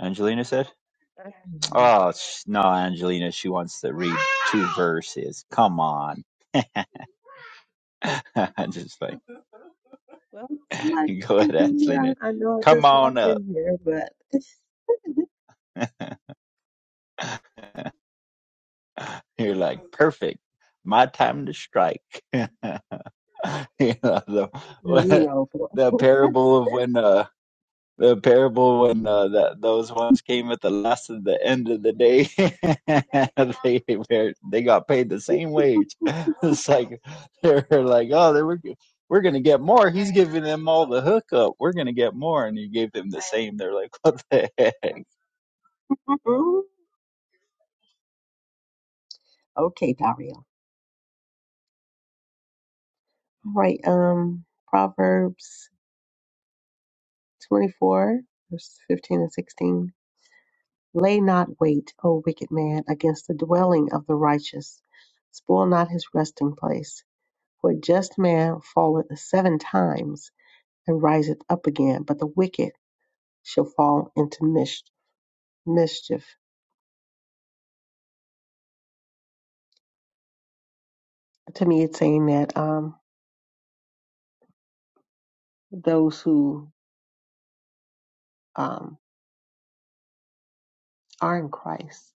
Angelina said?
Mhm.
Oh sh- no, Angelina, she wants to read two verses. Come on, <laughs> I'm just like
Well, somebody
<laughs> go
can
ahead,
do
Angelina.
that. I, I know I
Come
just
on
walked
up.
in here, but <laughs>
<laughs> You're like perfect. My time to strike. <laughs> you know,
there you
the
roll for
<laughs> the parable of when uh, the parable when uh, that those ones came at the last of the end of the day <laughs> they were- they got paid the same
it.
wage <laughs> it's like they're like oh they were we're gonna get more he's giving them all the hookup we're gonna get more and he gave them the same they're like what the heck
<laughs> okay, Dario. All right. Um, Proverbs 24, verse 15 and 16. Lay not wait, O wicked man, against the dwelling of the righteous. Spoil not his resting place. For a just man falleth seven times and riseth up again, but the wicked shall fall into mis- mischief. to me, it's saying that um, those who um, are in Christ,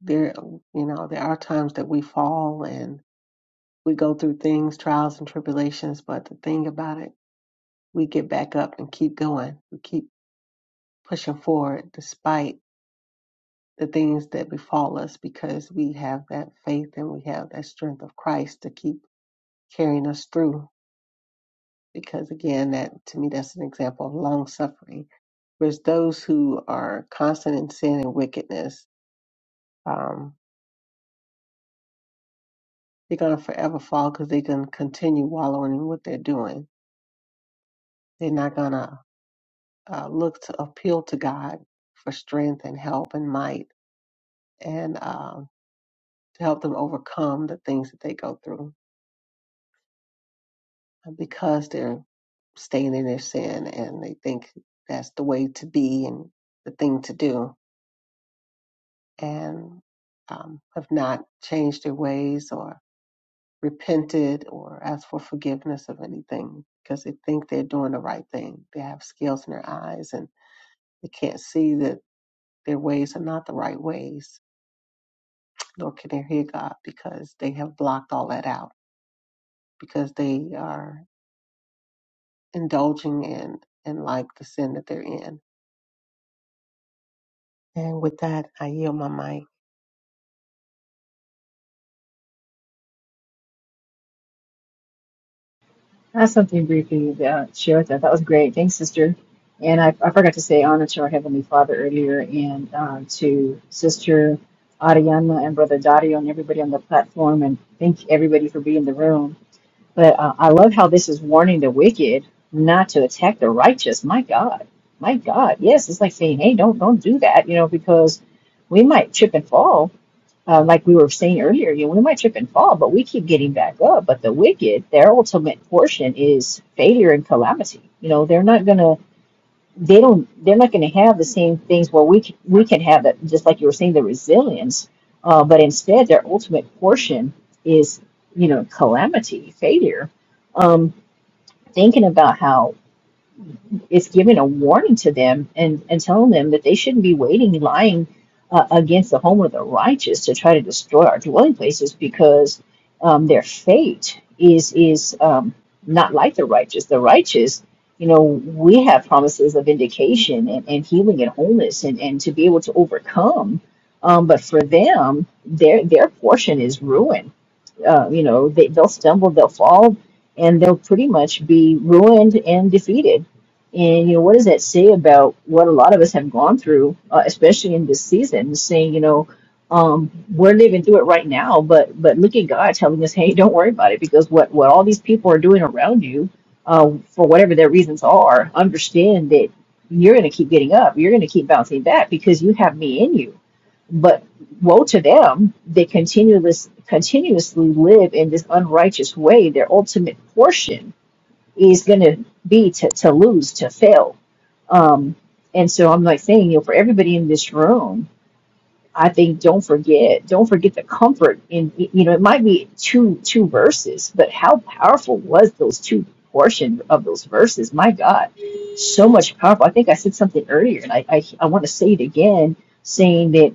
there, you know, there are times that we fall and we go through things, trials and tribulations. But the thing about it, we get back up and keep going. We keep pushing forward despite the things that befall us because we have that faith and we have that strength of Christ to keep carrying us through. Because again, that to me, that's an example of long suffering. Whereas those who are constant in sin and wickedness, Um, they're going to forever fall because they're going to continue wallowing in what they're doing. They're not going to uh, look to appeal to God for strength and help and might and um, to help them overcome the things that they go through because they're staying in their sin and they think that's the way to be and the thing to do and um, have not changed their ways or. repented or asked for forgiveness of anything because they think they're doing the right thing. They have scales in their eyes and they can't see that their ways are not the right ways, nor can they hear God because they have blocked all that out because they are indulging in and like the sin that they're in. And with that, I yield my mic.
I have something briefly to share with that. That was great. Thanks, sister. And I, I forgot to say honor to our Heavenly Father earlier and um, to Sister Ariana and Brother Dario and everybody on the platform. And thank everybody for being in the room. But uh, I love how this is warning the wicked not to attack the righteous. My God. My God. Yes, it's like saying, hey, don't don't do that, you know, because we might trip and fall uh, like we were saying earlier, you know, we might trip and fall, but we keep getting back up. But the wicked, their ultimate portion is failure and calamity. You know, they're not gonna, they don't, they're not gonna have the same things where we can, we can have that, just like you were saying, the resilience. Uh, but instead, their ultimate portion is, you know, calamity, failure. Um, thinking about how is giving a warning to them and, and telling them that they shouldn't be waiting, lying uh, against the home of the righteous to try to destroy our dwelling places because um, their fate is is um, not like the righteous. The righteous, you know, we have promises of vindication and, and healing and wholeness and, and to be able to overcome. Um, but for them, their their portion is ruin uh, you know, they, they'll stumble, they'll fall, and they'll pretty much be ruined and defeated. And, you know, what does that say about what a lot of us have gone through, uh, especially in this season, saying, you know, um, we're living through it right now, but but look at God telling us, hey, don't worry about it because what, what all these people are doing around you, uh, for whatever their reasons are, understand that you're going to keep getting up. You're going to keep bouncing back because you have me in you but woe to them, they continuous, continuously live in this unrighteous way. Their ultimate portion is going to be to, to lose, to fail. Um, and so I'm like saying, you know, for everybody in this room, I think don't forget don't forget the comfort in you know it might be two two verses, but how powerful was those two portion of those verses? My God, so much powerful. I think I said something earlier, and I I, I want to say it again, saying that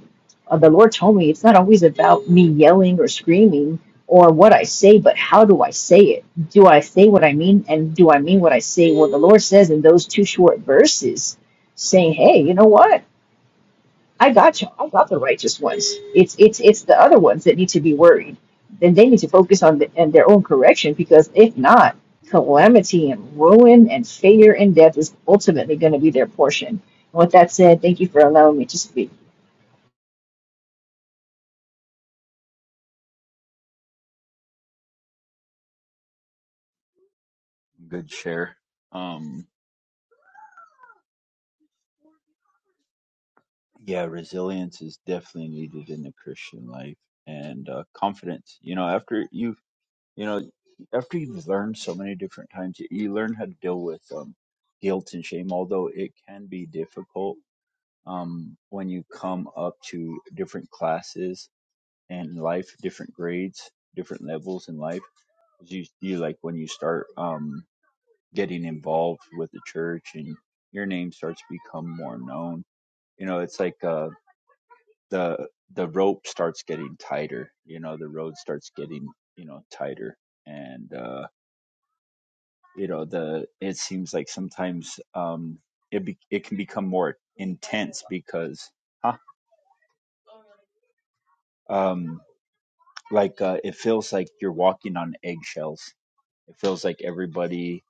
uh, the Lord told me it's not always about me yelling or screaming or what I say, but how do I say it? Do I say what I mean, and do I mean what I say? Well, the Lord says in those two short verses, saying, "Hey, you know what?" I got you. I got the righteous ones. It's it's it's the other ones that need to be worried. Then they need to focus on the, and their own correction because if not, calamity and ruin and failure and death is ultimately going to be their portion. And with that said, thank you for allowing me to speak.
good share um yeah resilience is definitely needed in the christian life and uh, confidence you know after you you know after you've learned so many different times you, you learn how to deal with um, guilt and shame although it can be difficult um, when you come up to different classes and life different grades different levels in life 'Cause you, you like when you start um, getting involved with the church and your name starts to become more known you know it's like uh, the the rope starts getting tighter you know the road starts getting you know tighter and uh, you know the it seems like sometimes um it be, it can become more intense because huh um like uh it feels like you're walking on eggshells it feels like everybody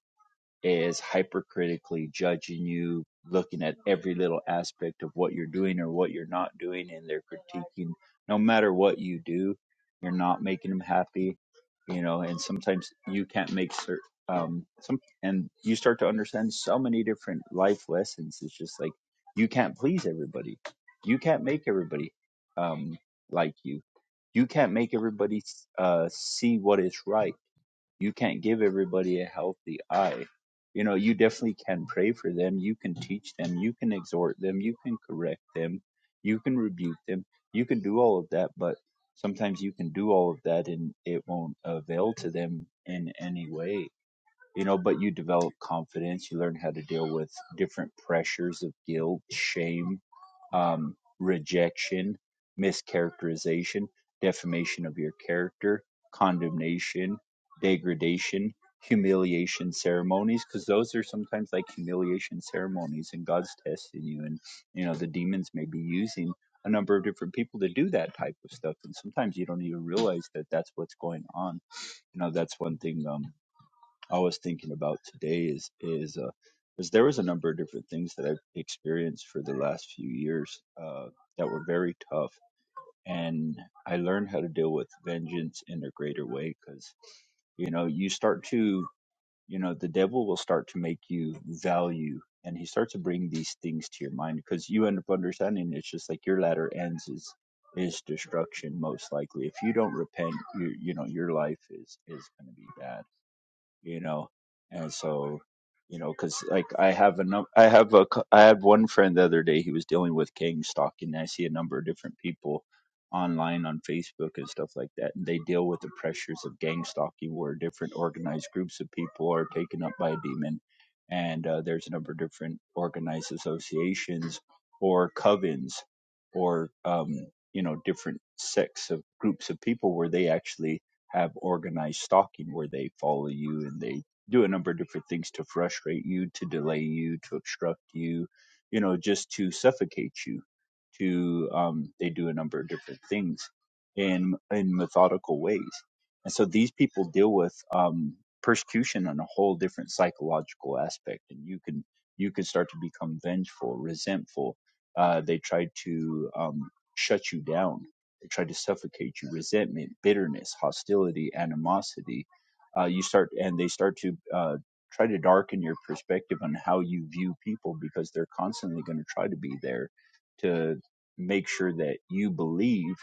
is hypercritically judging you, looking at every little aspect of what you're doing or what you're not doing, and they're critiquing no matter what you do, you're not making them happy, you know, and sometimes you can't make certain. Um, some and you start to understand so many different life lessons. It's just like you can't please everybody, you can't make everybody um like you, you can't make everybody uh see what is right you can't give everybody a healthy eye. You know, you definitely can pray for them. You can teach them. You can exhort them. You can correct them. You can rebuke them. You can do all of that, but sometimes you can do all of that and it won't avail to them in any way. You know, but you develop confidence. You learn how to deal with different pressures of guilt, shame, um, rejection, mischaracterization, defamation of your character, condemnation, degradation, humiliation ceremonies, because those are sometimes like humiliation ceremonies, and God's testing you. And, you know, the demons may be using a number of different people to do that type of stuff. And sometimes you don't even realize that that's what's going on. You know, that's one thing. Um, I was thinking about today is is uh, is there was a number of different things that I've experienced for the last few years uh, that were very tough, and I learned how to deal with vengeance in a greater way because you know you start to you know the devil will start to make you value and he starts to bring these things to your mind because you end up understanding it's just like your latter ends is is destruction most likely if you don't repent you you know your life is is going to be bad you know and so you know because like i have a num- i have a cou- i had one friend the other day he was dealing with gang stalking i see a number of different people online on facebook and stuff like that and they deal with the pressures of gang stalking where different organized groups of people are taken up by a demon and uh, there's a number of different organized associations or covens or um, you know different sects of groups of people where they actually have organized stalking where they follow you and they do a number of different things to frustrate you, to delay you, to obstruct you, you know, just to suffocate you. To um, they do a number of different things in in methodical ways, and so these people deal with um, persecution on a whole different psychological aspect, and you can you can start to become vengeful, resentful. Uh, they try to um, shut you down they try to suffocate you. Resentment, bitterness, hostility, animosity. Uh, you start and they start to uh, try to darken your perspective on how you view people because they're constantly going to try to be there to make sure that you believe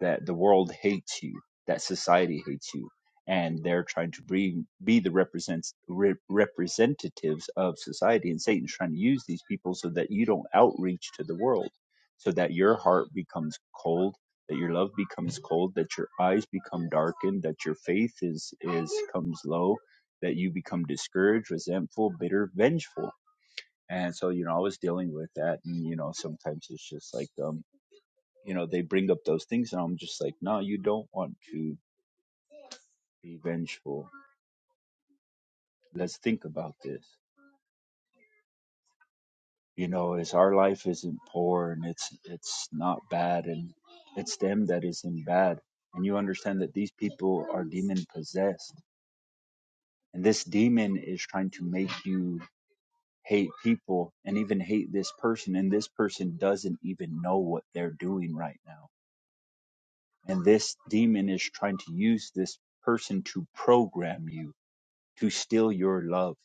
that the world hates you, that society hates you, and they're trying to be, be the represents, re, representatives of society. And Satan's trying to use these people so that you don't outreach to the world, so that your heart becomes cold that your love becomes cold, that your eyes become darkened, that your faith is is comes low, that you become discouraged, resentful, bitter, vengeful. And so, you know, I was dealing with that and you know, sometimes it's just like um, you know, they bring up those things and I'm just like, No, you don't want to be vengeful. Let's think about this. You know, is our life isn't poor and it's it's not bad and it's them that isn't bad. And you understand that these people are demon possessed And this demon is trying to make you hate people and even hate this person. And this person doesn't even know what they're doing right now. And this demon is trying to use this person to program you, to steal your love,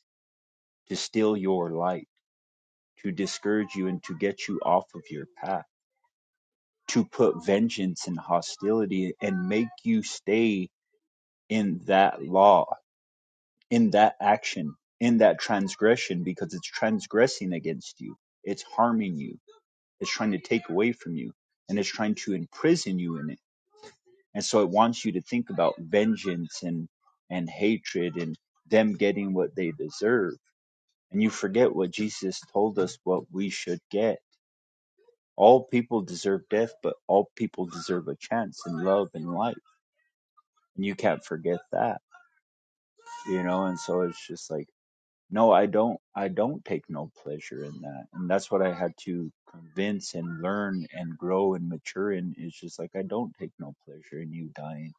to steal your light, to discourage you and to get you off of your path, to put vengeance and hostility and make you stay in that law in that action, in that transgression, because it's transgressing against you. It's harming you. It's trying to take away from you and it's trying to imprison you in it. And so it wants you to think about vengeance and, and hatred and them getting what they deserve. And you forget what Jesus told us what we should get. All people deserve death, but all people deserve a chance in love and life. And you can't forget that, you know? And so it's just like, no i don't i don't take no pleasure in that and that's what i had to convince and learn and grow and mature in is just like i don't take no pleasure in you dying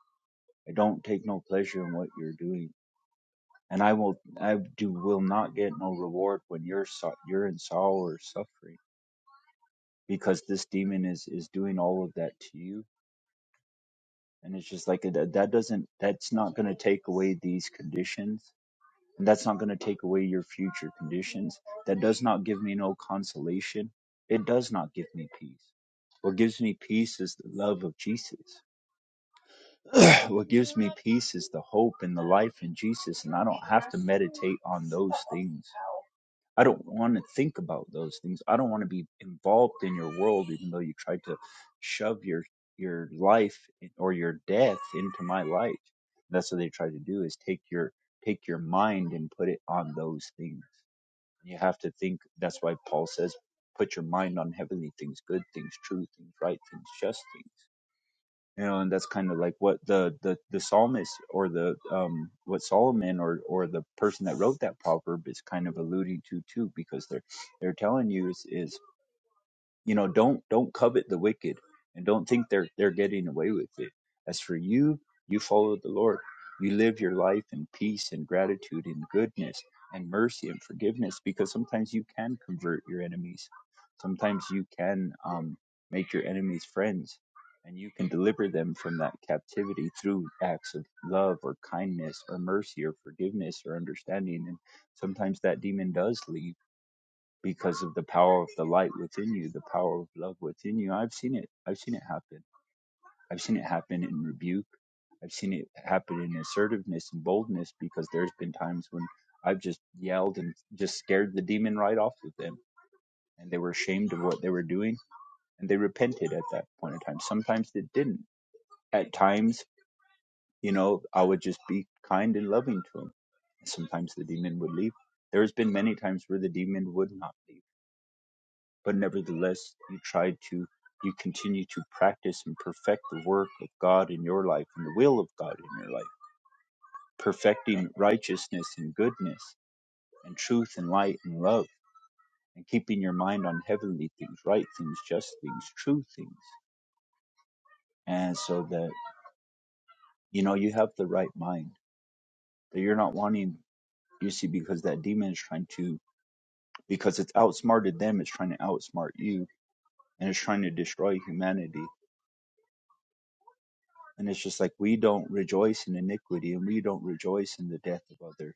i don't take no pleasure in what you're doing and i will i do will not get no reward when you're so, you're in sorrow or suffering because this demon is is doing all of that to you and it's just like that that doesn't that's not going to take away these conditions and that's not going to take away your future conditions. That does not give me no consolation. It does not give me peace. What gives me peace is the love of Jesus. <clears throat> what gives me peace is the hope and the life in Jesus. And I don't have to meditate on those things. I don't want to think about those things. I don't want to be involved in your world, even though you tried to shove your your life or your death into my life. That's what they try to do is take your take your mind and put it on those things you have to think. That's why Paul says, "Put your mind on heavenly things, good things, true things, right things, just things." You know, and that's kind of like what the the the psalmist or the um what Solomon or or the person that wrote that proverb is kind of alluding to too, because they're they're telling you is is you know don't don't covet the wicked and don't think they're they're getting away with it as for you you follow the lord you live your life in peace and gratitude and goodness and mercy and forgiveness because sometimes you can convert your enemies sometimes you can um, make your enemies friends and you can deliver them from that captivity through acts of love or kindness or mercy or forgiveness or understanding and sometimes that demon does leave because of the power of the light within you, the power of love within you. I've seen it. I've seen it happen. I've seen it happen in rebuke. I've seen it happen in assertiveness and boldness because there's been times when I've just yelled and just scared the demon right off of them and they were ashamed of what they were doing and they repented at that point in time. Sometimes they didn't. At times, you know, I would just be kind and loving to them. Sometimes the demon would leave. There's been many times where the demon would not leave but nevertheless you try to you continue to practice and perfect the work of God in your life and the will of God in your life, perfecting righteousness and goodness and truth and light and love, and keeping your mind on heavenly things, right things, just things, true things. And so that you know you have the right mind. That you're not wanting you see, because that demon is trying to because it's outsmarted them, it's trying to outsmart you, and it's trying to destroy humanity And it's just like we don't rejoice in iniquity and we don't rejoice in the death of others.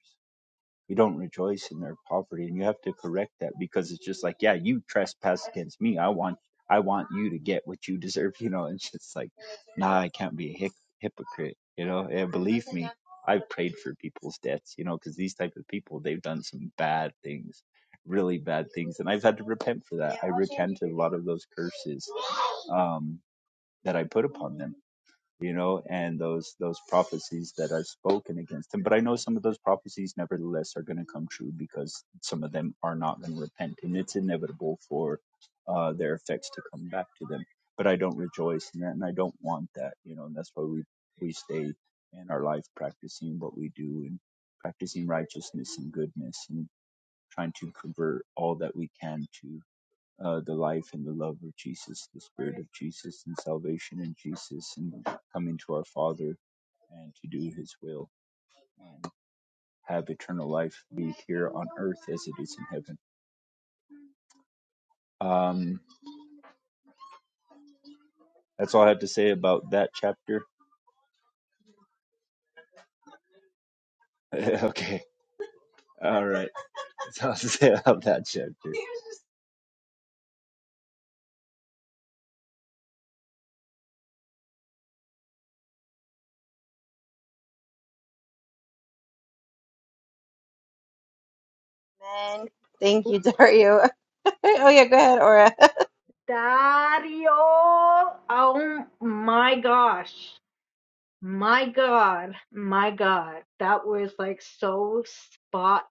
We don't rejoice in their poverty. And you have to correct that because it's just like, yeah, you trespass against me. I want I want you to get what you deserve, <laughs> you know. And it's just like, nah, I can't be a hic- hypocrite, you know. And believe me, I've prayed for people's debts, you know, because these type of people, they've done some bad things, really bad things. And I've had to repent for that. I repent of a lot of those curses um, that I put upon them you know, and those those prophecies that are spoken against him. But I know some of those prophecies, nevertheless, are going to come true because some of them are not going to repent, and it's inevitable for uh, their effects to come back to them. But I don't rejoice in that, and I don't want that, you know, and that's why we we stay in our life practicing what we do and practicing righteousness and goodness and trying to convert all that we can to uh, the life and the love of Jesus, the Spirit of Jesus, and salvation in Jesus, and coming to our Father and to do His will and have eternal life be here on earth as it is in heaven. Um, that's all I have to say about that chapter. <laughs> okay, all right. That's all I have to say about that chapter.
man. Thank you, Dario. <laughs> oh yeah, go ahead, Aura.
Dario! Oh my gosh. My god. My god. That was like so spot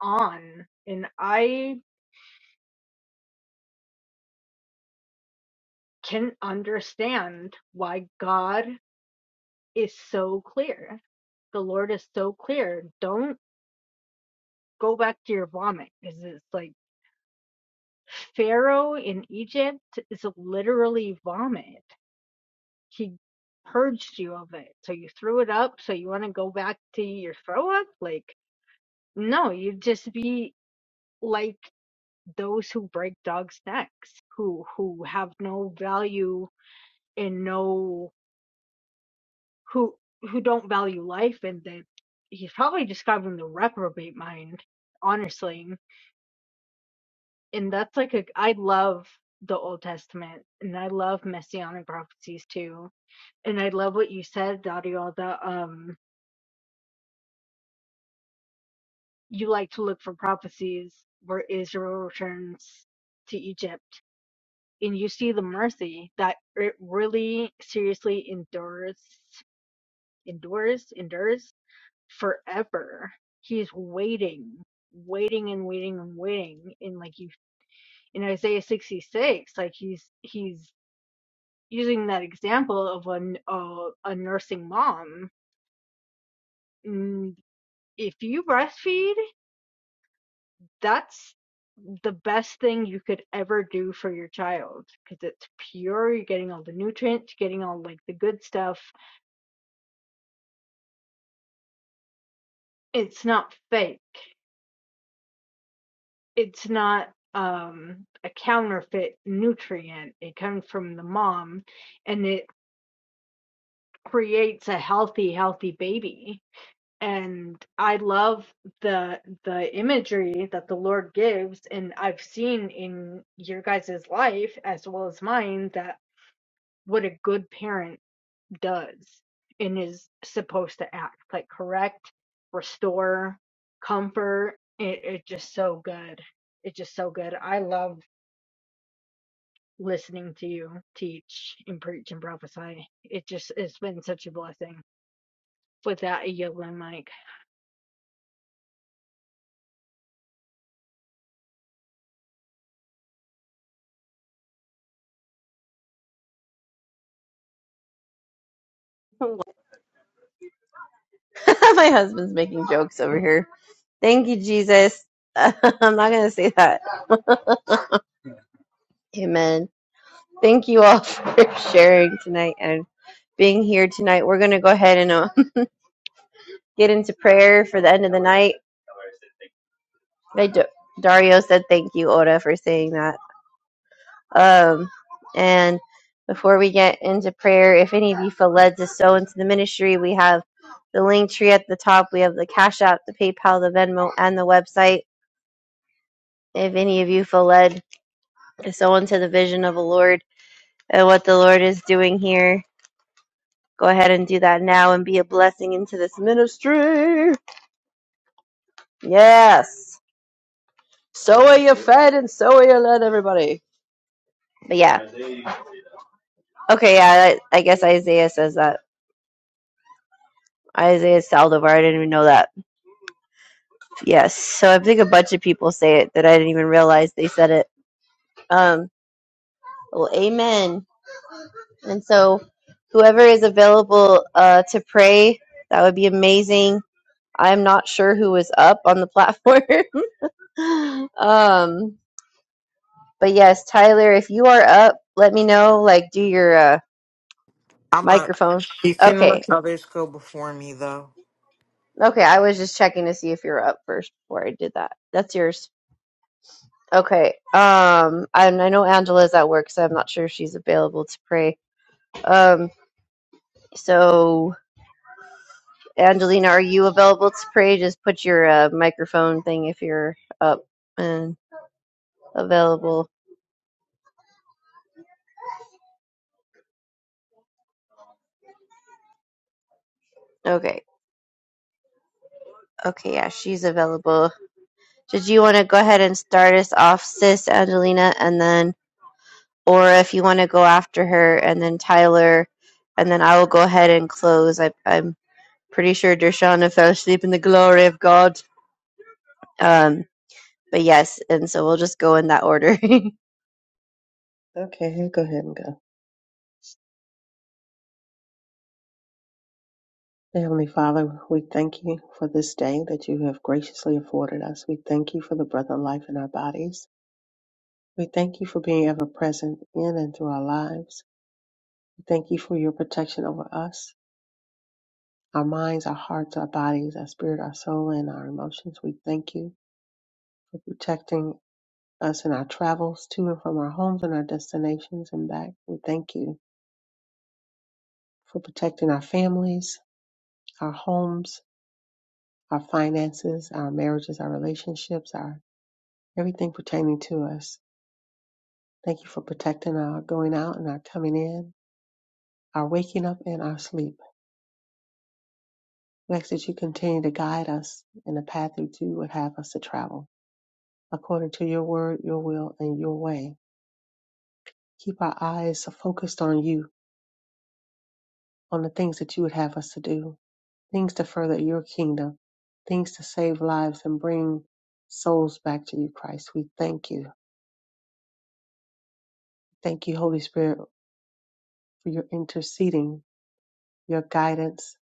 on. And I can understand why God is so clear. The Lord is so clear. Don't go back to your vomit because it's like Pharaoh in Egypt is literally vomit. He purged you of it. So you threw it up. So you want to go back to your throw up? Like, no, you'd just be like those who break dogs' necks, who who have no value and no who who don't value life and that he's probably describing the reprobate mind, honestly. And that's like a I love the Old Testament and I love messianic prophecies too and I love what you said, Dario, that um you like to look for prophecies where Israel returns to Egypt. And you see the mercy that it really seriously endures, endures, endures forever. He's waiting, waiting and waiting and waiting. In like you in Isaiah 66, like he's he's using that example of an uh, a nursing mom. Mm, If you breastfeed that's the best thing you could ever do for your child because it's pure. You're getting all the nutrients, getting all like the good stuff. It's not fake. It's not um a counterfeit nutrient. It comes from the mom and it creates a healthy, healthy baby. And I love the the imagery that the Lord gives and I've seen in your guys' life as well as mine that what a good parent does and is supposed to act like correct, restore, comfort. It, it's just so good. It's just so good. I love listening to you teach and preach and prophesy. It just it's been such a blessing. With that, I yield my mic.
<laughs> My husband's making jokes over here. Thank you, Jesus. <laughs> I'm not gonna say that. <laughs> Amen. Thank you all <laughs> for sharing tonight and being here tonight. We're gonna go ahead and uh, <laughs> get into prayer for the end of the night. I, do- Dario said thank you, Oda, for saying that. Um, and before we get into prayer, if any of you feel led to sow into the ministry, we have the link tree at the top. We have the Cash App, the PayPal, the Venmo, and the website. If any of you feel led to sow into the vision of the Lord and what the Lord is doing here, go ahead and do that now and be a blessing into this ministry. Yes. But yeah. Okay, yeah, I, I guess Isaiah says that. Isaiah Saldivar, I didn't even know that. Yes. So I think a bunch of people say it that I didn't even realize they said it. Um, well, amen. And so whoever is available uh, to pray, that would be amazing. I'm not sure who was up on the platform. <laughs> um, but yes, Tyler, if you are up, let me know. Like, do your uh,
i'm not
microphone.
you can
Okay.
let others go before me though
Okay. I was just checking to see if you're up first before I did that. That's yours. Okay. Um, I, I know Angela's at work, so I'm not sure if she's available to pray. Um, so, Angelina, are you available to pray? Just put your uh, microphone thing if you're up and available. Okay. Okay. Yeah, she's available. Did you want to go ahead and start us off, sis Angelina, and then, or if you want to go after her, and then Tyler, and then I will go ahead and close. I, I'm pretty sure Dershana fell asleep in the glory of God. Um, but yes, and so we'll just go in that order. <laughs> and,
Okay, go ahead and go. Heavenly Father, we thank you for this day that you have graciously afforded us. We thank you for the breath of life in our bodies. We thank you for being ever present in and through our lives. We thank you for your protection over us, our minds, our hearts, our bodies, our spirit, our soul, and our emotions. We thank you for protecting us in our travels to and from our homes and our destinations and back. We thank you for protecting our families, our homes, our finances, our marriages, our relationships, our everything pertaining to us. Thank you for protecting our going out and our coming in, our waking up and our sleep. We ask that you continue to guide us in the path that you would have us to travel, according to your word, your will, and your way. Keep our eyes focused on you, on the things that you would have us to do, things to further your kingdom, things to save lives and bring souls back to you, Christ. We thank you. Thank you, Holy Spirit, for your interceding, your guidance,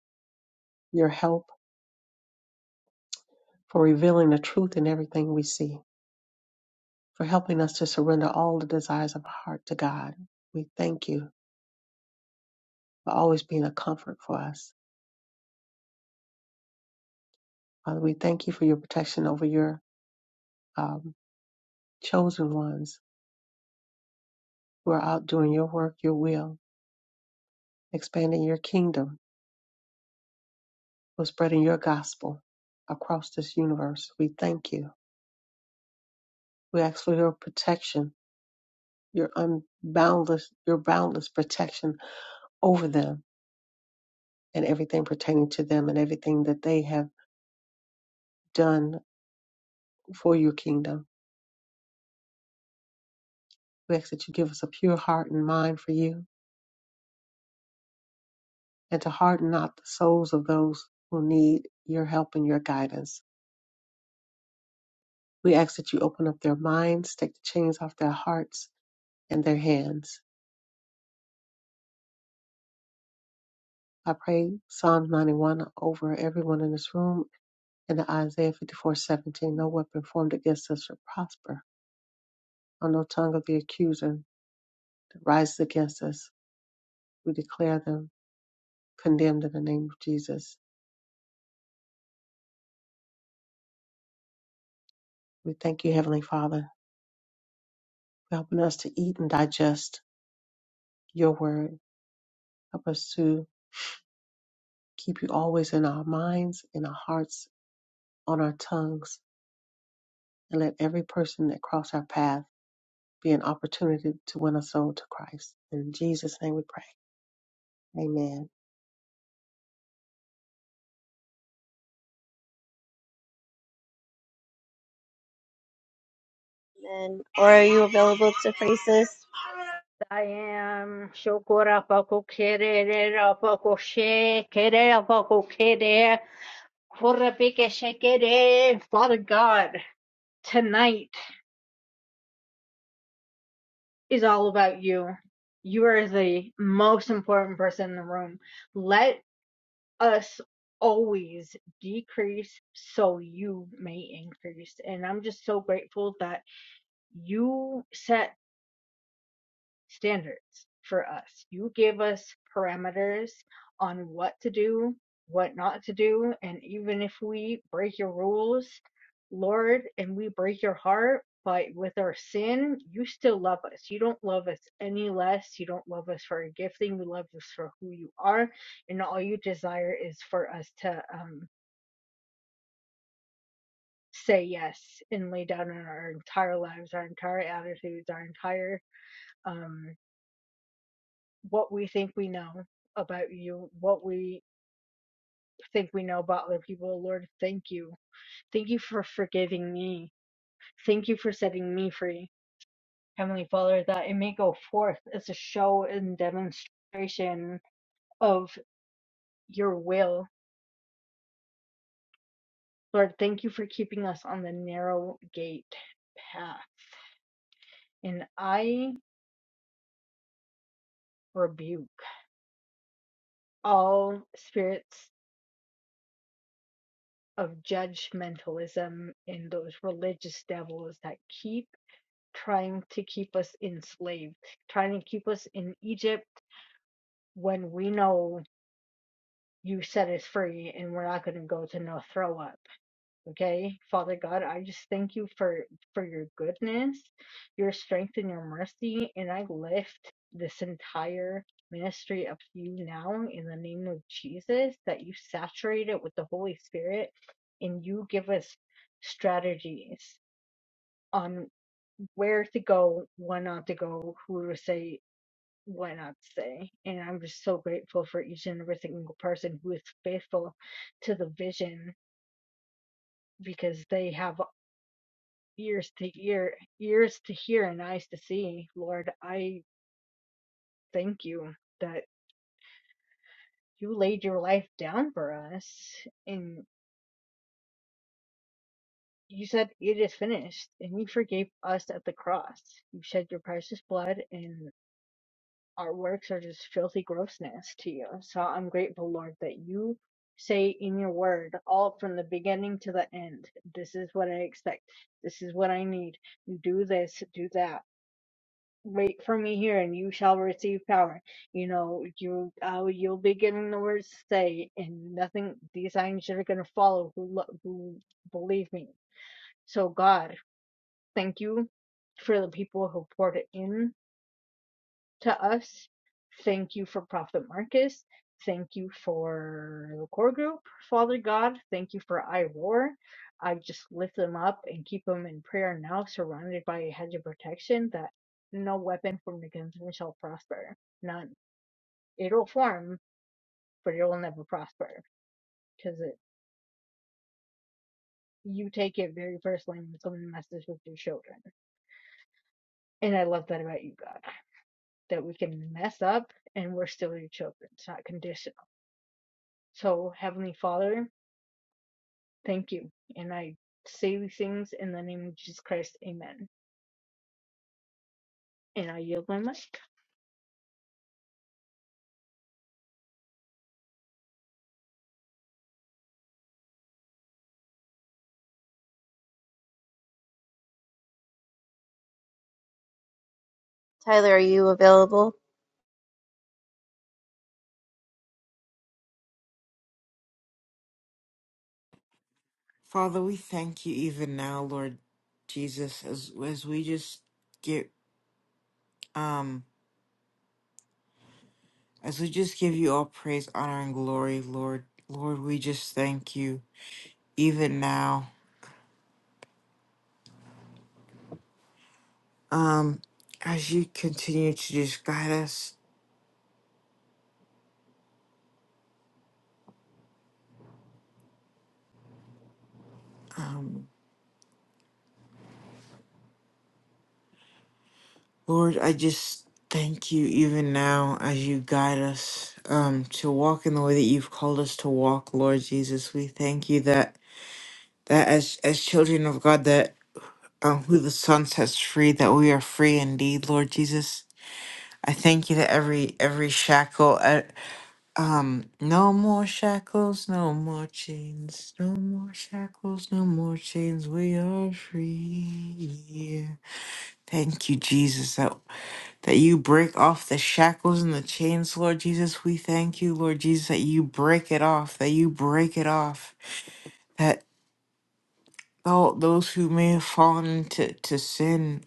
your help, for revealing the truth in everything we see, for helping us to surrender all the desires of our heart to God. We thank you for always being a comfort for us. Father, we thank you for your protection over your um, chosen ones who are out doing your work, your will, expanding your kingdom, who are spreading your gospel across this universe. We thank you. We ask for your protection, your unboundless, your boundless protection over them and everything pertaining to them and everything that they have done for your kingdom. We ask that you give us a pure heart and mind for you and to harden not the souls of those who need your help and your guidance. We ask that you open up their minds, take the chains off their hearts and their hands. I pray Psalms 91 over everyone in this room and the Isaiah 54:17. No weapon formed against us shall prosper, on no tongue of the accuser that rises against us. We declare them condemned in the name of Jesus. We thank you, Heavenly Father, for helping us to eat and digest your word. Help us to keep you always in our minds, in our hearts, on our tongues, and let every person that cross our path be an opportunity to win a soul to Christ. In Jesus' name we pray. Amen.
or are you available to pray, sis?
I am shokora pako kerere pako she kerere pako kere korapike shekere. Father God, tonight. is all about you. You are the most important person in the room. Let us always decrease so you may increase. And I'm just so grateful that you set standards for us. You gave us parameters on what to do, what not to do, and even if we break your rules, Lord, and we break your heart, but with our sin, you still love us. You don't love us any less. You don't love us for our gifting. You love us for who you are, and all you desire is for us to um, say yes and lay down in our entire lives, our entire attitudes, our entire um, what we think we know about you, what we think we know about other people. Lord, thank you. Thank you for forgiving me. Thank you for setting me free. Heavenly Father, that it may go forth as a show and demonstration of your will. Lord, thank you for keeping us on the narrow gate path. And I rebuke all spirits of judgmentalism and those religious devils that keep trying to keep us enslaved, trying to keep us in Egypt when we know you set us free and we're not going to go to no throw up. Okay? Father God, I just thank you for for your goodness, your strength and your mercy and I lift this entire ministry up to you now in the name of Jesus that you saturate it with the Holy Spirit and you give us strategies on where to go, when not to go, who to say, why not say. And I'm just so grateful for each and every single person who is faithful to the vision because they have ears to hear, ears to hear, and eyes to see. Lord, I thank you that you laid your life down for us and you said it is finished and you forgave us at the cross. You shed your precious blood and our works are just filthy grossness to you. So I'm grateful, Lord, that you say in your word, all from the beginning to the end, this is what I expect, this is what I need, do this, do that. Wait for me here, and you shall receive power. You know, you uh, you'll be getting the words to say, and nothing. These signs that are going to follow who, lo- who believe me. So God, thank you for the people who poured it in to us. Thank you for Prophet Marcus. Thank you for the core group, Father God. Thank you for IROAR. I just lift them up and keep them in prayer now, surrounded by a hedge of protection that no weapon formed against them shall prosper. None. It'll form, but it will never prosper because it, you take it very personally when someone messes with your children. And I love that about you, God, that we can mess up and we're still your children. It's not conditional. So, Heavenly Father, Thank you. And I say these things in the name of Jesus Christ. Amen. And I yield my mic.
Tyler, are you available?
father we thank you even now lord jesus as as we just get um As we just give you all praise, honor, and glory, Lord, Lord, we just thank you even now. Um, as you continue to just guide us, um, Lord, I just thank you even now as you guide us um to walk in the way that you've called us to walk, Lord Jesus. We thank you that that as as children of God that um, who the Son sets free, that we are free indeed, Lord Jesus. I thank you that every every shackle, e- Um, no more shackles, no more chains, no more shackles, no more chains. We are free. Thank you, Jesus, that, that you break off the shackles and the chains, Lord Jesus. We thank you, Lord Jesus, that you break it off, that you break it off, that all those who may have fallen into to sin,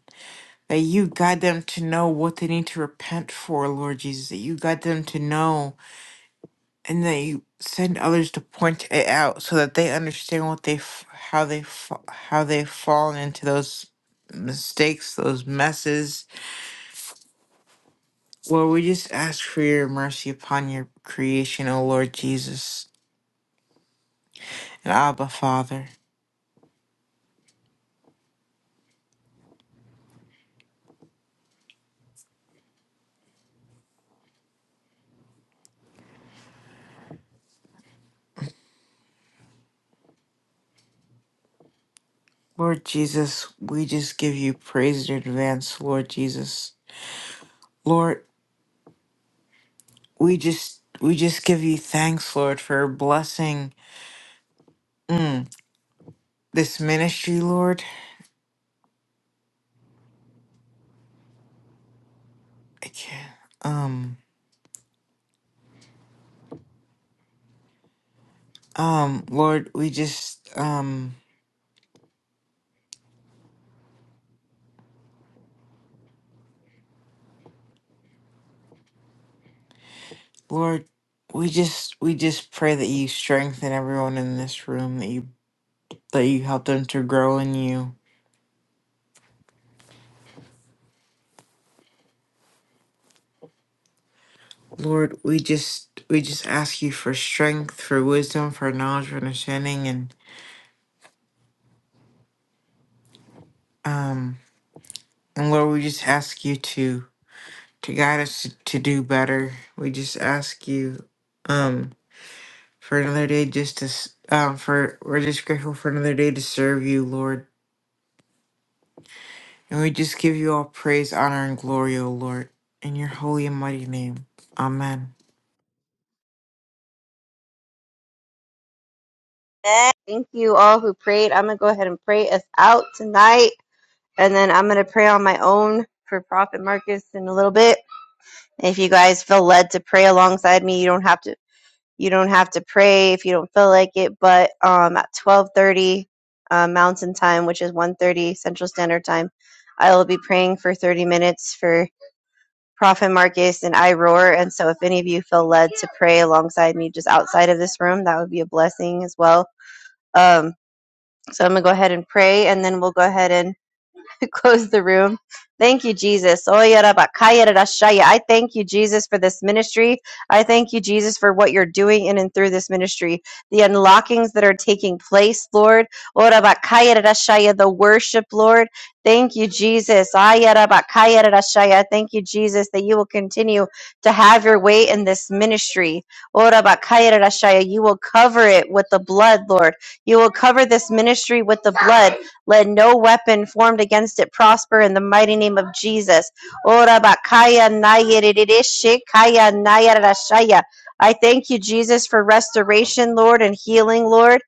that you guide them to know what they need to repent for, Lord Jesus, that you guide them to know. and they send others to point it out so that they understand what they f- how they fa- how they've fallen into those mistakes those messes lord we just ask for your mercy upon your creation o lord jesus and abba father lord jesus we just give you praise in advance lord jesus lord we just we just give you thanks lord for blessing mm, this ministry lord i can't um Um, Lord, we just, um, Lord, we just, we just pray that you strengthen everyone in this room, that you, that you help them to grow in you. Lord, we just, we just ask you for strength, for wisdom, for knowledge, for understanding, and, um, and Lord, we just ask you to, to guide us to, to do better. We just ask you, um, for another day just to, s- um, for, we're just grateful for another day to serve you, Lord. And we just give you all praise, honor, and glory, O Lord, in your holy and mighty name. Amen.
Yeah. Thank you all who prayed. I'm going to go ahead and pray us out tonight. And then I'm going to pray on my own for Prophet Marcus in a little bit. And If you guys feel led to pray alongside me, you don't have to. You don't have to pray if you don't feel like it, but um, at 12:30 uh, Mountain Time, which is 1:30 Central Standard Time, I will be praying for 30 minutes for Prophet Marcus and I roar. And so, if any of you feel led to pray alongside me just outside of this room, that would be a blessing as well. Um, so I'm going to go ahead and pray, and then we'll go ahead and <laughs> close the room. Thank you, Jesus. I thank you, Jesus, for this ministry. I thank you, Jesus, for what you're doing in and through this ministry. The unlockings that are taking place, Lord. The worship, Lord. Thank you, Jesus. Thank you, Jesus, that you will continue to have your way in this ministry. You will cover it with the blood, Lord. You will cover this ministry with the blood. Let no weapon formed against it prosper in the mighty name of Jesus. Ora bakaya nayerere shekaya nayarashaya. I thank you, Jesus, for restoration, Lord, and healing, Lord.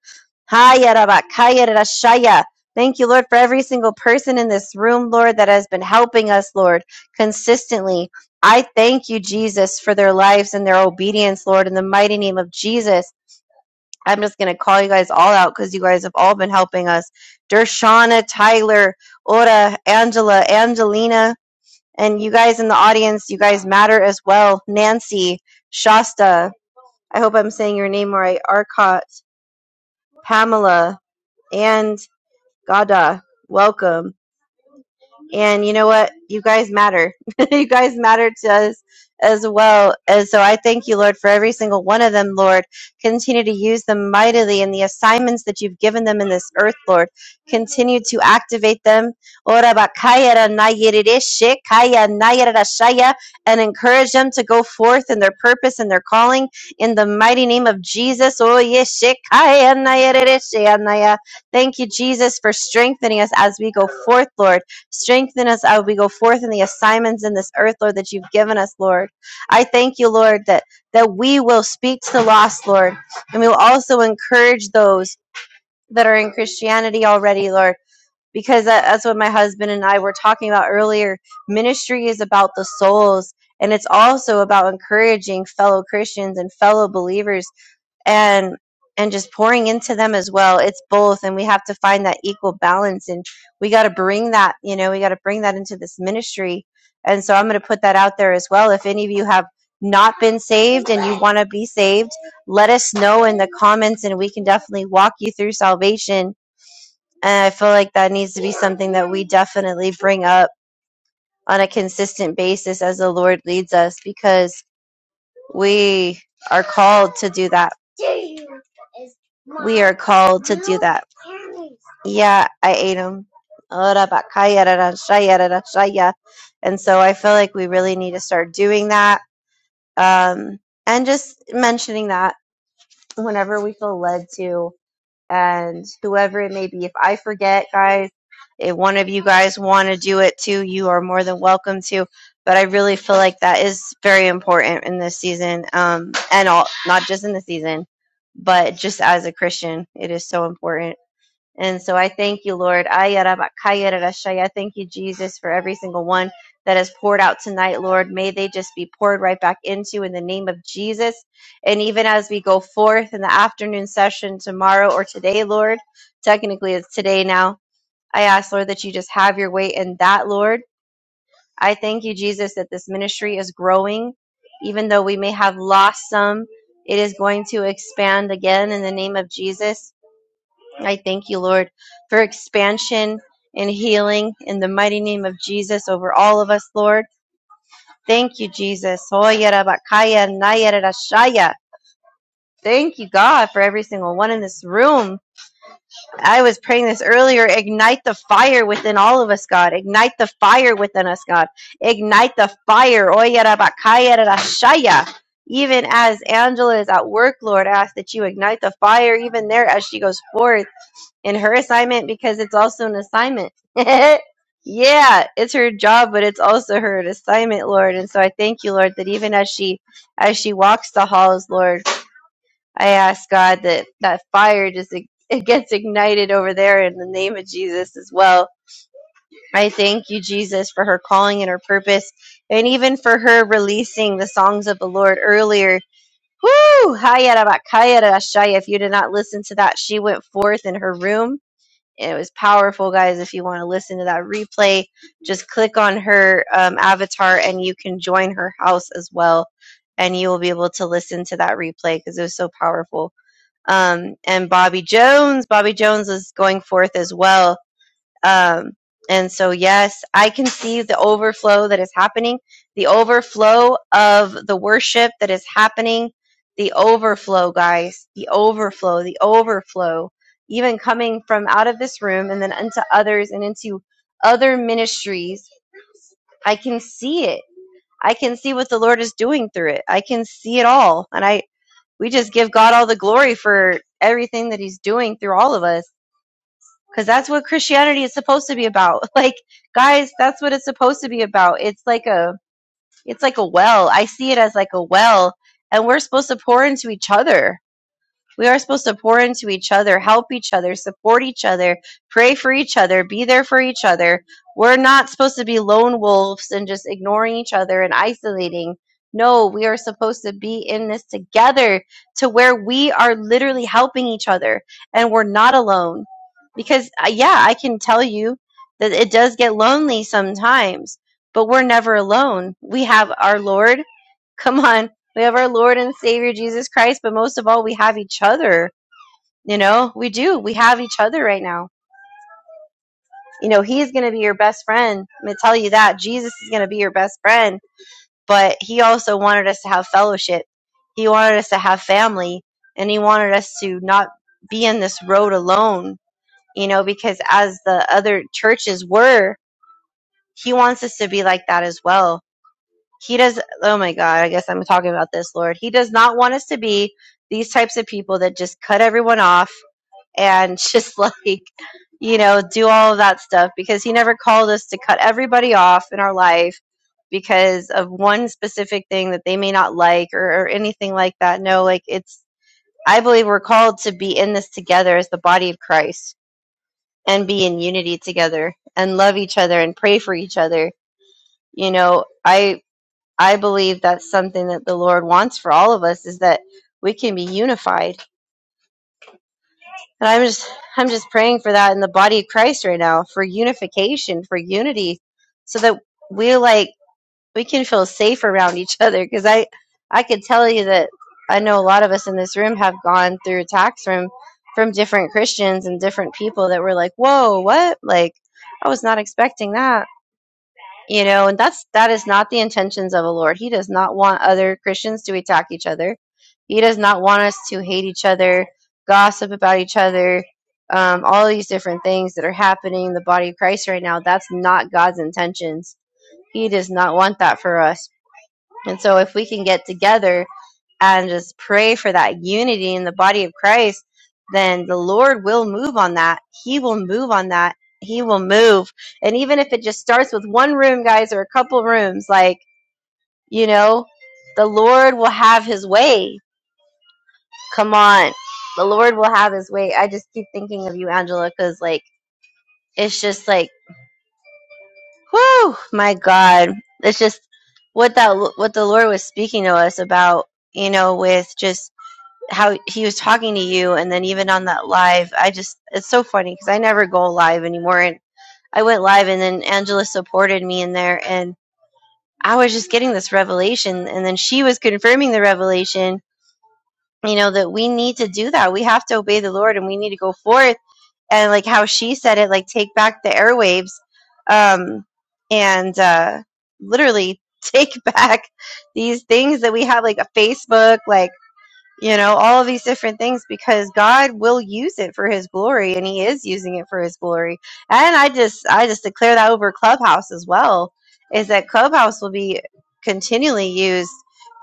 Haya rabakaya rashaya. Thank you, Lord, for every single person in this room, Lord, that has been helping us, Lord, consistently. I thank you, Jesus, for their lives and their obedience, Lord, in the mighty name of Jesus. I'm just going to call you guys all out because you guys have all been helping us. Dershana, Tyler, Ora, Angela, Angelina, and you guys in the audience, you guys matter as well. Nancy, Shasta, I hope I'm saying your name right. Arcot, Pamela, and Gada, welcome. And you know what? You guys matter. <laughs> you guys matter to us as well. And so I thank you, Lord, for every single one of them, Lord. Continue to use them mightily in the assignments that you've given them in this earth, Lord. Continue to activate them. Ora bakaya ra na yerere she kaya na yerera shaya, And encourage them to go forth in their purpose and their calling in the mighty name of Jesus. Oh, yes, she kaya na yerere she anaya. Thank you, Jesus, for strengthening us as we go forth, Lord. Strengthen us as we go forth in the assignments in this earth, Lord, that you've given us, Lord. I thank you, Lord, that, that we will speak to the lost, Lord, and we will also encourage those that are in Christianity already, Lord, because that, that's what my husband and I were talking about earlier. Ministry is about the souls, and it's also about encouraging fellow Christians and fellow believers and and just pouring into them as well it's both and we have to find that equal balance and we got to bring that you know we got to bring that into this ministry and so i'm going to put that out there as well if any of you have not been saved and you want to be saved let us know in the comments and we can definitely walk you through salvation and i feel like that needs to be something that we definitely bring up on a consistent basis as the lord leads us because we are called to do that we are called to do that Yeah, I ate them. And so I feel like we really need to start doing that um, and just mentioning that whenever we feel led to and whoever it may be. If I forget, guys, if one of you guys want to do it too, you are more than welcome to. But I really feel like that is very important in this season um, and all, not just in the season, but just as a Christian, it is so important. And so I thank you, Lord. Ayarabakayarashaya. I thank you, Jesus, for every single one that is poured out tonight, Lord. May they just be poured right back into in the name of Jesus. And even as we go forth in the afternoon session tomorrow or today, Lord, technically it's today now, I ask, Lord, that you just have your way in that, Lord. I thank you, Jesus, that this ministry is growing. Even though we may have lost some, it is going to expand again in the name of Jesus. I thank you, Lord, for expansion and healing in the mighty name of Jesus over all of us, Lord. Thank you, Jesus. Hoyerabakaya nayerashaya. Thank you, God, for every single one in this room. I was praying this earlier. Ignite the fire within all of us, God. Ignite the fire within us, God. Ignite the fire. Hoyerabakaya rashaya. Even as Angela is at work, Lord, I ask that you ignite the fire even there as she goes forth in her assignment because it's also an assignment. <laughs> yeah, it's her job, but it's also her assignment, Lord. And so I thank you, Lord, that even as she as she walks the halls, Lord, I ask God that that fire just ig- <laughs> it gets ignited over there in the name of Jesus as well. I thank you, Jesus, for her calling and her purpose, and even for her releasing the songs of the Lord earlier. Woo! Hayarabakayarashaya. If you did not listen to that, she went forth in her room it was powerful, guys. If you want to listen to that replay, just click on her um, avatar and you can join her house as well, and you will be able to listen to that replay because it was so powerful. Um, and Bobby Jones, Bobby Jones was going forth as well um, and so, yes, I can see the overflow that is happening, the overflow of the worship that is happening, the overflow, guys, the overflow, the overflow, even coming from out of this room and then unto others and into other ministries. I can see it. I can see what the Lord is doing through it. I can see it all. And I, we just give God all the glory for everything that He's doing through all of us because that's what Christianity is supposed to be about. <laughs> Like, guys, that's what it's supposed to be about. It's like a, it's like a well. I see it as like a well, and we're supposed to pour into each other. We are supposed to pour into each other, help each other, support each other, pray for each other, be there for each other. We're not supposed to be lone wolves and just ignoring each other and isolating. No, we are supposed to be in this together to where we are literally helping each other and we're not alone. Because, uh, yeah, I can tell you that it does get lonely sometimes, but we're never alone. We have our Lord. Come on we have our Lord and Savior Jesus Christ, but most of all, we have each other. You know, we do. We have each other right now. You know, He's going to be your best friend. I'm going to tell you that. Jesus is going to be your best friend. But He also wanted us to have fellowship, He wanted us to have family, and He wanted us to not be in this road alone, you know, because as the other churches were, He wants us to be like that as well He does, oh my God, I guess I'm talking about this, Lord. He does not want us to be these types of people that just cut everyone off and <laughs> just like, you know, do all of that stuff because He never called us to cut everybody off in our life because of one specific thing that they may not like or, or anything like that. No, like it's, I believe we're called to be in this together as the body of Christ and be in unity together and love each other and pray for each other. You know, I I believe that's something that the Lord wants for all of us is that we can be unified. And I'm just I'm just praying for that in the body of Christ right now, for unification, for unity, so that we like we can feel safe around each other because I I could tell you that I know a lot of us in this room have gone through attacks from from different Christians and different people that were like, "Whoa, what?" like I was not expecting that you know and that's that is not the intentions of the lord he does not want other christians to attack each other he does not want us to hate each other gossip about each other um, all these different things that are happening in the body of christ right now that's not god's intentions he does not want that for us and so if we can get together and just pray for that unity in the body of Christ, then the Lord will move on that. He will move on that. He will move. And even if it just starts with one room, guys, or a couple rooms, like, you know, the Lord will have his way. Come on. The Lord will have his way. I just keep thinking of you, Angela, because, like, it's just like, whoo, my God. It's just what that, what the Lord was speaking to us about, you know, with just how he was talking to you and then even on that live i just it's so funny because i never go live anymore and i went live and then angela supported me in there and i was just getting this revelation and then she was confirming the revelation you know that we need to do that we have to obey the lord and we need to go forth and like how she said it like take back the airwaves um and uh literally <laughs> take back these things that we have like a facebook like you know all of these different things because god will use it for his glory and he is using it for his glory and i just i just declare that over clubhouse as well is that clubhouse will be continually used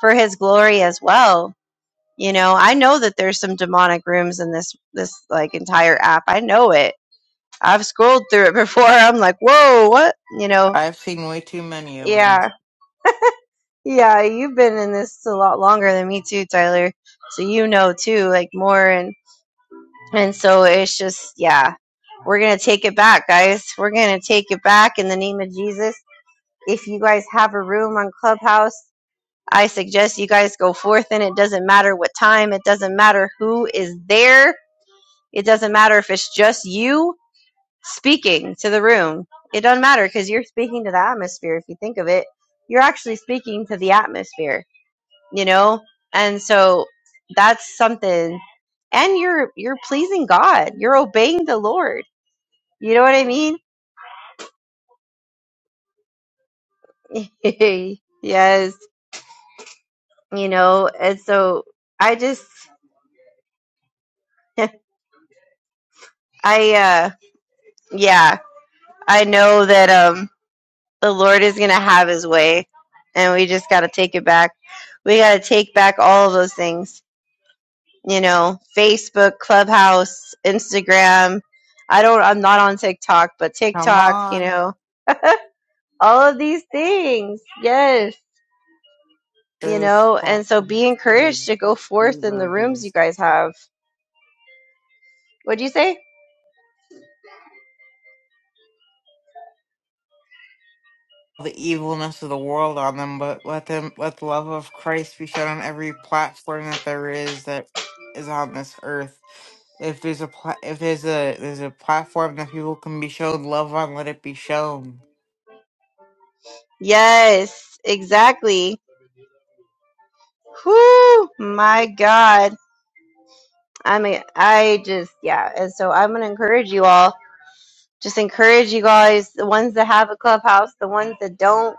for his glory as well you know i know that there's some demonic rooms in this this like entire app i know it i've scrolled through it <laughs> before i'm like whoa what you know
I've seen way too many of them.
yeah yeah you've been in this a lot longer than me too tyler so you know too like more and And so it's just, yeah, we're going to take it back, guys. We're going to take it back in the name of Jesus. If you guys have a room on Clubhouse, I suggest you guys go forth and it doesn't matter what time, it doesn't matter who is there, it doesn't matter if it's just you speaking to the room. It doesn't matter because you're speaking to the atmosphere. If you think of it, you're actually speaking to the atmosphere you know and so that's something and you're you're pleasing god you're obeying the lord you know what i mean <laughs> yes you know and so i just <laughs> i uh yeah i know that um the lord is gonna have his way and we just gotta take it back we gotta take back all of those things you know facebook clubhouse instagram i don't i'm not on tiktok but
Come
tiktok you
on,
know all of these things. Yes. You
those
know, and so
platforms.
be encouraged to go forth in the rooms you
Reverbers.
guys have. What'd you say?
The evilness of the world on them, but let them let the love of Christ be shown on every platform that there is that is on this earth. If there's a pla- if there's a there's a platform that people can be shown love on, let it be shown.
Yes, exactly. Whoo, my God. I mean, I just, yeah. And so I'm going to encourage you all. Just encourage you guys, the ones that have a clubhouse, the ones that don't,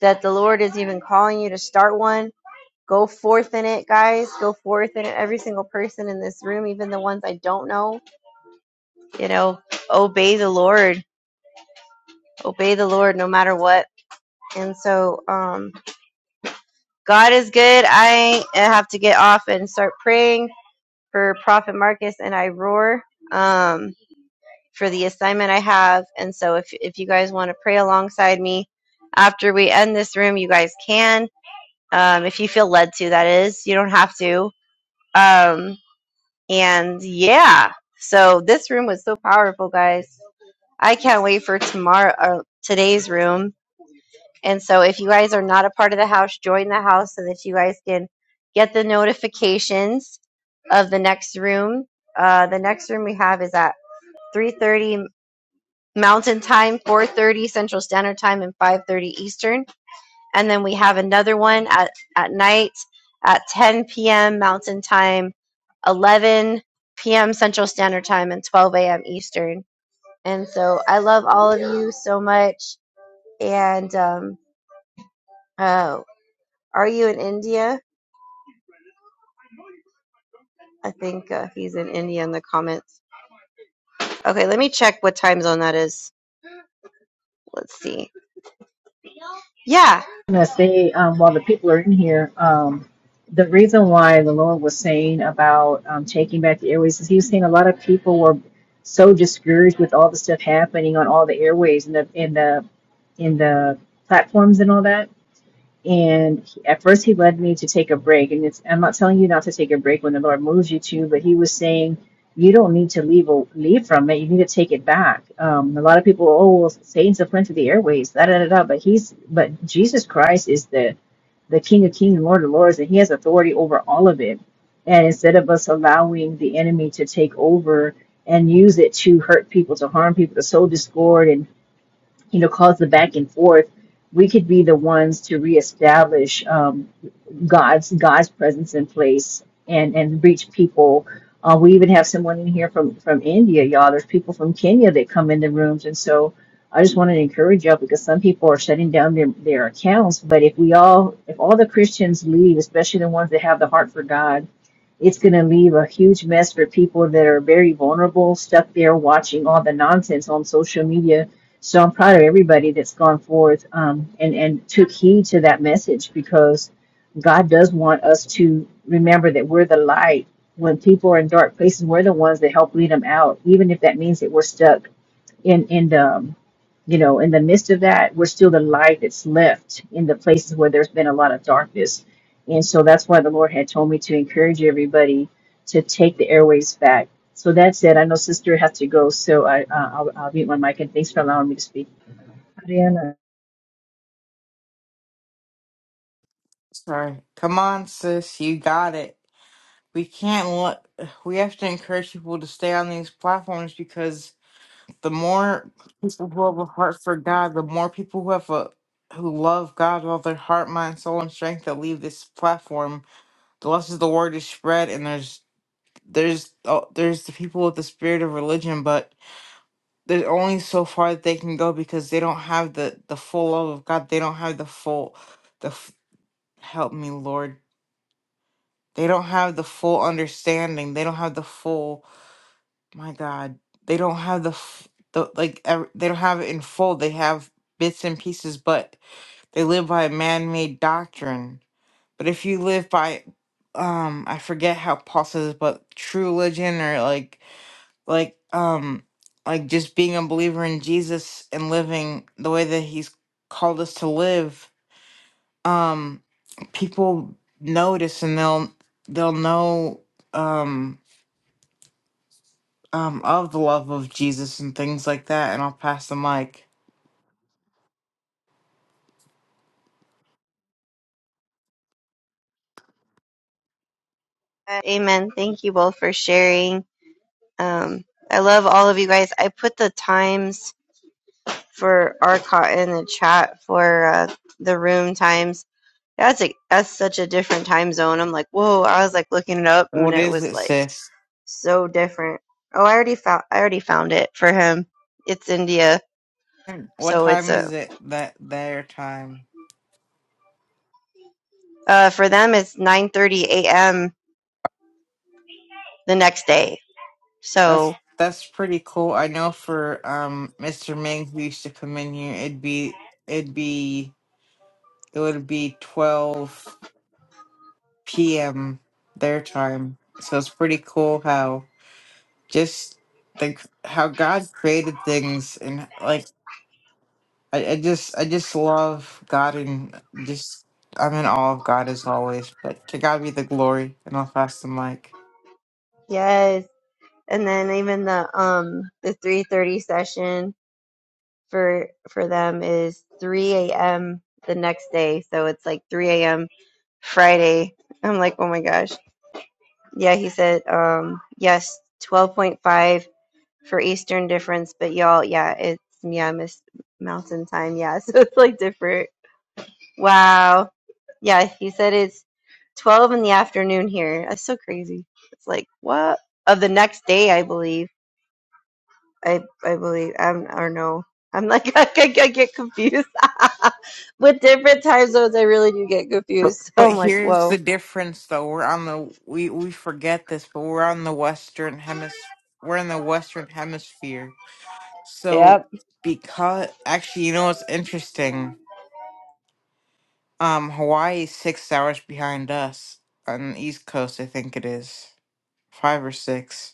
that the Lord is even calling you to start one. Go forth in it, guys. Go forth in it. Every single person in this room, even the ones I don't know, you know, obey the Lord obey the Lord no matter what. And so, um, God is good. I have to get off and start praying for Prophet Marcus and I roar um, for the assignment I have. And so, if if you guys want to pray alongside me after we end this room, you guys can. Um, if you feel led to, that is, you don't have to. Um, and yeah, so this room was so powerful, guys. I can't wait for tomorrow, uh, today's room And so if you guys are not a part of the house, join the house so that you guys can get the notifications of the next room. Uh, the next room we have is at 3:30 Mountain Time, 4:30 Central Standard Time, and 5:30 Eastern. And then we have another one at at night at 10 p.m. Mountain Time, 11 p.m. Central Standard Time, and 12 a.m. Eastern. And so I love all of you so much, and um, uh, Are you in India? I think uh, he's in India in the comments. Okay, let me check what time zone that is. Let's see. Yeah.
I'm gonna say um, while the people are in here, um, the reason why the Lord was saying about um, taking back the airways is He was saying a lot of people were so discouraged with all the stuff happening on all the airways and the in the in the platforms and all that And he- at first, he led me to take a break. And it's, I'm not telling you not to take a break when the Lord moves you to, but he was saying, you don't need to leave leave from it. You need to take it back. Um, a lot of people, oh, well, Satan's a friend to the airways, da da da da. But he's, but Jesus Christ is the the King of Kings, and Lord of Lords, and He has authority over all of it. And instead of us allowing the enemy to take over and use it to hurt people, to harm people, to sow discord, and you know, cause the back and forth, we could be the ones to reestablish um, God's God's presence in place and and reach people. Uh, we even have someone in here from from India, y'all. There's people from Kenya that come in the rooms, and so I just wanted to encourage y'all because some people are shutting down their their accounts. But if we all, if all the Christians leave, especially the ones that have the heart for God it's going to leave a huge mess for people that are very vulnerable, stuck there watching all the nonsense on social media. So I'm proud of everybody that's gone forth um, and, and took heed to that message because God does want us to remember that we're the light. When people are in dark places, we're the ones that help lead them out, even if that means that we're stuck in in the um, you know in the midst of that we're still the light that's left in the places where there's been a lot of darkness and so that's why the lord had told me to encourage everybody to take the airways back so that's it i know sister has to go so i uh, I'll, I'll mute my mic and thanks for allowing me to speak
Sorry, come on, sis, you got it. we can't let we have to encourage people to stay on these platforms because the more people who have a heart for God, the more people who have a who love God with all their heart, mind, soul, and strength that leave this platform, the less the word is spread, and there's there's oh, there's the people with the spirit of religion, but there's only so far that they can go because they don't have the the full love of God. They don't have the full the f- help me, Lord. They don't have the full understanding. They don't have the full My God, they don't have the f- the like ev- they don't have it in full. They have bits and pieces, but they live by a man-made doctrine. But if you live by, um, I forget how Paul says, it, but true religion or like like um like just being a believer in Jesus and living the way that He's called us to live, um, people notice and they'll they'll know. Um, um, of the love of Jesus and things like that, and I'll pass the mic.
Uh, Amen. Thank you both for sharing. Um, I love all of you guys. I put the times for Arcot in the chat for uh, the room times. That's a that's such a different time zone. I'm like, whoa! I was like looking it up, and
What
it
is
was
it,
like
sis?
so different. Oh, I already found I already found it for him. It's India,
And What
so it's
time
a.
is it? That their time.
Uh, for them, it's 9:30 a.m. the next day.
That's
So
that's pretty cool. I know for um Mr. Ming who used to come in here, it'd be it'd be it would be twelve p.m. their time. So it's pretty cool how just think how God created things and like. I, I just I just love God and just I'm in awe of God as always. But to God be the glory, and I'll pass the mic.
yes, and then even the um the 3:30 session for for them is 3 a.m. the next day. So it's like 3 a.m. Friday. I'm like, oh my gosh. Yeah, he said, um, yes, 12.5 for Eastern difference, but y'all, yeah, it's yeah, Miss Mountain Time, yeah. <laughs> So it's like different. Wow. Yeah, he said it's 12 in the afternoon here. That's so crazy. It's like, what? Of the next day, I believe. I I believe. I'm, I don't know. I'm like, <laughs> I, get- I get confused. <laughs> With different time zones, I really do get
But
confused. <laughs> So
but
I'm like,
here's the
whoa.
difference though. We're on the we we forget this, but we're on the western hemis We're in the western hemisphere. So
Yep.
because actually, you know what's interesting? Um, Hawaii is six hours behind us on the east coast. I think it is five or six.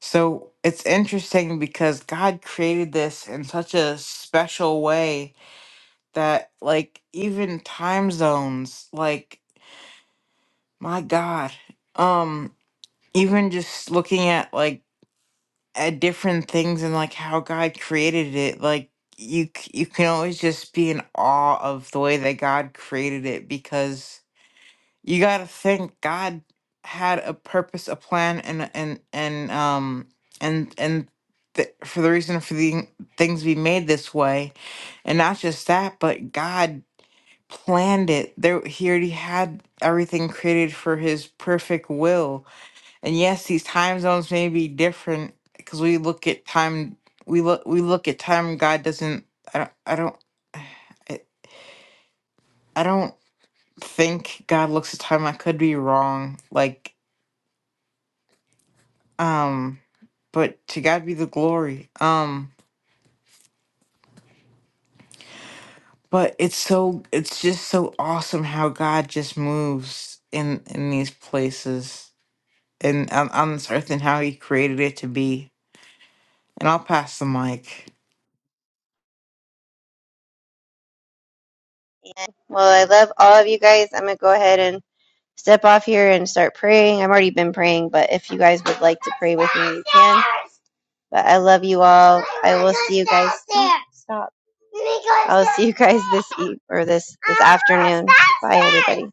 So it's interesting because God created this in such a special way that like even time zones, like my God, um even just looking at like at different things and like how God created it, like you c- you can always just be in awe of the way that God created it because you gotta think God had a purpose, a plan, and and and um and and th- for the reason for the things be made this way, and not just that, but God planned it. There, He already had everything created for His perfect will. And yes, these time zones may be different because we look at time. We look. We look at time. God doesn't. I don't. I don't. <sighs> I, I don't think God looks at time. I could be wrong. Like Um, but to God be the glory. Um, but it's so it's just so awesome how God just moves in in these places and on, on this earth and how He created it to be. And I'll pass the mic.
Yeah. Well, I love all of you guys. I'm going to go ahead and step off here and start praying. I've already been praying, but if you guys would like to pray with me, you can. But I love you all. I will see you guys. Stop. stop. I will see you guys this eve or this this afternoon. Bye, everybody.